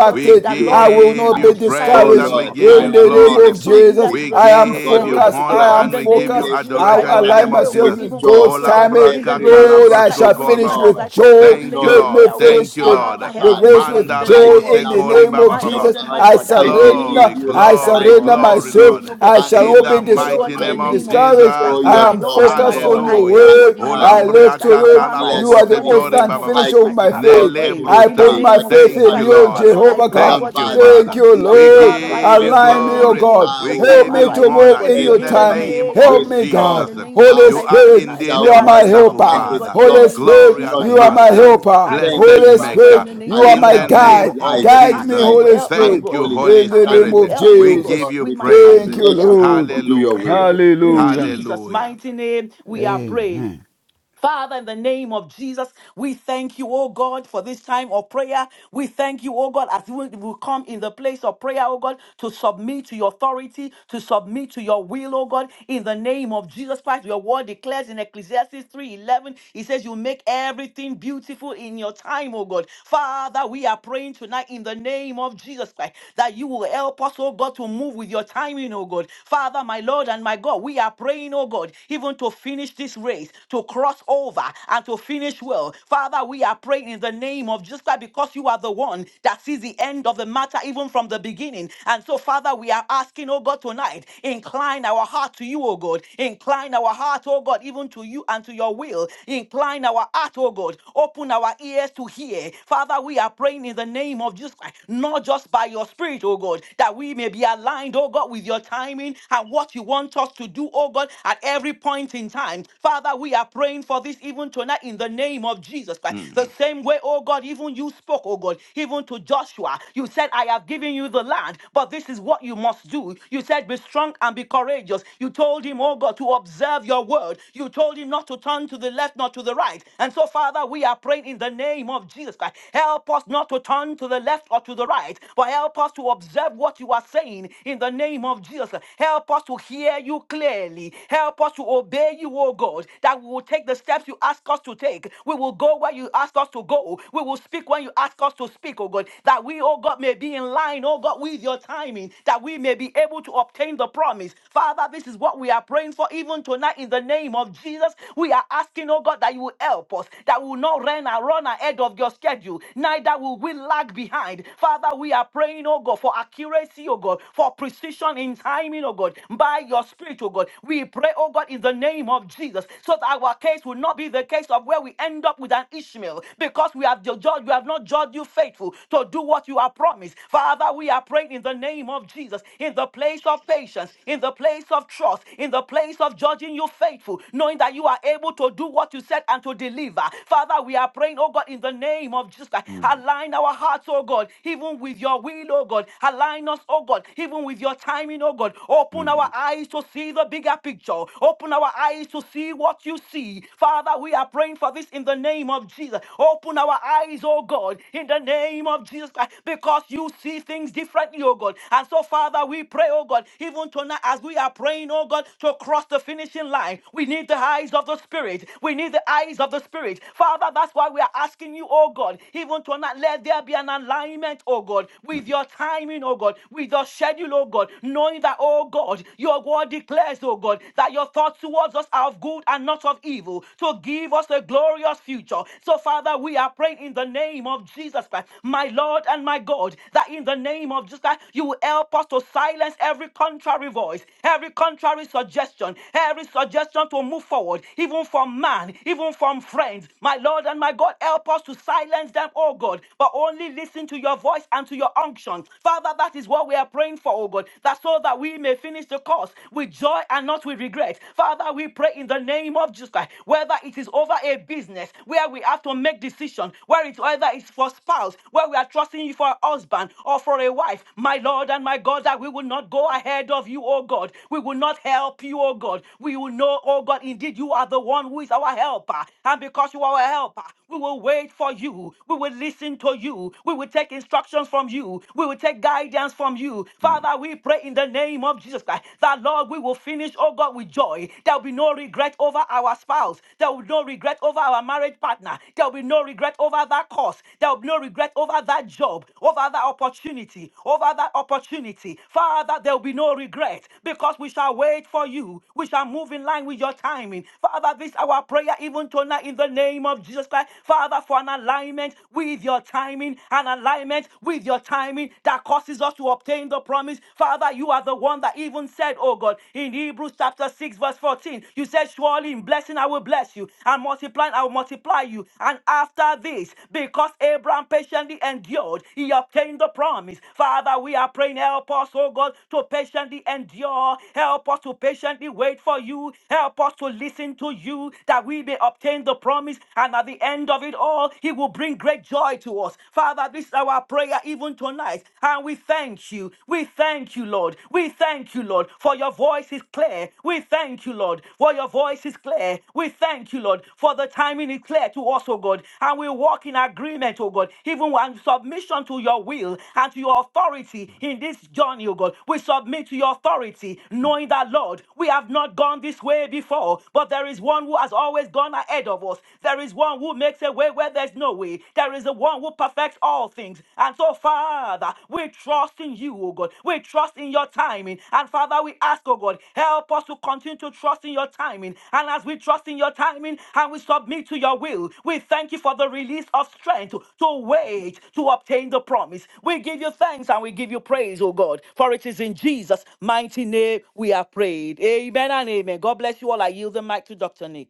Speaker 5: Lord.
Speaker 7: We
Speaker 5: That
Speaker 4: I
Speaker 5: Lord, in the
Speaker 4: will not
Speaker 7: give
Speaker 5: name of
Speaker 4: be
Speaker 7: you
Speaker 5: Jesus Christ, I
Speaker 7: praise
Speaker 5: will
Speaker 4: discouraged
Speaker 7: and we
Speaker 5: not, oh
Speaker 7: give
Speaker 4: in
Speaker 7: you
Speaker 5: God.
Speaker 4: the
Speaker 5: He
Speaker 4: name
Speaker 5: will
Speaker 7: glory.
Speaker 4: of
Speaker 5: not turn
Speaker 4: Jesus.
Speaker 5: either to
Speaker 7: We
Speaker 5: the
Speaker 4: I
Speaker 5: left
Speaker 4: am
Speaker 5: or to
Speaker 7: give
Speaker 5: the
Speaker 7: you
Speaker 5: right,
Speaker 4: focused.
Speaker 5: oh God.
Speaker 7: honor
Speaker 4: I am
Speaker 5: In
Speaker 7: and
Speaker 5: the
Speaker 7: we give
Speaker 5: name
Speaker 7: you
Speaker 4: focused.
Speaker 5: of Jesus
Speaker 4: I will
Speaker 7: adoration
Speaker 5: Christ,
Speaker 7: in
Speaker 5: Lord,
Speaker 7: the
Speaker 5: I
Speaker 4: align
Speaker 7: name
Speaker 5: pray,
Speaker 7: of
Speaker 5: oh God,
Speaker 4: myself
Speaker 7: Jesus.
Speaker 4: with
Speaker 5: even for
Speaker 4: God's
Speaker 5: this, oh God.
Speaker 4: timing.
Speaker 7: Olambra
Speaker 5: In the name of
Speaker 4: Lord,
Speaker 5: Jesus
Speaker 4: I
Speaker 5: Christ,
Speaker 7: kakalabrosko
Speaker 4: shall
Speaker 5: even
Speaker 7: kore
Speaker 4: finish
Speaker 5: tonight
Speaker 7: baba.
Speaker 5: as
Speaker 4: with
Speaker 5: I come to
Speaker 4: joy.
Speaker 5: the
Speaker 7: Thank
Speaker 5: place
Speaker 7: you,
Speaker 5: of
Speaker 4: Let me
Speaker 5: prayer,
Speaker 7: Lord.
Speaker 5: oh God.
Speaker 4: finish
Speaker 7: Thank you,
Speaker 4: the
Speaker 7: Lord.
Speaker 5: Father,
Speaker 4: the
Speaker 5: help me, oh
Speaker 4: race
Speaker 5: God, in
Speaker 4: with
Speaker 7: Manda
Speaker 5: the
Speaker 4: joy
Speaker 7: rebo
Speaker 5: name of
Speaker 7: se
Speaker 4: in the
Speaker 5: Jesus
Speaker 7: kore
Speaker 5: Christ.
Speaker 4: name of
Speaker 7: baba
Speaker 5: My
Speaker 7: baba.
Speaker 4: Jesus.
Speaker 5: Lord and my
Speaker 4: I
Speaker 5: God, that in the name of
Speaker 4: surrender.
Speaker 7: Glory,
Speaker 5: Jesus
Speaker 4: I
Speaker 5: Christ, that
Speaker 7: glory,
Speaker 4: surrender
Speaker 5: Lord, I
Speaker 7: glory,
Speaker 5: will see,
Speaker 4: myself.
Speaker 7: Lord.
Speaker 5: oh God,
Speaker 4: I shall
Speaker 7: In
Speaker 5: even
Speaker 4: not be
Speaker 5: to
Speaker 7: the
Speaker 5: you, oh God,
Speaker 7: mighty
Speaker 5: in the
Speaker 7: name of
Speaker 5: name of Jesus
Speaker 4: discouraged.
Speaker 5: Christ.
Speaker 7: Jesus.
Speaker 4: I
Speaker 5: My
Speaker 4: am
Speaker 5: Lord and my
Speaker 4: focused
Speaker 5: God,
Speaker 4: on
Speaker 5: I
Speaker 4: your
Speaker 5: pray,
Speaker 7: Hallelujah.
Speaker 5: oh God,
Speaker 4: word.
Speaker 5: in the
Speaker 4: I
Speaker 5: name of
Speaker 7: Olambre
Speaker 5: Jesus
Speaker 4: look
Speaker 5: Christ.
Speaker 4: to you.
Speaker 5: Father,
Speaker 7: akakala
Speaker 5: I
Speaker 4: You
Speaker 5: pray,
Speaker 7: bobo
Speaker 4: are
Speaker 5: oh
Speaker 4: the
Speaker 5: God, in the
Speaker 4: author
Speaker 7: setori
Speaker 5: name
Speaker 4: and
Speaker 5: of
Speaker 7: bababa.
Speaker 5: Jesus
Speaker 4: finisher of
Speaker 5: Christ.
Speaker 4: my
Speaker 5: Father, I
Speaker 4: faith.
Speaker 5: pray
Speaker 4: I
Speaker 5: in the
Speaker 4: put
Speaker 7: Nelebrosa.
Speaker 4: my
Speaker 5: name of
Speaker 4: faith
Speaker 5: Jesus
Speaker 7: Thank
Speaker 4: in
Speaker 7: you,
Speaker 5: Christ.
Speaker 4: you,
Speaker 5: Father,
Speaker 7: Lord.
Speaker 5: Lord, I
Speaker 4: Jehovah
Speaker 5: pray, oh
Speaker 4: God.
Speaker 7: Thank
Speaker 5: God, in
Speaker 7: you,
Speaker 5: the name
Speaker 4: Thank
Speaker 7: Father.
Speaker 5: of
Speaker 4: you,
Speaker 5: Jesus Christ.
Speaker 7: We
Speaker 4: Lord.
Speaker 5: Father, I
Speaker 7: give
Speaker 5: pray,
Speaker 7: you
Speaker 5: oh
Speaker 4: Align
Speaker 5: God, in
Speaker 4: me,
Speaker 5: the
Speaker 4: O
Speaker 7: glory.
Speaker 5: name of
Speaker 4: God.
Speaker 7: We
Speaker 5: Jesus Christ.
Speaker 4: Help
Speaker 7: give
Speaker 4: me
Speaker 5: Father,
Speaker 7: you
Speaker 5: I
Speaker 4: to
Speaker 5: pray, oh
Speaker 4: move
Speaker 7: honor
Speaker 5: God,
Speaker 4: in
Speaker 7: in
Speaker 4: your
Speaker 5: in
Speaker 7: the
Speaker 5: the
Speaker 4: timing.
Speaker 7: name
Speaker 5: name of
Speaker 4: Help
Speaker 7: of
Speaker 4: me,
Speaker 5: Jesus Christ, in
Speaker 4: God.
Speaker 5: the
Speaker 7: Jesus.
Speaker 5: name of Jesus
Speaker 4: Holy
Speaker 7: You
Speaker 5: Christ, even
Speaker 7: are
Speaker 4: Spirit,
Speaker 5: tonight,
Speaker 7: indeed
Speaker 4: you
Speaker 7: a
Speaker 4: are
Speaker 5: as
Speaker 4: my
Speaker 5: I call
Speaker 7: wonderful
Speaker 5: upon you,
Speaker 4: helper.
Speaker 5: oh God,
Speaker 7: Father,
Speaker 5: in the
Speaker 4: Holy
Speaker 5: name of Jesus
Speaker 4: Spirit,
Speaker 7: glorious
Speaker 5: Christ,
Speaker 4: you are my
Speaker 5: Father,
Speaker 7: Master,
Speaker 5: Lord,
Speaker 4: helper.
Speaker 5: I call
Speaker 7: blessed
Speaker 4: Holy
Speaker 5: upon you, oh God, in
Speaker 7: Maker.
Speaker 4: Spirit,
Speaker 5: the name
Speaker 4: you
Speaker 5: of
Speaker 4: are
Speaker 5: Jesus,
Speaker 7: In
Speaker 4: my
Speaker 7: the
Speaker 5: help me, oh
Speaker 7: name
Speaker 5: God,
Speaker 4: guide.
Speaker 5: with
Speaker 7: of
Speaker 5: the
Speaker 4: Guide me,
Speaker 7: Jesus.
Speaker 5: timing, oh God,
Speaker 4: Holy
Speaker 5: help me, oh
Speaker 4: Spirit,
Speaker 7: Thank
Speaker 5: God,
Speaker 7: you,
Speaker 5: with my
Speaker 7: Holy
Speaker 4: in the
Speaker 5: timing, oh
Speaker 4: name
Speaker 7: Spirit.
Speaker 5: God,
Speaker 4: of
Speaker 5: help me, oh
Speaker 7: We
Speaker 5: God,
Speaker 7: give
Speaker 4: Jesus.
Speaker 7: you
Speaker 5: with my
Speaker 7: praise.
Speaker 5: timing,
Speaker 4: Thank
Speaker 5: oh
Speaker 4: you,
Speaker 5: God, help me, oh
Speaker 4: Lord.
Speaker 5: God, with the timing,
Speaker 7: Hallelujah.
Speaker 5: oh God. In
Speaker 4: Hallelujah.
Speaker 5: Jesus'
Speaker 7: Hallelujah.
Speaker 5: mighty name, we are prayed.
Speaker 4: Amen.
Speaker 5: Father, in the name of Jesus, we thank you, oh God, for this time of prayer. We thank you, oh God, as we will come in the place of prayer, oh God, to submit to your authority, to submit to your will, oh God, in the name of Jesus Christ. Your word declares in Ecclesiastes 3:11, it says, You make everything beautiful in your time, oh God. Father, we are praying tonight in the name of Jesus Christ that you will help us, oh God, to move with your timing, oh God. Father, my Lord and my God, we are praying, oh God, even to finish finish this race, to cross over, and to finish well. Father, we are praying in the name of Jesus Christ because you are the one that sees the end of the matter even from the beginning. And so, Father, we are asking, oh God, tonight, incline our heart to you, oh God. Incline our heart, oh God, even to you and to your will. Incline our heart, oh God. Open our ears to hear. Father, we are praying in the name of Jesus Christ, not just by your spirit, oh God, that we may be aligned, oh God, with your timing and what you want us to do, oh God, at at every point in time. Father, we are praying for this even tonight in the name of Jesus Christ. The
Speaker 7: Mm,
Speaker 5: same way, oh God, even you spoke, oh God, even to Joshua. You said, I have given you the land, but this is what you must do. You said, Be strong and be courageous. You told him, oh God, to observe your word. You told him not to turn to the left, not to the right. And so, Father, we are praying in the name of Jesus Christ. Help us not to turn to the left or to the right, but help us to observe what you are saying in the name of Jesus. Help us to hear you you clearly. Help us to obey you, O God, that we will take the steps you ask us to take. We will go where you ask us to go. We will speak when you ask us to speak, O God, that we, O God, may be in line, O God, with your timing, that we may be able to obtain the promise. Father, this is what we are praying for even tonight in the name of Jesus. We are asking, O God, that you will help us, that we will not run, run ahead of your schedule, neither will we lag behind. Father, we are praying, O God, for accuracy, O God, for precision in timing timing, oh God, by your spirit, oh God. We pray, oh God, in the name of Jesus, so that our case will not be the case of where we end up with an Ishmael, because we have judged, we have not judged you faithful to do what you have promised. Father, we are praying in the name of Jesus, in the place of patience, in the place of trust, in the place of judging you faithful, knowing that you are able to do what you said and to deliver. Father, we are praying, oh God, in the name of Jesus
Speaker 7: mm,
Speaker 5: Align our hearts, oh God, even with your will, oh God. Align us, oh God, even even with your timing, oh God. Open
Speaker 7: mm, mm,
Speaker 5: our eyes to see the bigger picture. Open our eyes to see what you see. Father, we are praying for this in the name of Jesus. Open our eyes, oh God, in the name of Jesus Christ, because you see things differently, oh God. And so, Father, we pray, oh God, even tonight as we are praying, oh God, to cross the finishing line, we need the eyes of the Spirit. We need the eyes of the Spirit. Father, that's why we are asking you, oh God, even tonight, let there be an alignment, oh God,
Speaker 7: mm.
Speaker 5: with your timing, timing, oh God, with your schedule, oh God, knowing that, oh God, your word declares, oh God, that your thoughts towards us are of good and not of evil, to give us a glorious future. So, Father, we are praying in the name of Jesus Christ, my Lord and my God, that in the name of Jesus Christ, you will help us to silence every contrary voice, every contrary suggestion, every suggestion to move forward, even from man, even from friends. My Lord and my God, help us to silence them, oh God, but only listen to your voice and and to your unction. Father, that is what we are praying for, oh God, that so that we may finish the course with joy and not with regret. Father, we pray in the name of Jesus Christ, whether it is over a business where we have to make decision, where it's whether it's for spouse, where we are trusting you for a husband or for a wife, my Lord and my God, that we will not go ahead of you, oh God. We will not help you, oh God. We will know, oh God, indeed you are the one who is our helper. And because you are our helper, we will wait for you. We will listen to you you. We will take instructions from you. We will take guidance from you.
Speaker 7: mm.
Speaker 5: Father, we pray in the name of Jesus Christ that, Lord, we will finish, oh God, with joy. There will be no regret over our spouse. There will be no regret over our marriage partner. There will be no regret over that course. There will be no regret over that job, over that opportunity, over that opportunity. Father, there will be no regret because we shall wait for you. We shall move in line with your timing. Father, this is our prayer even tonight in the name of Jesus Christ. Father, for an alignment alignment with your timing, an alignment with your timing that causes us to obtain the promise. Father, you are the one that even said, Oh God, in Hebrews chapter 6, verse 14, you said, Surely in blessing I will bless you, and multiplying I will multiply you. And after this, because Abraham patiently endured, he obtained the promise. Father, we are praying, help us, oh God, to patiently endure. Help us to patiently wait for you. Help us to listen to you that we may obtain the promise. And at the end, end of it all, He will bring great joy to us. Father, this is our prayer even tonight. And we thank you. We thank you, Lord. We thank you, Lord, for your voice is clear. We thank you, Lord, for your voice is clear. We thank you, Lord, for the timing is clear to us, oh God. And we walk in agreement, oh God, even in submission to your will and to your authority in this journey, oh God. We submit to your authority, knowing that, Lord, we have not gone this way before, but there is one who has always gone ahead of us us. There is one who makes a way where there's no way. There is a one who perfects all things. And so, Father, we trust in you, oh God. We trust in your timing. And Father, we ask, oh God, help us to continue to trust in your timing. And as we trust in your timing and we submit to your will, we thank you for the release of strength to wait to obtain the promise. We give you thanks and we give you praise, oh God. For it is in Jesus' mighty name we are prayed. Amen and amen. God bless you all. I yield the mic to Dr. Nick.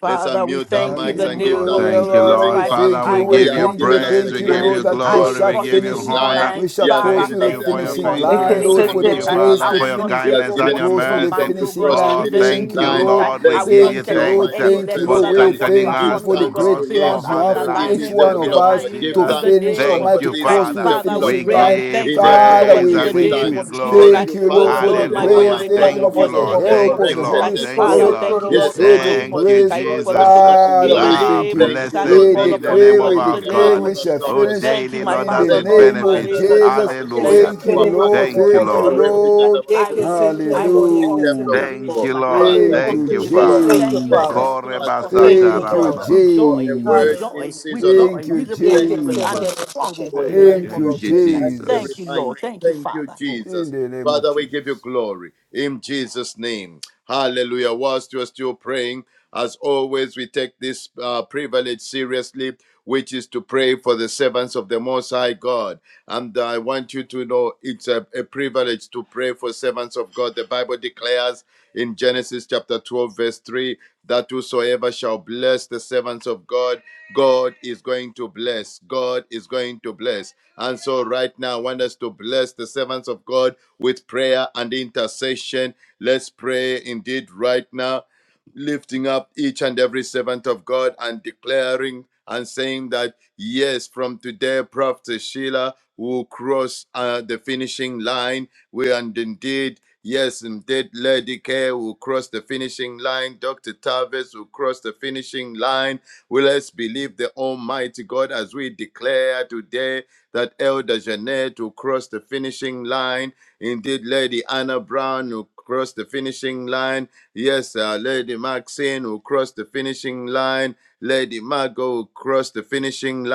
Speaker 5: Father, we thank you in the
Speaker 7: Oh,
Speaker 5: name of
Speaker 4: Hallelujah,
Speaker 7: thank you,
Speaker 5: Jesus
Speaker 4: Father. We
Speaker 7: Lord.
Speaker 5: Christ.
Speaker 7: Father,
Speaker 4: thank
Speaker 5: I
Speaker 4: you,
Speaker 7: we
Speaker 5: will
Speaker 4: we
Speaker 7: give you
Speaker 5: cross
Speaker 4: thank
Speaker 5: the
Speaker 4: you,
Speaker 7: praise,
Speaker 4: thank
Speaker 7: we
Speaker 5: finishing
Speaker 4: you,
Speaker 7: give
Speaker 4: Lord,
Speaker 7: you
Speaker 5: line.
Speaker 4: that
Speaker 5: I
Speaker 4: we
Speaker 5: will
Speaker 7: glory,
Speaker 4: shall
Speaker 7: we
Speaker 5: cross the
Speaker 7: give you
Speaker 4: finish.
Speaker 5: finishing
Speaker 7: honor.
Speaker 4: We
Speaker 5: line.
Speaker 4: shall
Speaker 5: Father,
Speaker 4: cross to
Speaker 7: Thank
Speaker 4: the
Speaker 7: you
Speaker 5: thank you
Speaker 7: for your
Speaker 4: finishing
Speaker 5: because in
Speaker 3: Thank
Speaker 5: the
Speaker 3: you,
Speaker 4: line,
Speaker 7: faithfulness.
Speaker 4: Lord,
Speaker 5: name of
Speaker 4: for
Speaker 7: Thank
Speaker 4: the
Speaker 5: Jesus
Speaker 7: you,
Speaker 5: Christ,
Speaker 4: grace
Speaker 7: Father,
Speaker 5: I
Speaker 4: to
Speaker 7: for
Speaker 5: will
Speaker 7: your
Speaker 5: not
Speaker 4: finish,
Speaker 5: take
Speaker 7: kindness
Speaker 5: for
Speaker 4: to
Speaker 7: and
Speaker 5: what
Speaker 7: your
Speaker 5: is
Speaker 4: cross to
Speaker 5: not
Speaker 4: the
Speaker 7: mercy.
Speaker 5: mine, oh
Speaker 4: finishing
Speaker 5: God.
Speaker 4: line.
Speaker 5: In
Speaker 7: Oh,
Speaker 5: the
Speaker 4: Thank
Speaker 7: thank
Speaker 5: name
Speaker 4: you,
Speaker 7: you,
Speaker 5: of Jesus
Speaker 4: Lord.
Speaker 5: Christ,
Speaker 7: Lord. We
Speaker 5: I will
Speaker 7: give
Speaker 5: not
Speaker 7: you
Speaker 4: Thank you,
Speaker 5: settle for
Speaker 4: Lord.
Speaker 7: thanks uh,
Speaker 5: any
Speaker 4: Thank
Speaker 5: less
Speaker 4: you,
Speaker 7: for
Speaker 4: Lord.
Speaker 5: other than
Speaker 4: We
Speaker 5: what you
Speaker 7: strengthening
Speaker 4: thank
Speaker 5: have
Speaker 4: you
Speaker 7: us
Speaker 4: for
Speaker 5: promised,
Speaker 7: to
Speaker 4: the
Speaker 5: oh God,
Speaker 4: great
Speaker 7: cross
Speaker 5: because
Speaker 4: plans you
Speaker 5: I'm
Speaker 7: over
Speaker 5: in
Speaker 7: the
Speaker 4: have for
Speaker 7: line
Speaker 4: each
Speaker 7: in
Speaker 5: alignment
Speaker 4: one
Speaker 7: the
Speaker 5: with
Speaker 4: of
Speaker 5: your
Speaker 7: name of
Speaker 4: us
Speaker 5: timing.
Speaker 4: to
Speaker 7: Jesus.
Speaker 5: In the
Speaker 4: finish,
Speaker 5: name of
Speaker 7: Thank
Speaker 4: Almighty, to
Speaker 7: you,
Speaker 5: Jesus
Speaker 4: cross
Speaker 5: Christ,
Speaker 4: to
Speaker 7: Father.
Speaker 4: the
Speaker 5: Father, we
Speaker 7: We
Speaker 4: finishing
Speaker 5: pray and
Speaker 4: line.
Speaker 5: we thank
Speaker 7: give
Speaker 5: you for this, oh
Speaker 4: Father,
Speaker 5: God.
Speaker 7: praise
Speaker 5: In
Speaker 4: we
Speaker 7: and
Speaker 5: the
Speaker 7: we
Speaker 4: thank
Speaker 7: give
Speaker 5: name
Speaker 4: you.
Speaker 7: you
Speaker 5: of Jesus
Speaker 7: glory.
Speaker 4: Thank
Speaker 5: Christ,
Speaker 4: you,
Speaker 5: oh
Speaker 4: Lord, for the
Speaker 5: Lord, my God,
Speaker 4: grace.
Speaker 7: Hallelujah.
Speaker 5: and
Speaker 4: Thank
Speaker 5: thank
Speaker 4: you,
Speaker 5: you,
Speaker 4: Lord,
Speaker 7: Thank you,
Speaker 4: for
Speaker 5: God,
Speaker 4: the
Speaker 5: in
Speaker 4: the
Speaker 5: the
Speaker 7: Lord.
Speaker 5: name
Speaker 4: help
Speaker 5: of
Speaker 7: Thank
Speaker 4: of
Speaker 7: you,
Speaker 4: the
Speaker 5: Jesus
Speaker 4: Holy
Speaker 5: Christ,
Speaker 7: Lord. Thank
Speaker 5: Father.
Speaker 7: you,
Speaker 5: I
Speaker 4: Spirit,
Speaker 7: Lord.
Speaker 5: thank you,
Speaker 4: the
Speaker 5: Lord, in the
Speaker 4: Spirit of
Speaker 5: name of
Speaker 7: Thank you,
Speaker 5: Jesus,
Speaker 4: grace.
Speaker 5: Christ, even for this, oh
Speaker 7: Jesus.
Speaker 5: God,
Speaker 4: Father,
Speaker 5: in the
Speaker 4: we
Speaker 7: Ah,
Speaker 4: thank
Speaker 5: name of
Speaker 4: you.
Speaker 5: Jesus, as we
Speaker 7: blessed
Speaker 4: We
Speaker 5: call
Speaker 7: be the
Speaker 5: upon you, oh
Speaker 7: name
Speaker 4: decree,
Speaker 7: of
Speaker 5: God,
Speaker 4: we
Speaker 5: in
Speaker 7: our
Speaker 5: the
Speaker 4: declare,
Speaker 5: name
Speaker 4: we
Speaker 7: God.
Speaker 5: of
Speaker 4: shall
Speaker 5: Jesus. Christ.
Speaker 7: Oh,
Speaker 4: finish
Speaker 5: Thank you,
Speaker 7: daily,
Speaker 5: my
Speaker 7: Lord,
Speaker 4: in the
Speaker 7: as
Speaker 5: Father,
Speaker 7: it
Speaker 5: Lord,
Speaker 4: name
Speaker 5: in the
Speaker 4: of
Speaker 7: benefits.
Speaker 5: name of Jesus.
Speaker 4: Jesus.
Speaker 5: Christ. Thank
Speaker 7: Hallelujah.
Speaker 5: you,
Speaker 4: Thank you,
Speaker 5: Jesus,
Speaker 4: Lord.
Speaker 5: oh
Speaker 7: Thank
Speaker 5: God,
Speaker 7: you,
Speaker 5: in
Speaker 4: Thank
Speaker 5: the
Speaker 4: you,
Speaker 7: Lord.
Speaker 5: name of Jesus. Christ.
Speaker 4: Lord.
Speaker 5: I will
Speaker 3: Jesus.
Speaker 5: finish, I will cross the
Speaker 4: Hallelujah.
Speaker 7: Thank
Speaker 5: finishing
Speaker 7: you,
Speaker 5: line. I will
Speaker 7: Lord.
Speaker 4: Thank
Speaker 5: cross
Speaker 4: you,
Speaker 7: Thank you,
Speaker 5: the finish line.
Speaker 7: Father.
Speaker 3: Thank you,
Speaker 5: Thank you, Lord, for
Speaker 3: Father.
Speaker 4: Jesus.
Speaker 5: helping us cross the
Speaker 3: Thank
Speaker 7: Korebasata
Speaker 3: you,
Speaker 4: Thank
Speaker 5: finishing line.
Speaker 4: you,
Speaker 3: Lord.
Speaker 7: rabababa.
Speaker 5: We joy, we
Speaker 4: Jesus.
Speaker 5: joy,
Speaker 3: Hallelujah.
Speaker 5: we
Speaker 4: Thank
Speaker 5: joy,
Speaker 4: you,
Speaker 5: with the promise, oh God, and
Speaker 4: Jesus.
Speaker 5: strong, oh God, in
Speaker 7: Thank,
Speaker 5: the name
Speaker 4: Thank
Speaker 5: of
Speaker 4: you,
Speaker 7: thank you,
Speaker 5: Jesus. Christ.
Speaker 4: Jesus.
Speaker 5: Thank
Speaker 7: Jesus.
Speaker 5: you, Lord. Thank you, Father.
Speaker 4: In the name of Jesus.
Speaker 6: glory. in Jesus' name. Hallelujah. Whilst you are still praying, as always, we take this uh, privilege seriously, which is to pray for the servants of the Most High God. And I want you to know it's a, a privilege to pray for servants of God. The Bible declares in Genesis chapter 12, verse 3 that whosoever shall bless the servants of God, God is going to bless. God is going to bless. And so, right now, I want us to bless the servants of God with prayer and intercession. Let's pray indeed right now, lifting up each and every servant of God and declaring and saying that, yes, from today, Prophet Sheila will cross uh, the finishing line. We and indeed, yes, indeed, Lady K will will cross the finishing line. Dr. Tavis will cross the finishing line. Will us believe the Almighty God as we declare today that Elder Jeanette will cross the finishing line. Indeed, Lady Anna Brown will cross the finishing line. Yes, uh, Lady Maxine will cross the finishing line. Lady Margot will cross the finishing line.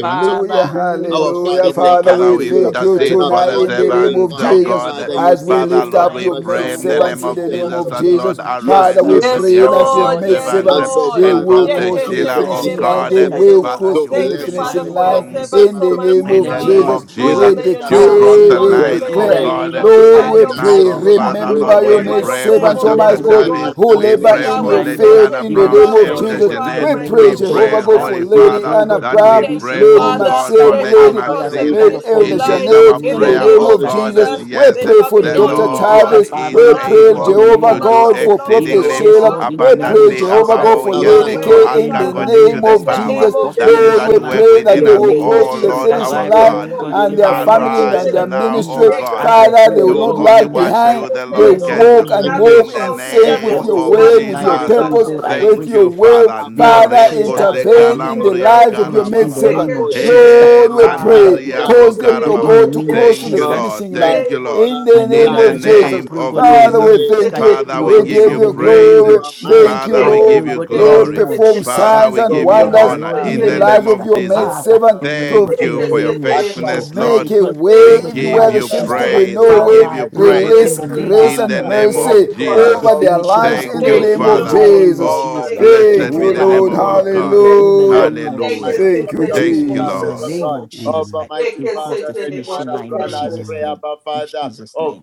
Speaker 5: Father, in the name of Jesus,
Speaker 4: hallelujah.
Speaker 5: we thank you
Speaker 4: Father,
Speaker 5: as
Speaker 7: Father,
Speaker 5: we
Speaker 4: we
Speaker 7: we
Speaker 5: lift up
Speaker 4: thank
Speaker 5: the
Speaker 4: you
Speaker 7: intercede
Speaker 5: servants
Speaker 7: for
Speaker 5: of
Speaker 4: tonight
Speaker 7: the
Speaker 4: in
Speaker 5: God,
Speaker 4: the
Speaker 5: Lord,
Speaker 4: name of
Speaker 7: servants, oh
Speaker 5: that they
Speaker 4: Jesus
Speaker 5: will
Speaker 7: God.
Speaker 5: cross the
Speaker 4: as we
Speaker 7: Father,
Speaker 4: lift
Speaker 5: finishing
Speaker 7: Lord,
Speaker 4: up
Speaker 7: we
Speaker 5: line.
Speaker 4: your
Speaker 5: They
Speaker 4: maid
Speaker 7: pray
Speaker 5: will
Speaker 7: in the
Speaker 5: cross
Speaker 4: servants
Speaker 7: name
Speaker 5: it,
Speaker 4: in
Speaker 7: of
Speaker 4: the
Speaker 5: oh
Speaker 4: name
Speaker 5: God,
Speaker 7: Jesus
Speaker 5: in
Speaker 4: of
Speaker 5: the
Speaker 7: that,
Speaker 5: name
Speaker 4: Jesus.
Speaker 7: Lord,
Speaker 5: of Jesus
Speaker 4: Father,
Speaker 7: arise
Speaker 4: we
Speaker 5: Christ.
Speaker 7: on the
Speaker 3: Yes,
Speaker 4: pray
Speaker 7: behalf
Speaker 4: that
Speaker 7: of
Speaker 4: your
Speaker 7: your
Speaker 3: Lord.
Speaker 5: Lord, in
Speaker 4: maid
Speaker 5: the
Speaker 3: Yes,
Speaker 7: servants
Speaker 4: servant
Speaker 5: name
Speaker 7: eh,
Speaker 5: of Jesus
Speaker 3: Lord.
Speaker 4: they
Speaker 5: Christ,
Speaker 7: and
Speaker 5: we
Speaker 4: will
Speaker 5: pray, oh
Speaker 3: Yeke
Speaker 7: Prophet
Speaker 4: cross
Speaker 5: God,
Speaker 4: to
Speaker 5: even
Speaker 4: the
Speaker 7: Sheila,
Speaker 5: tonight, in the
Speaker 7: oh
Speaker 4: finishing
Speaker 3: Yekeseterebo,
Speaker 5: name of
Speaker 4: line.
Speaker 7: God.
Speaker 4: They
Speaker 5: Jesus
Speaker 7: eh.
Speaker 5: Christ, they
Speaker 4: will
Speaker 5: will
Speaker 3: sheterebo.
Speaker 7: Father,
Speaker 5: cross
Speaker 4: cross
Speaker 7: she
Speaker 5: the
Speaker 4: to
Speaker 7: will
Speaker 4: the
Speaker 3: Thank you,
Speaker 5: finishing
Speaker 7: finish
Speaker 3: Father,
Speaker 5: line,
Speaker 4: finishing
Speaker 5: oh
Speaker 3: for
Speaker 5: God.
Speaker 3: your
Speaker 4: line
Speaker 7: strong
Speaker 5: Mm.
Speaker 4: in
Speaker 3: servants,
Speaker 4: the name
Speaker 3: Almighty
Speaker 5: In
Speaker 7: In
Speaker 5: the
Speaker 4: of
Speaker 7: the
Speaker 3: God.
Speaker 7: name
Speaker 5: name
Speaker 4: Jesus.
Speaker 5: of
Speaker 7: of
Speaker 5: Jesus
Speaker 3: Oh,
Speaker 7: Jesus,
Speaker 4: We
Speaker 5: Christ.
Speaker 3: may your
Speaker 7: she'll
Speaker 3: name be
Speaker 5: Father,
Speaker 7: cross
Speaker 4: decree,
Speaker 5: we
Speaker 7: the
Speaker 4: we
Speaker 5: pray,
Speaker 3: exalted.
Speaker 7: line.
Speaker 5: God,
Speaker 3: May
Speaker 5: in
Speaker 3: your
Speaker 7: Oh
Speaker 5: the
Speaker 4: declare.
Speaker 3: name be
Speaker 5: name
Speaker 7: God,
Speaker 5: of Jesus
Speaker 4: Lord,
Speaker 5: Christ,
Speaker 3: glorified,
Speaker 7: Lady
Speaker 4: we
Speaker 5: even
Speaker 3: oh
Speaker 5: tonight,
Speaker 3: God,
Speaker 4: pray,
Speaker 5: oh
Speaker 7: Margot,
Speaker 5: God, as
Speaker 3: for
Speaker 5: we
Speaker 7: Father,
Speaker 3: each
Speaker 5: call
Speaker 7: Lord,
Speaker 3: and
Speaker 4: remember your
Speaker 7: we
Speaker 5: upon
Speaker 3: every
Speaker 5: you,
Speaker 4: maid
Speaker 3: one
Speaker 5: God,
Speaker 3: of
Speaker 7: pray for
Speaker 5: even
Speaker 3: them,
Speaker 4: servants,
Speaker 5: for
Speaker 4: oh my
Speaker 7: Dr.
Speaker 5: them, oh
Speaker 3: Almighty
Speaker 5: God, they
Speaker 4: God,
Speaker 7: Tavis.
Speaker 3: God.
Speaker 5: will
Speaker 4: who
Speaker 5: cross
Speaker 7: We
Speaker 5: the
Speaker 4: labor
Speaker 3: Be
Speaker 7: pray
Speaker 3: thou
Speaker 4: in
Speaker 5: finishing
Speaker 7: for
Speaker 4: your
Speaker 5: line, oh
Speaker 7: Lady
Speaker 5: God,
Speaker 4: field
Speaker 7: Anna
Speaker 4: in
Speaker 3: exalted,
Speaker 4: the
Speaker 3: be
Speaker 5: even with
Speaker 7: Brown,
Speaker 4: name
Speaker 3: thou
Speaker 4: of
Speaker 5: strength, oh
Speaker 7: Elder
Speaker 4: Jesus.
Speaker 5: God, in
Speaker 3: glorified,
Speaker 5: the
Speaker 7: Jeanette.
Speaker 4: We
Speaker 3: my God
Speaker 5: name
Speaker 7: We
Speaker 4: praise
Speaker 5: of
Speaker 3: and King.
Speaker 4: Jehovah
Speaker 7: pray,
Speaker 5: Jesus
Speaker 4: God
Speaker 5: Christ.
Speaker 4: for
Speaker 7: Holy
Speaker 5: We
Speaker 4: Lady
Speaker 5: pray,
Speaker 7: Father,
Speaker 5: oh
Speaker 4: Anna
Speaker 5: God,
Speaker 7: that
Speaker 5: in the
Speaker 7: we
Speaker 4: Brown,
Speaker 3: Thank
Speaker 5: boost, in
Speaker 7: pray,
Speaker 3: you,
Speaker 5: the
Speaker 4: Lady
Speaker 7: oh
Speaker 5: name of
Speaker 3: Father.
Speaker 5: Jesus
Speaker 7: God,
Speaker 5: Christ.
Speaker 7: for
Speaker 4: Maxim,
Speaker 3: They
Speaker 7: Lady
Speaker 5: I
Speaker 3: shall
Speaker 4: Lady.
Speaker 5: pray
Speaker 3: cross
Speaker 5: as I
Speaker 3: the
Speaker 7: Maxine.
Speaker 5: call
Speaker 4: Lady
Speaker 5: upon
Speaker 3: finishing
Speaker 4: Elder
Speaker 5: you,
Speaker 7: It
Speaker 5: God,
Speaker 7: is
Speaker 3: line
Speaker 5: in the
Speaker 4: Janet,
Speaker 7: our
Speaker 3: in
Speaker 4: in
Speaker 3: the
Speaker 4: the
Speaker 7: prayer,
Speaker 5: name of
Speaker 3: name
Speaker 4: name
Speaker 7: oh
Speaker 5: Jesus
Speaker 4: of
Speaker 3: of
Speaker 5: Christ
Speaker 7: God,
Speaker 4: Jesus,
Speaker 7: that
Speaker 3: Jesus.
Speaker 4: we
Speaker 7: yes,
Speaker 3: There
Speaker 4: pray
Speaker 3: shall
Speaker 4: for
Speaker 3: be
Speaker 5: in
Speaker 7: the
Speaker 5: the
Speaker 3: no
Speaker 4: Dr.
Speaker 5: name of Jesus
Speaker 7: Lord
Speaker 3: hindrance.
Speaker 4: Tavis.
Speaker 5: Christ, Father,
Speaker 7: is
Speaker 4: We
Speaker 5: we pray,
Speaker 3: Nothing,
Speaker 4: pray,
Speaker 5: God, in
Speaker 3: oh
Speaker 7: able
Speaker 5: the
Speaker 3: my
Speaker 4: Jehovah
Speaker 5: name
Speaker 7: to
Speaker 5: of
Speaker 3: Father,
Speaker 7: do
Speaker 5: Jesus
Speaker 4: God,
Speaker 3: shall
Speaker 5: Christ.
Speaker 4: for
Speaker 3: block
Speaker 5: Even-
Speaker 4: Prophet
Speaker 3: them,
Speaker 7: exceedingly
Speaker 3: oh
Speaker 5: Yes,
Speaker 4: Sheila.
Speaker 3: God.
Speaker 5: Lord, in the
Speaker 4: We
Speaker 5: name
Speaker 4: pray,
Speaker 5: of
Speaker 3: Nothing
Speaker 7: abundantly
Speaker 5: Jesus
Speaker 3: shall
Speaker 4: Jehovah
Speaker 7: above
Speaker 4: God,
Speaker 3: stand
Speaker 5: Christ,
Speaker 7: all
Speaker 4: for
Speaker 7: we
Speaker 3: in
Speaker 7: can
Speaker 3: their
Speaker 5: Lord,
Speaker 4: Lady
Speaker 7: think
Speaker 4: K,
Speaker 3: way,
Speaker 5: Lord,
Speaker 7: or
Speaker 5: that
Speaker 3: my
Speaker 5: they
Speaker 7: ask
Speaker 4: in
Speaker 5: know
Speaker 4: the
Speaker 5: the
Speaker 3: Father,
Speaker 7: according
Speaker 5: name
Speaker 7: to
Speaker 4: name
Speaker 5: of
Speaker 7: the
Speaker 5: Jesus
Speaker 3: in
Speaker 4: of
Speaker 3: the
Speaker 5: Christ, they will
Speaker 7: power
Speaker 3: name
Speaker 4: Jesus.
Speaker 5: cross
Speaker 3: of
Speaker 5: the
Speaker 7: that is
Speaker 4: Lord,
Speaker 3: Jesus.
Speaker 5: finishing
Speaker 4: we
Speaker 7: at work
Speaker 5: line
Speaker 4: pray that
Speaker 7: within
Speaker 5: in
Speaker 4: they
Speaker 5: the
Speaker 7: us,
Speaker 4: will
Speaker 5: name
Speaker 4: cross
Speaker 5: of
Speaker 7: O
Speaker 4: to the
Speaker 5: Jesus
Speaker 7: Lord
Speaker 5: Christ.
Speaker 4: finishing
Speaker 7: our
Speaker 5: I pray,
Speaker 4: line
Speaker 7: God.
Speaker 5: oh God,
Speaker 4: and
Speaker 5: in the
Speaker 4: their
Speaker 5: name of
Speaker 4: family
Speaker 5: Jesus
Speaker 4: and
Speaker 7: Arise
Speaker 4: their
Speaker 5: Christ,
Speaker 7: now, O
Speaker 5: even
Speaker 4: ministry.
Speaker 5: as
Speaker 7: God.
Speaker 5: I
Speaker 4: Father, desire.
Speaker 5: pray,
Speaker 4: They will
Speaker 5: God,
Speaker 7: Do
Speaker 4: not
Speaker 5: in the
Speaker 7: only
Speaker 4: lag
Speaker 5: name of
Speaker 7: what
Speaker 5: Jesus
Speaker 4: behind.
Speaker 7: you,
Speaker 5: Christ.
Speaker 7: the
Speaker 4: They
Speaker 7: Lord,
Speaker 5: Yes, Lord,
Speaker 7: can
Speaker 4: walk
Speaker 7: do.
Speaker 5: in the
Speaker 4: and
Speaker 5: name
Speaker 3: Nothing
Speaker 5: of
Speaker 4: move
Speaker 7: In
Speaker 5: Jesus,
Speaker 7: the
Speaker 4: in
Speaker 3: shall hinder
Speaker 4: sync with
Speaker 7: name
Speaker 5: cross
Speaker 3: them.
Speaker 4: your
Speaker 5: the
Speaker 7: of
Speaker 4: word,
Speaker 5: finishing
Speaker 3: Nothing
Speaker 4: with
Speaker 5: line.
Speaker 4: your
Speaker 3: shall
Speaker 7: Jesus.
Speaker 5: Oh
Speaker 3: stop
Speaker 4: purpose,
Speaker 3: them.
Speaker 5: God, I pray,
Speaker 4: with
Speaker 7: Thank
Speaker 5: in
Speaker 4: your
Speaker 7: you,
Speaker 4: will.
Speaker 7: Father.
Speaker 5: the name
Speaker 3: Thank
Speaker 5: of
Speaker 4: Father,
Speaker 3: you,
Speaker 5: Jesus
Speaker 7: Ndareko se
Speaker 5: Christ, I
Speaker 3: Jesus.
Speaker 4: intervene
Speaker 5: believe
Speaker 4: in the
Speaker 3: Thank you,
Speaker 7: kalambria
Speaker 4: lives of your
Speaker 7: kala
Speaker 4: maid
Speaker 5: in
Speaker 7: baba
Speaker 5: the
Speaker 7: ba.
Speaker 4: servant.
Speaker 5: name
Speaker 3: Jesus.
Speaker 5: of
Speaker 3: Thank
Speaker 5: Jesus Christ,
Speaker 7: Eh,
Speaker 4: Lord, we
Speaker 5: Father,
Speaker 4: pray,
Speaker 7: landaria ko
Speaker 4: cause them
Speaker 7: kara
Speaker 5: pray
Speaker 4: to
Speaker 5: in
Speaker 7: baba.
Speaker 5: the
Speaker 4: go to
Speaker 5: name of
Speaker 4: cross to
Speaker 7: Thank
Speaker 4: the
Speaker 5: Jesus
Speaker 7: you,
Speaker 5: Christ.
Speaker 7: Lord.
Speaker 4: finishing line
Speaker 7: Thank you, Lord.
Speaker 4: in
Speaker 5: My
Speaker 4: the
Speaker 5: Lord
Speaker 7: In
Speaker 4: name
Speaker 5: and
Speaker 7: the
Speaker 5: my
Speaker 4: of
Speaker 5: God, I
Speaker 4: Jesus.
Speaker 7: name
Speaker 5: pray, oh
Speaker 7: of
Speaker 5: God, in the
Speaker 4: Father,
Speaker 5: name
Speaker 4: we
Speaker 7: Jesus.
Speaker 5: of Jesus
Speaker 4: thank
Speaker 5: Christ,
Speaker 4: you.
Speaker 7: Father,
Speaker 5: even
Speaker 7: we
Speaker 4: We
Speaker 5: for
Speaker 7: give
Speaker 5: this,
Speaker 4: give
Speaker 5: in
Speaker 7: you
Speaker 5: the
Speaker 4: you
Speaker 7: praise.
Speaker 5: name of
Speaker 4: glory.
Speaker 5: Jesus,
Speaker 4: Thank you,
Speaker 7: Father,
Speaker 5: I
Speaker 7: we
Speaker 5: pray,
Speaker 7: give
Speaker 5: oh
Speaker 4: Lord.
Speaker 7: you
Speaker 5: God, in the
Speaker 4: Lord,
Speaker 7: glory.
Speaker 5: name of
Speaker 4: perform
Speaker 5: Jesus
Speaker 7: Father,
Speaker 5: Christ,
Speaker 4: signs
Speaker 7: we
Speaker 5: the
Speaker 4: and
Speaker 7: give you
Speaker 5: Lord, our
Speaker 4: wonders
Speaker 7: honor
Speaker 5: Lord, in
Speaker 4: in
Speaker 5: the
Speaker 7: in
Speaker 4: the
Speaker 7: the
Speaker 5: name of
Speaker 7: name
Speaker 4: lives
Speaker 5: Jesus
Speaker 4: of
Speaker 7: of
Speaker 5: Christ,
Speaker 4: your
Speaker 7: Jesus.
Speaker 4: maid
Speaker 5: Father,
Speaker 4: servant.
Speaker 5: in the, name-
Speaker 7: Thank
Speaker 5: in
Speaker 7: you
Speaker 5: the
Speaker 7: for your
Speaker 5: name of Jesus
Speaker 7: faithfulness,
Speaker 5: Christ, oh
Speaker 4: Make
Speaker 7: Lord.
Speaker 4: a
Speaker 5: God,
Speaker 4: way
Speaker 7: We
Speaker 5: in the
Speaker 4: even
Speaker 5: name
Speaker 7: give
Speaker 4: where
Speaker 5: of
Speaker 4: there
Speaker 7: you
Speaker 4: seems
Speaker 5: Jesus
Speaker 4: to be
Speaker 5: Christ,
Speaker 3: you,
Speaker 7: praise. We
Speaker 4: no
Speaker 5: Father,
Speaker 4: way.
Speaker 3: Lord.
Speaker 7: give you
Speaker 5: I pray, oh God,
Speaker 7: praise
Speaker 5: in
Speaker 4: Release
Speaker 3: Thank
Speaker 5: the
Speaker 3: you,
Speaker 5: name of
Speaker 4: grace
Speaker 3: Jesus.
Speaker 5: Jesus
Speaker 7: in the
Speaker 4: and
Speaker 5: Christ, help
Speaker 7: name
Speaker 5: them
Speaker 3: Thank
Speaker 5: to
Speaker 4: mercy
Speaker 7: of
Speaker 3: you,
Speaker 5: cross the
Speaker 7: Jesus.
Speaker 4: over
Speaker 3: Father.
Speaker 4: their
Speaker 5: finishing
Speaker 4: lives
Speaker 5: line,
Speaker 4: in
Speaker 5: oh
Speaker 7: Thank
Speaker 4: the
Speaker 7: you,
Speaker 5: God,
Speaker 3: Thank
Speaker 4: name
Speaker 3: you,
Speaker 5: in the
Speaker 4: of
Speaker 7: Father.
Speaker 3: Lord.
Speaker 5: name of
Speaker 4: Jesus.
Speaker 7: Oh,
Speaker 5: Jesus Christ,
Speaker 3: Yeke
Speaker 4: Thank
Speaker 7: blessed be
Speaker 4: you,
Speaker 5: Jehovah,
Speaker 7: the
Speaker 3: setere
Speaker 5: I
Speaker 7: name
Speaker 3: bo-
Speaker 4: Lord.
Speaker 7: of
Speaker 5: call
Speaker 7: our
Speaker 5: upon you,
Speaker 3: bo- bo-
Speaker 7: God.
Speaker 5: God, in the
Speaker 3: bo.
Speaker 4: Hallelujah.
Speaker 5: name of
Speaker 3: Yeke
Speaker 5: Jesus
Speaker 7: Hallelujah.
Speaker 5: Christ,
Speaker 4: Thank
Speaker 5: even
Speaker 4: you,
Speaker 5: for
Speaker 3: setere
Speaker 5: this,
Speaker 3: bo-
Speaker 5: oh
Speaker 7: Thank
Speaker 3: bo-
Speaker 7: you,
Speaker 5: God,
Speaker 3: bo-
Speaker 5: in the
Speaker 3: bo-
Speaker 7: Lord.
Speaker 4: Jesus.
Speaker 5: name of
Speaker 3: bo- bo.
Speaker 5: Jesus
Speaker 4: Amen.
Speaker 5: Christ, we
Speaker 3: Yeke
Speaker 5: cross the
Speaker 3: setere bo-
Speaker 5: finishing line in
Speaker 3: setere
Speaker 4: Amen.
Speaker 5: Jesus'
Speaker 3: bo.
Speaker 5: name in Jesus' name.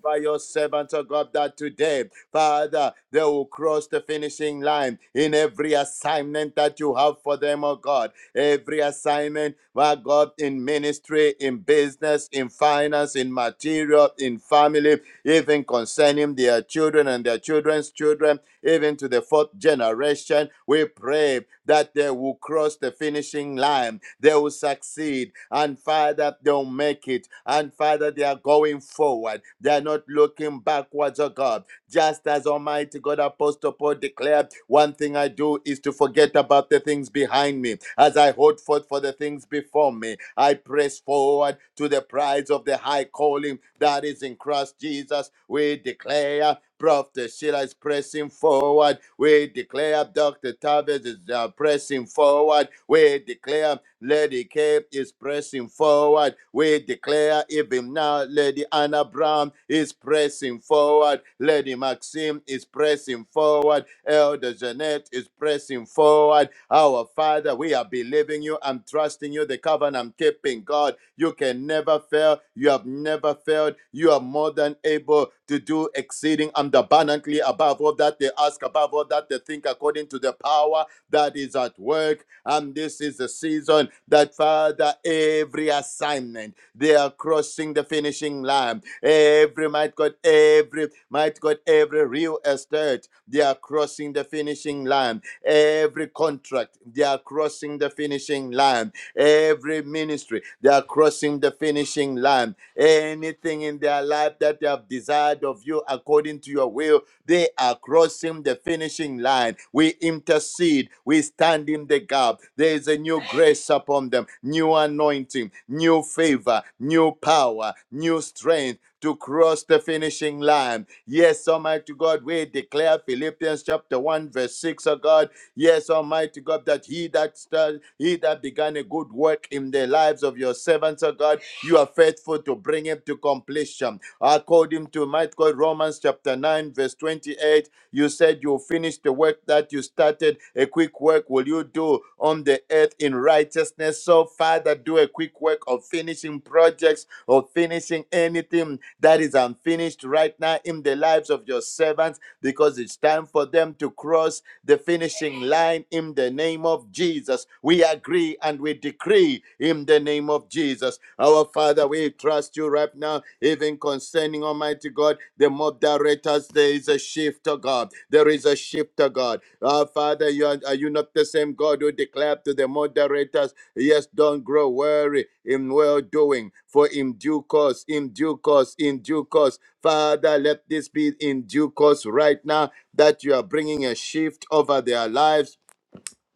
Speaker 6: today. Father, they will cross the finishing line in every assignment that you have for them, oh God. Every assignment, my God, in ministry, in business, in finance, in material, in family, even concerning their children and their children's children even to the fourth generation. We pray that they will cross the finishing line, they will succeed, and Father, they'll make it. And Father, they are going forward, they are not looking backwards, oh God. Just as Almighty God Apostle Paul declared, one thing I do is to forget about the things behind me as I hold forth for the things before me. I press forward to the prize of the high calling that is in Christ Jesus. We declare Prophet Sheila is pressing forward. We declare Dr. Tavis is uh, pressing forward. We declare Lady K is pressing forward. We declare even now Lady Anna Brown is pressing forward. Lady Maxim is pressing forward forward. Elder Jeanette is pressing forward. Our Father, we are believing you and trusting you, the covenant keeping God. You can never fail. You have never failed. You are more than able to do exceeding and abundantly above all that they ask, above all that they think, according to the power that is at work. And this is the season that, Father, every assignment they are crossing the finishing line. Every might God, every might God, every real estate, they are crossing the finishing line. Every contract, they are crossing the finishing line. Every ministry, they are crossing the finishing line. Anything in their life that they have desired of you according to your will they are crossing the finishing line. We intercede. We stand in the gap. There is a new grace upon them, new anointing, new favor, new power, new strength to cross the finishing line. Yes, Almighty God, we declare Philippians chapter 1, verse 6, oh God. Yes, Almighty God, that he that started, he that began a good work in the lives of your servants, oh God, you are faithful to bring him to completion. According to might God Romans chapter 9, verse 28, you said you'll finish the work that you started. A quick work will you do on the earth in righteousness. So, Father, do a quick work of finishing projects, of finishing anything that is unfinished right now in the lives of your servants, because it's time for them to cross the finishing line in the name of Jesus. We agree and we decree in the name of Jesus. Our Father, we trust you right now, even concerning Almighty God, the moderators. There is a shift to God. There is a shift to God. Our Father, you are, are you not the same God who declared to the moderators, Yes, don't grow weary in well doing, for in due course, in due course, in due course. Father, let this be in due course right now that you are bringing a shift over their lives.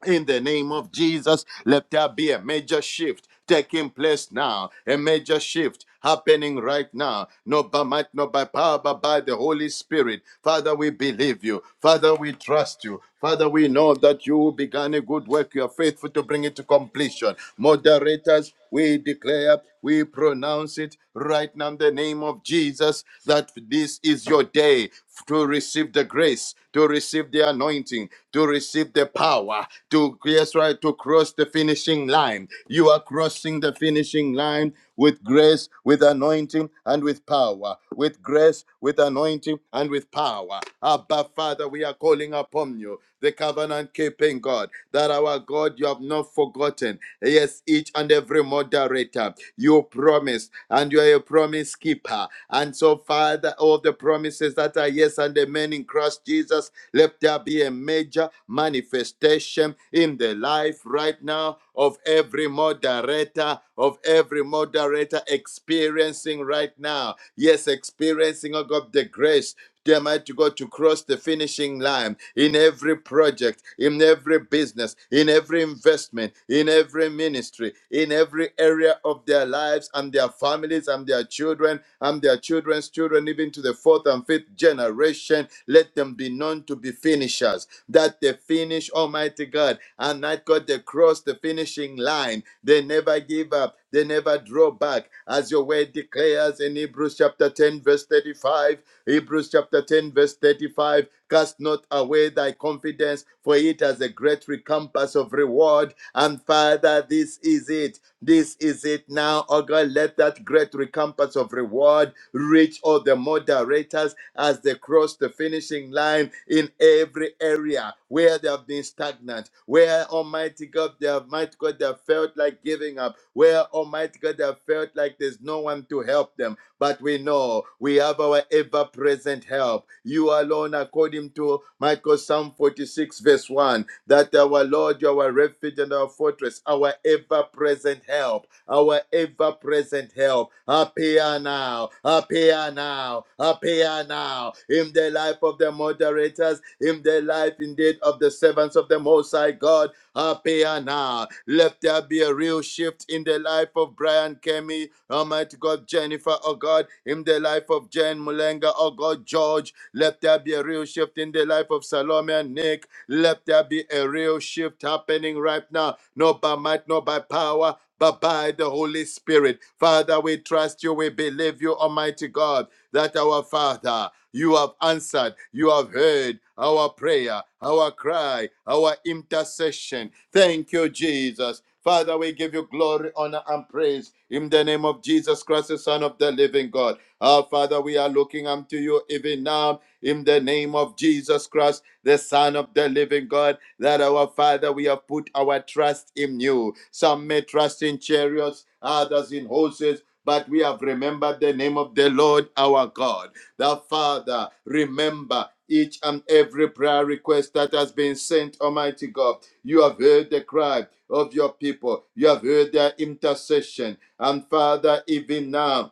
Speaker 6: In the name of Jesus, let there be a major shift taking place now, a major shift happening right now, not by might, not by power, but by the Holy Spirit. Father, we believe you. Father, we trust you. Father, we know that you who began a good work. You are faithful to bring it to completion. Moderators, we declare, we pronounce it right now in the name of Jesus that this is your day to receive the grace, to receive the anointing, to receive the power, to yes, right, to cross the finishing line. You are crossing the finishing line with grace, with anointing, and with power. With grace, with anointing, and with power. Abba, Father, we are calling upon you the covenant keeping God, that our God you have not forgotten. Yes, each and every moderator, you promised, and you are a promise keeper. And so, Father, all the promises that are yes and amen in Christ Jesus, let there be a major manifestation in the life right now of every moderator, of every moderator experiencing right now. Yes, experiencing, oh God, the grace dear mighty God, to cross the finishing line in every project, in every business, in every investment, in every ministry, in every area of their lives and their families and their children and their children's children, even to the fourth and fifth generation. Let them be known to be finishers, that they finish, Almighty God, and that God, they cross the finishing line. They never give up. They never draw back, as your word declares in Hebrews chapter 10, verse 35. Hebrews chapter 10, verse 35. Cast not away thy confidence, for it has a great recompense of reward. And Father, this is it. This is it now, O God. Let let that great recompense of reward reach all the moderators as they cross the finishing line in every area where they have been stagnant, where Almighty God, they have might God, they have felt like giving up, where Almighty God, they have felt like there's no one to help them. But we know we have our ever-present help. You alone, according to Michael Psalm 46, verse 1, that our Lord, you are our refuge and our fortress, our ever-present help our ever present help. Appear now, appear now, appear now in the life of the moderators, in the life indeed of the servants of the Most High God. Appear now. Let there be a real shift in the life of Brian Kemi, Almighty God, Jennifer, oh God, in the life of Jane Mulenga, oh God, George. Let there be a real shift in the life of Salome and Nick. Let there be a real shift happening right now, not by might, not by power but by the Holy Spirit. Father, we trust you, we believe you, Almighty God, that our Father, you have answered, you have heard our prayer, our cry, our intercession. Thank you, Jesus. Father, we give you glory, honor, and praise in the name of Jesus Christ, the Son of the living God. Our Father, we are looking unto you even now in the name of Jesus Christ the Son of the living God, that our Father, we have put our trust in you. Some may trust in chariots, others in horses. But we have remembered the name of the Lord our God. The Father, remember each and every prayer request that has been sent, Almighty God. You have heard the cry of your people, you have heard their intercession. And Father, even now,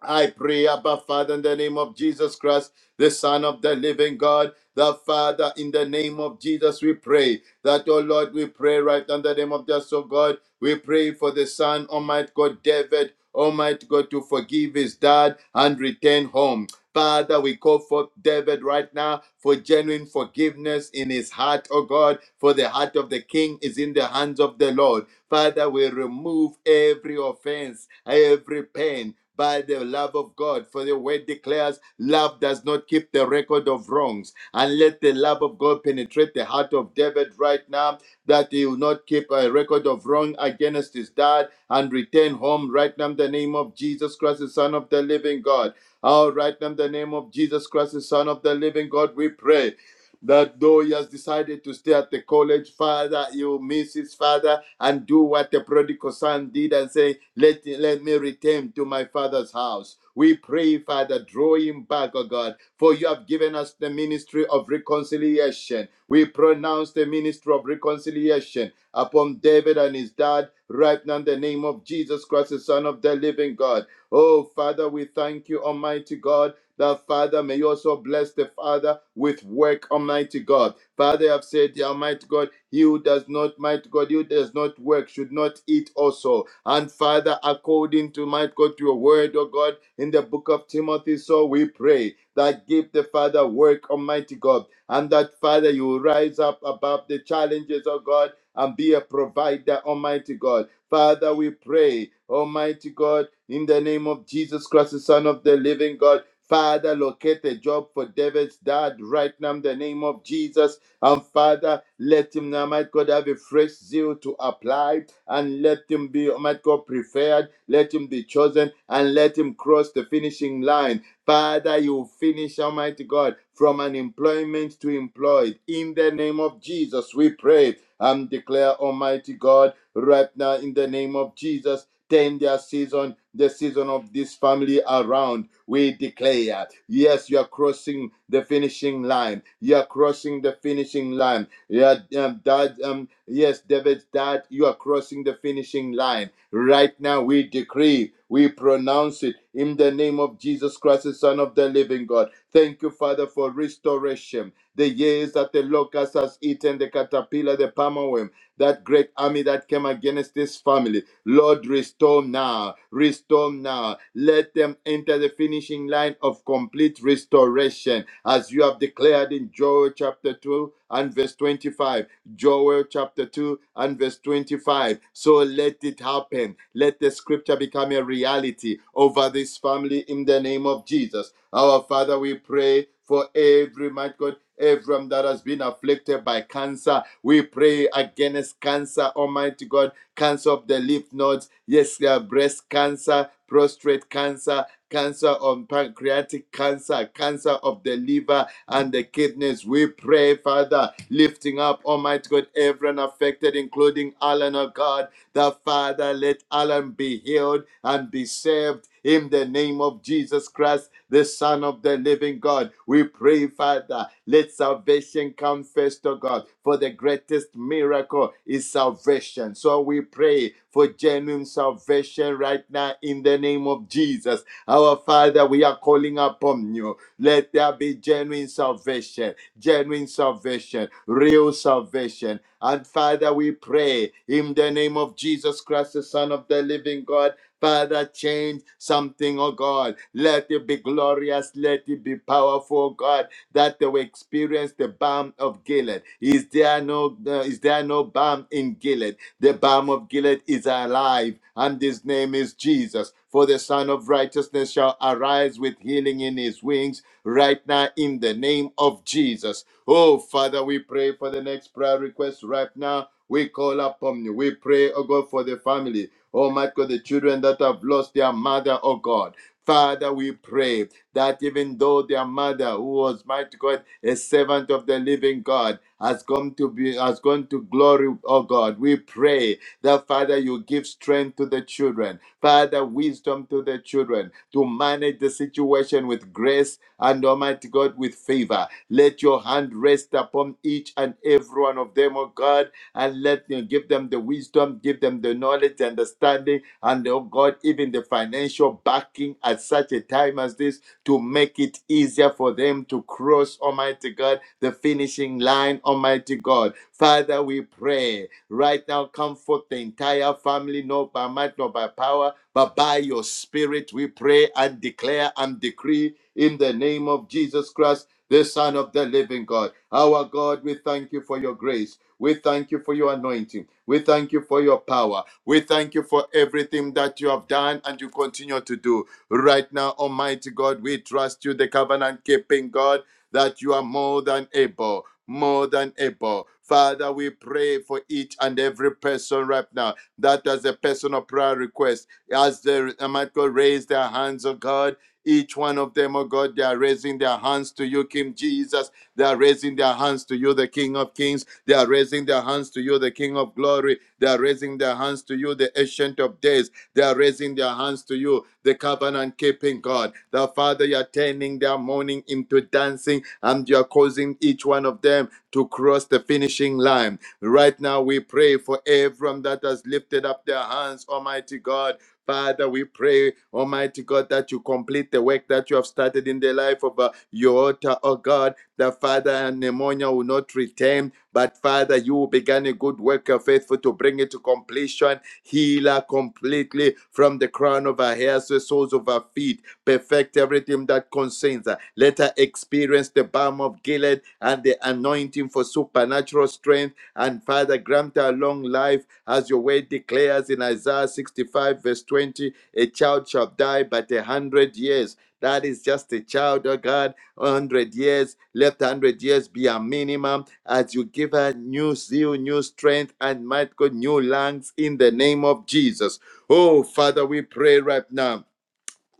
Speaker 6: I pray, Abba Father, in the name of Jesus Christ, the Son of the living God, the Father, in the name of Jesus, we pray that, oh Lord, we pray right now in the name of Jesus, oh God, we pray for the Son, Almighty God, David, Almighty God, to forgive his dad and return home. Father, we call for David right now for genuine forgiveness in his heart, oh God, for the heart of the king is in the hands of the Lord. Father, we remove every offense, every pain by the love of God. For the word declares, love does not keep the record of wrongs. And let the love of God penetrate the heart of David right now, that he will not keep a record of wrong against his dad and return home right now in the name of Jesus Christ, the Son of the living God. All right now in the name of Jesus Christ, the Son of the living God, we pray that though he has decided to stay at the college, Father, you miss his father and do what the prodigal son did and say, let, let me return to my father's house. We pray, Father, draw him back, O God, for you have given us the ministry of reconciliation. We pronounce the ministry of reconciliation upon David and his dad right now in the name of Jesus Christ, the Son of the living God. Oh, Father, we thank you, Almighty God that Father may you also bless the Father with work, Almighty God. Father, I've said, yeah, Almighty God, he who does not, might God, he who does not work should not eat also. And Father, according to might God, to your word, O God, in the book of Timothy, so we pray that give the Father work, Almighty God, and that Father, you rise up above the challenges, O God, and be a provider, Almighty God. Father, we pray, Almighty God, in the name of Jesus Christ, the Son of the living God. Father, locate a job for David's dad right now in the name of Jesus. And Father, let him now, might God, have a fresh zeal to apply and let him be, might God, preferred. Let him be chosen and let him cross the finishing line. Father, you finish, Almighty God, from unemployment to employed. In the name of Jesus, we pray and declare, Almighty God right now in the name of Jesus. Turn their season, the season of this family around. We declare, yes, you are crossing the finishing line. You are crossing the finishing line. Yeah, um, dad, um, yes, David's dad, you are crossing the finishing line. Right now, we decree, we pronounce it in the name of Jesus Christ, the Son of the Living God. Thank you, Father, for restoration. The years that the locust has eaten, the caterpillar, the palmer worm, that great army that came against this family. Lord, restore now, restore now. Let them enter the finishing line of complete restoration, as you have declared in Joel chapter 2 and verse 25. Joel chapter 2 and verse 25. So let it happen. Let the scripture become a reality over this family in the name of Jesus. Our Father, we pray for every man everyone that has been afflicted by cancer. We pray against cancer, Almighty God, cancer of the lymph nodes, yes, uh, breast cancer, prostate cancer. Cancer of pancreatic cancer, cancer of the liver and the kidneys. We pray, Father, lifting up, Almighty God, everyone affected, including Alan, oh God that Father, let Alan be healed and be saved in the name of Jesus Christ, the Son of the living God. We pray, Father, let salvation come first to God, for the greatest miracle is salvation. So we pray for genuine salvation right now in the name of Jesus. Our Father, we are calling upon you. Let there be genuine salvation genuine salvation, real salvation. And Father, we pray in the name of Jesus Christ, the Son of the living God. Father, change something, oh God. Let it be glorious, let it be powerful, oh God, that they will experience the balm of Gilead. Is there no uh, is there no balm in Gilead? The balm of Gilead is alive, and his name is Jesus. For the Son of Righteousness shall arise with healing in his wings right now in the name of Jesus. Oh, Father, we pray for the next prayer request right now. We call upon you. We pray, oh God, for the family. Oh, my God, the children that have lost their mother, oh God. Father, we pray that even though their mother, who was mighty God, a servant of the living God, has gone to be has gone to glory, oh God, we pray that Father you give strength to the children. Father, wisdom to the children to manage the situation with grace and Almighty God with favor. Let your hand rest upon each and every one of them, oh God, and let you give them the wisdom, give them the knowledge, understanding, and oh God, even the financial backing at such a time as this to make it easier for them to cross, Almighty God, the finishing line, Almighty God. Father, we pray right now, comfort the entire family, not by might, not by power, but by your spirit. We pray and declare and decree in the name of Jesus Christ, the Son of the living God. Our God, we thank you for your grace. We thank you for your anointing. We thank you for your power. We thank you for everything that you have done and you continue to do. Right now, Almighty God, we trust you, the covenant keeping God, that you are more than able, more than able. Father, we pray for each and every person right now that as a personal prayer request, as they, Almighty God, raise their hands, oh God. Each one of them, oh God, they are raising their hands to you, King Jesus. They are raising their hands to you, the King of Kings. They are raising their hands to you, the King of Glory. They are raising their hands to you, the Ancient of Days. They are raising their hands to you, the covenant keeping God. The Father, you are turning their mourning into dancing and you are causing each one of them to cross the finishing line. Right now, we pray for everyone that has lifted up their hands, Almighty God. Father, we pray, Almighty God, that you complete the work that you have started in the life of uh, your altar, oh God. That Father and pneumonia will not return, but Father, you began a good work, you are faithful to bring it to completion Heal her completely from the crown of her hair to the soles of her feet. Perfect everything that concerns her. Let her experience the balm of Gilead and the anointing for supernatural strength. And Father, grant her long life as your word declares in Isaiah 65, verse 20 a child shall die but a hundred years. That is just a child, oh God 100 years, let 100 years be a minimum as you give her new zeal, new strength, and might God, new lungs in the name of Jesus. Oh, Father, we pray right now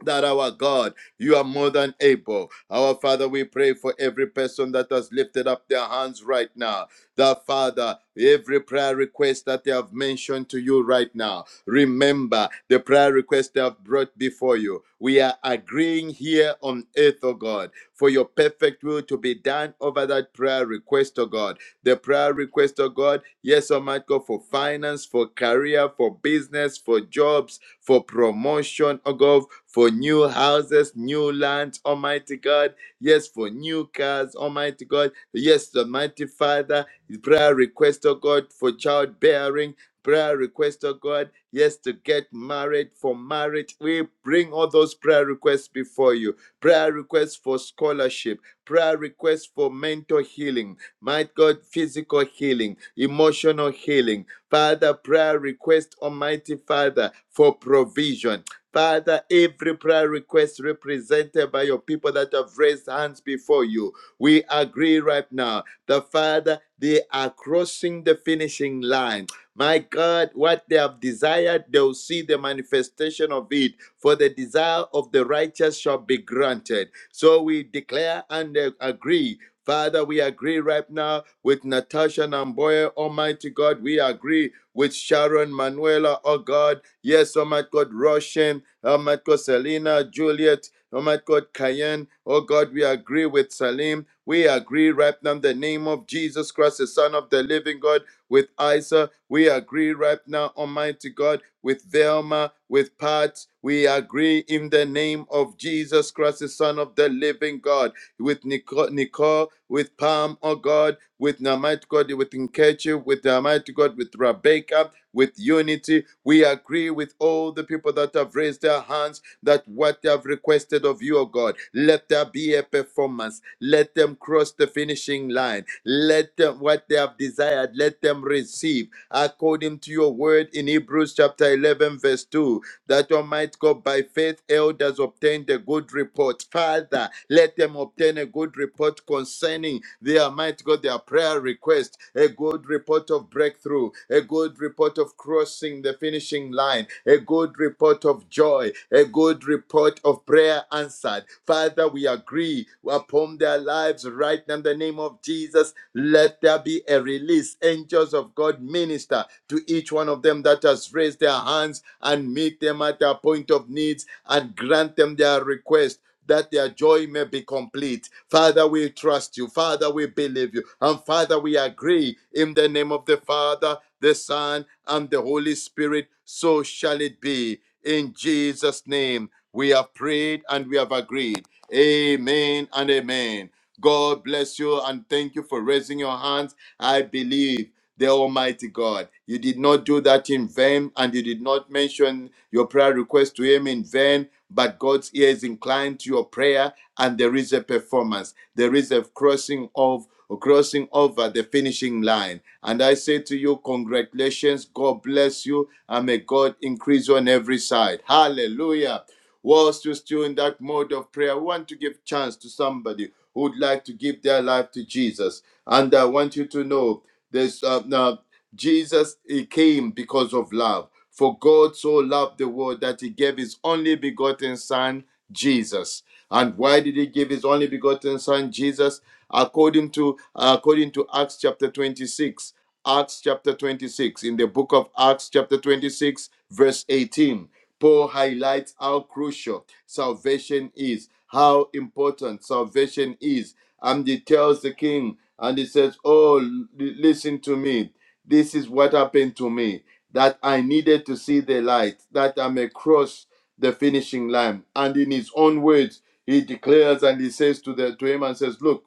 Speaker 6: that our God, you are more than able. Our Father, we pray for every person that has lifted up their hands right now. That Father, every prayer request that they have mentioned to you right now, remember the prayer request they have brought before you. We are agreeing here on earth, O God, for your perfect will to be done over that prayer request, O God the prayer request of God. Yes, Almighty God, for finance, for career, for business, for jobs, for promotion, oh God, for new houses, new lands, Almighty God. Yes, for new cars, Almighty God. Yes, Almighty Father, prayer request, oh God, for childbearing. Prayer request, oh God, yes, to get married, for marriage. We bring all those prayer requests before you. Prayer requests for scholarship, prayer requests for mental healing, my God, physical healing, emotional healing. Father, prayer request, Almighty Father, for provision. Father, every prayer request represented by your people that have raised hands before you, we agree right now the Father, they are crossing the finishing line. My God, what they have desired, they'll see the manifestation of it. For the desire of the righteous shall be granted. So we declare and uh, agree Father, we agree right now with Natasha Namboya, Almighty God. We agree with Sharon Manuela, oh God. Yes, Almighty God, Roshan, Almighty God, Selena, Juliet, Almighty God, Cayenne. Oh God, we agree with Salim. We agree right now in the name of Jesus Christ, the Son of the living God, with Isa. We agree right now, Almighty God, with Velma, with Pat. We agree in the name of Jesus Christ, the Son of the living God with Nicole, Nicole with Palm, oh God, with the Almighty God, with Nkechi, with the Almighty God, with Rebecca, with Unity. We agree with all the people that have raised their hands that what they have requested of you, O God, let there be a performance. Let them cross the finishing line. Let them what they have desired, let them receive according to your word in Hebrews chapter 11, verse 2 that Almighty God, by faith, elders obtained a good report. Father, let them obtain a good report concerning their Almighty God, their prayer request, a good report of breakthrough, a good report of crossing the finishing line, a good report of joy, a good good report of prayer answered. Father, we agree upon their lives right now in the name of Jesus. Let there be a release. Angels of God minister to each one of them that has raised their hands and meet them at their point of needs and grant them their request that their joy may be complete. Father, we trust you. Father, we believe you. And Father, we agree in the name of the Father, the Son, and the Holy Spirit. So shall it be. In Jesus' name. We have prayed and we have agreed. Amen and amen. God bless you and thank you for raising your hands. I believe the Almighty God. You did not do that in vain and you did not mention your prayer request to Him in vain, but God's ear is inclined to your prayer and there is a performance. There is a crossing of crossing over the finishing line. And I say to you, congratulations. God bless you and may God increase you on every side. Hallelujah. Whilst you're still in that mode of prayer, I want to give chance to somebody who would like to give their life to Jesus. And I want you to know there's uh, now Jesus he came because of love. For God so loved the world that he gave his only begotten son Jesus. And why did he give his only begotten son Jesus? According to according to Acts chapter 26, Acts chapter 26 in the book of Acts chapter 26 verse 18. Paul highlights how crucial salvation is, how important salvation is. And he tells the king, and he says, Oh, l- listen to me. This is what happened to me that I needed to see the light, that I may cross the finishing line. And in his own words, he declares and he says to the to him and says, Look,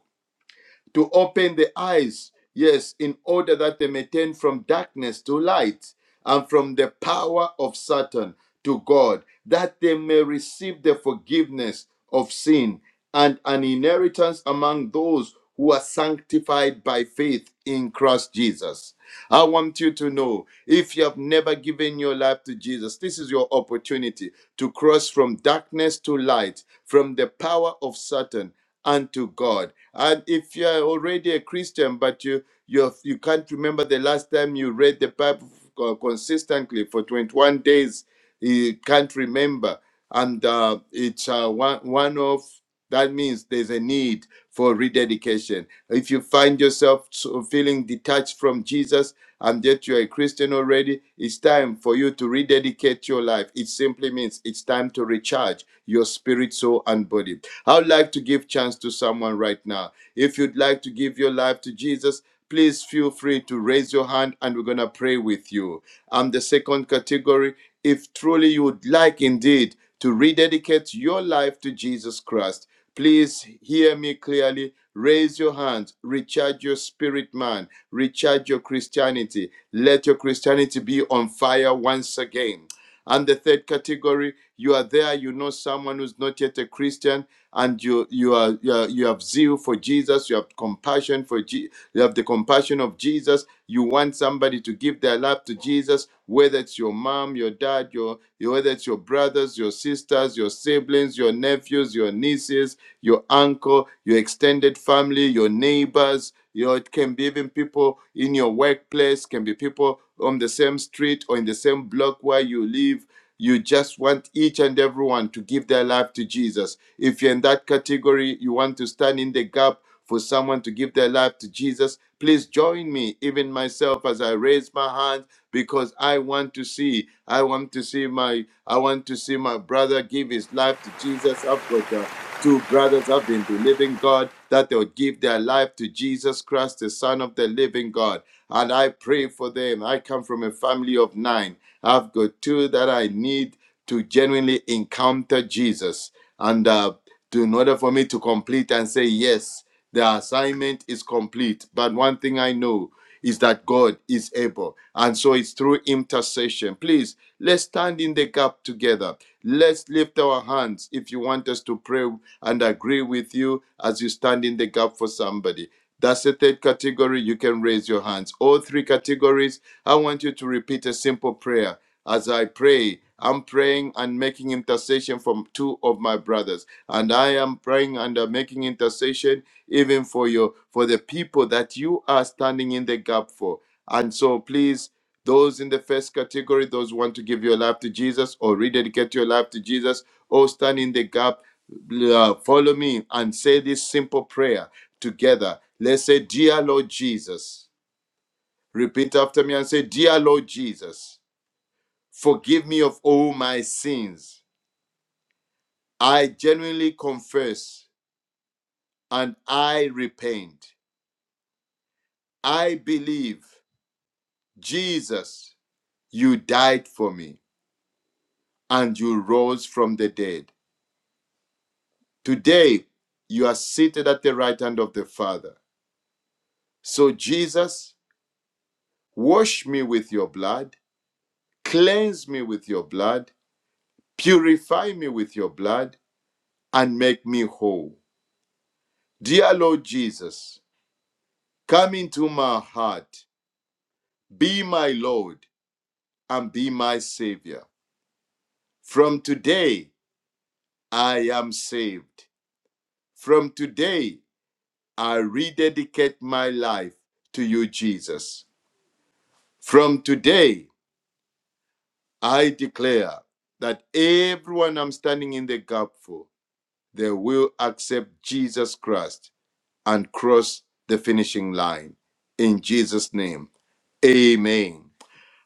Speaker 6: to open the eyes, yes, in order that they may turn from darkness to light and from the power of Satan to God, that they may receive the forgiveness of sin and an inheritance among those who are sanctified by faith in Christ Jesus. I want you to know if you have never given your life to Jesus, this is your opportunity to cross from darkness to light, from the power of Satan unto God. And if you are already a Christian, but you you have- you can't remember the last time you read the Bible co- consistently for 21 days, you can't remember, and uh, it's uh, one one of that means there's a need for rededication. If you find yourself so- feeling detached from Jesus and that you're a Christian already, it's time for you to rededicate your life. It simply means it's time to recharge your spirit, soul, and body I would like to give chance to someone right now. If you'd like to give your life to Jesus, please feel free to raise your hand and we're going to pray with you. And the second category, if truly you would like indeed to rededicate your life to Jesus Christ, please hear me clearly. Raise your hands, recharge your spirit, man, recharge your Christianity. Let your Christianity be on fire once again. And the third category, you are there, you know someone who's not yet a Christian, and you you are you, are, you have zeal for Jesus, you have compassion for Je- you have the compassion of Jesus. You want somebody to give their life to Jesus, whether it's your mom, your dad, your your- whether it's your brothers, your sisters, your siblings, your nephews, your nieces, your uncle, your extended family, your neighbors. You know, it can be even people in your workplace, can be people on the same street or in the same block where you live you just want each and everyone to give their life to Jesus. If you're in that category, you want to stand in the gap for someone to give their life to Jesus, please join me, even myself, as I raise my hand because I want to see, I want to see my, I want to see my brother give his life to Jesus. I've got uh, two brothers I've been believing God that they'll give their life to Jesus Christ, the Son of the Living God. And I pray for them. I come from a family of nine. I've got two that I need to genuinely encounter Jesus. And uh, to, in order for me to complete and say, yes, the assignment is complete. But one thing I know is that God is able. And so it's through intercession. Please, let's stand in the gap together. Let's lift our hands if you want us to pray and agree with you as you stand in the gap for somebody. That's the third category. You can raise your hands. All three categories, I want you to repeat a simple prayer as I pray. I'm praying and making intercession for two of my brothers, and I am praying and uh, making intercession even for your for the people that you are standing in the gap for. And so, please, those in the first category, those who want to give your life to Jesus or rededicate your life to Jesus or stand in the gap, uh, follow me and say this simple prayer together. Let's say, "Dear Lord Jesus," repeat after me and say, "Dear Lord Jesus." Forgive me of all my sins. I genuinely confess and I repent. I believe, Jesus, you died for me and you rose from the dead. Today, you are seated at the right hand of the Father. So, Jesus, wash me with your blood, cleanse me with your blood, purify me with your blood, and make me whole. Dear Lord Jesus, come into my heart Be my Lord and be my Savior. From today, I am saved. From today, I rededicate my life to you, Jesus. From today, I declare that everyone I'm standing in the gap for, they will accept Jesus Christ and cross the finishing line. In Jesus' name, amen.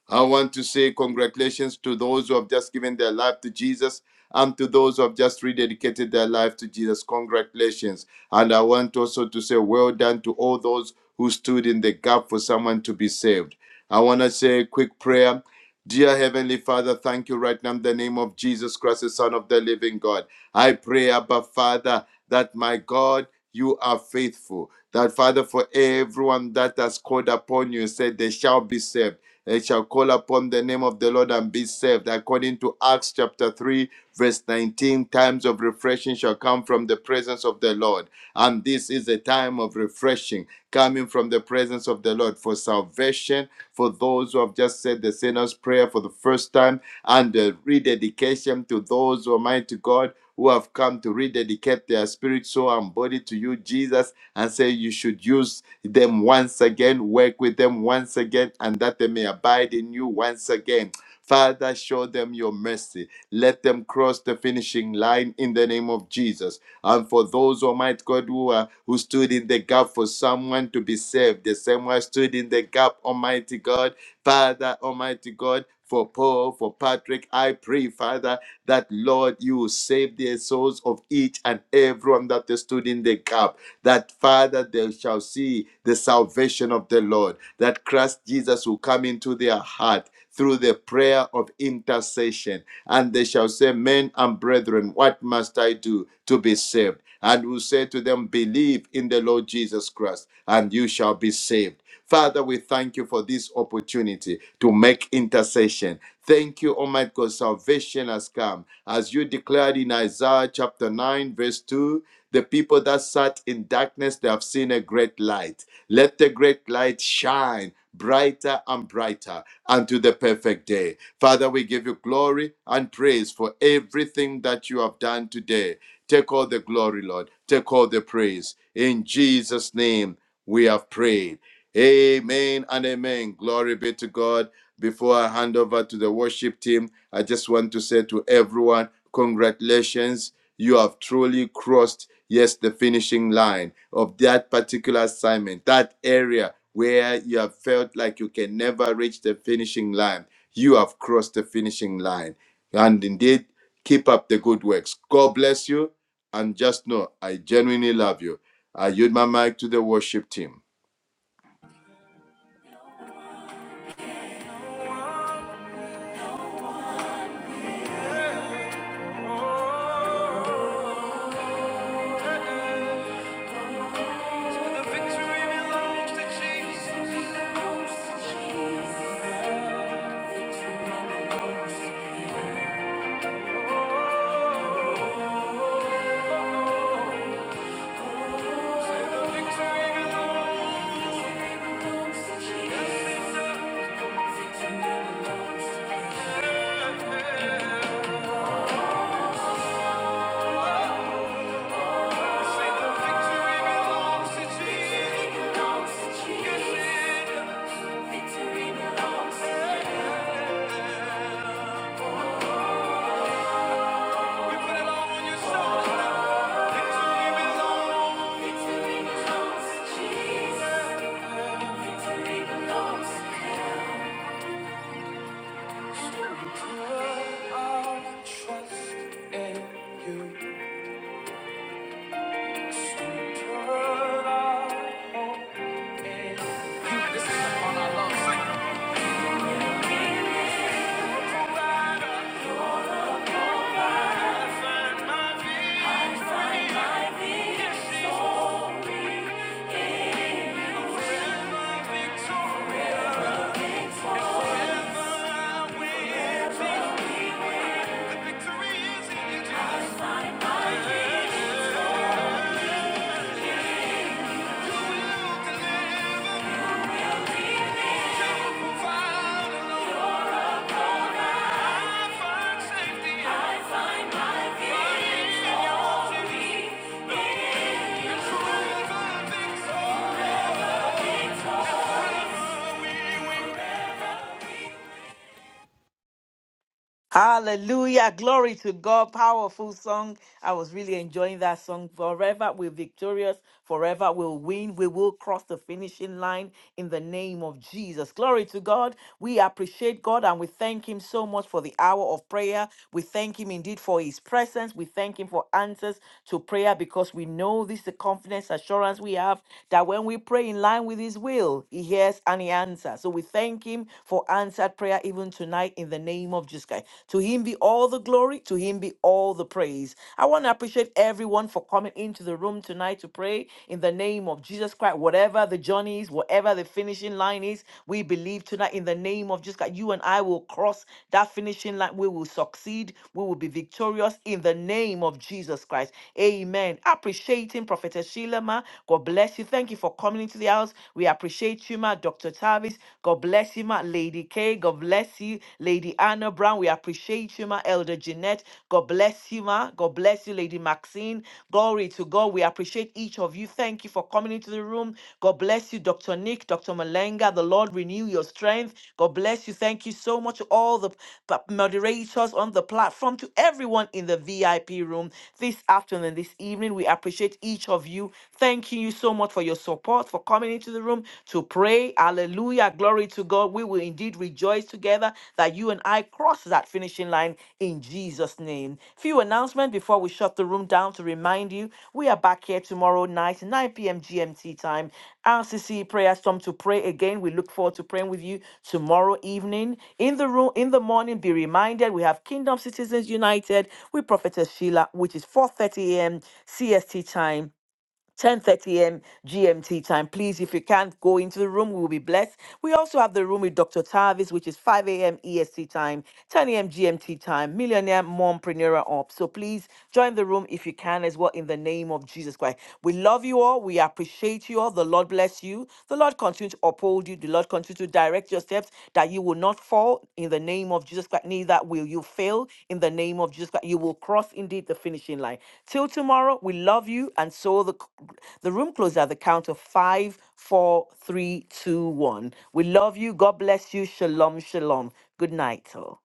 Speaker 6: I want to say congratulations to those who have just given their life to Jesus and to those who have just rededicated their life to Jesus. Congratulations. And I want also to say well done to all those who stood in the gap for someone to be saved. I want to say a quick prayer. Dear Heavenly Father, thank you right now in the name of Jesus Christ, the Son of the living God. I pray, Abba Father, that my God, you are faithful. That Father, for everyone that has called upon you, and said they shall be saved. They shall call upon the name of the Lord and be saved. According to Acts chapter 3, verse 19, times of refreshing shall come from the presence of the Lord. And this is a time of refreshing coming from the presence of the Lord for salvation, for those who have just said the sinner's prayer for the first time, and the rededication to those, Almighty God, who have come to rededicate their spirit, soul, and body to you, Jesus and say you should use them once again, work with them once again, and that they may abide in you once again. Father, show them your mercy. Let them cross the finishing line in the name of Jesus. And for those, Almighty God, who are who stood in the gap for someone to be saved, the same way I stood in the gap, Almighty God, Father, Almighty God. For Paul, for Patrick, I pray, Father, that Lord, you will save the souls of each and everyone that stood in the gap that Father, they shall see the salvation of the Lord, that Christ Jesus will come into their heart through the prayer of intercession. And they shall say, Men and brethren, what must I do to be saved? And will say to them, Believe in the Lord Jesus Christ, and you shall be saved. Father, we thank you for this opportunity to make intercession. Thank you, Almighty God. Salvation has come. As you declared in Isaiah chapter 9, verse 2, the people that sat in darkness, they have seen a great light. Let the great light shine brighter and brighter unto the perfect day. Father, we give you glory and praise for everything that you have done today. Take all the glory, Lord. Take all the praise. In Jesus' name, we have prayed. Amen and amen. Glory be to God. Before I hand over to the worship team, I just want to say to everyone, congratulations. You have truly crossed, yes, the finishing line of that particular assignment, that area where you have felt like you can never reach the finishing line. You have crossed the finishing line. And indeed, keep up the good works. God bless you. And just know, I genuinely love you. I yield my mic to the worship team.
Speaker 2: Trust in you. You descend upon our love. I find my victory in you.
Speaker 5: Hallelujah. Glory to God. Powerful song. I was really enjoying that song. Forever we're victorious. Forever we'll win. We will cross the finishing line in the name of Jesus. Glory to God. We appreciate God and we thank Him so much for the hour of prayer. We thank Him indeed for His presence. We thank Him for answers to prayer because we know this is the confidence, assurance we have that when we pray in line with His will, He hears and He answers. So we thank Him for answered prayer even tonight in the name of Jesus Christ. To Him be all the glory, to Him be all the praise. I want to appreciate everyone for coming into the room tonight to pray in the name of Jesus Christ. Whatever the journey is, whatever where the finishing line is. We believe tonight in the name of Jesus that you and I will cross that finishing line. We will succeed. We will be victorious in the name of Jesus Christ. Amen. Appreciating Prophetess Sheila, ma. God bless you. Thank you for coming into the house. We appreciate you, ma. Dr. Tavis, God bless you, ma. Lady K, God bless you. Lady Anna Brown, we appreciate you, ma. Elder Jeanette, God bless you, ma. God bless bless you, Lady Maxine. Glory to God. We appreciate each of you. Thank you for coming into the room. God bless you, Dr. Nick, Dr. Malenga. The Lord renew your strength. God bless you. Thank you so much, to all the p- moderators on the platform, to everyone in the VIP room this afternoon, this evening. We appreciate each of you. Thanking you so much for your support, for coming into the room to pray. Hallelujah. Glory to God. We will indeed rejoice together that you and I cross that finishing line in Jesus' name. Few announcements before we shut the room down to remind you we are back here tomorrow night, 9 p.m. GMT time. RCC prayer storm to pray again. We look forward to praying with you tomorrow evening. In the room, in the morning, be reminded we have Kingdom Citizens United with Prophetess Sheila, which is 4:30 a.m. CST time. 10:30 a.m. GMT time. Please, if you can't go into the room, we will be blessed. We also have the room with Dr. Tavis, which is 5 a.m. EST time, 10 a.m. GMT time, Millionaire Mompreneur Up. So please join the room if you can as well in the name of Jesus Christ. We love you all. We appreciate you all. The Lord bless you. The Lord continue to uphold you uphold you. The Lord continue to direct your steps that you will not fall in the name of Jesus Christ. Neither will you fail in the name of Jesus Christ. You will cross indeed the finishing line. Till tomorrow, we love you. And so the, the room closes at the count of five, four, three, two, one. We love you. God bless you. Shalom, shalom. Good night, all.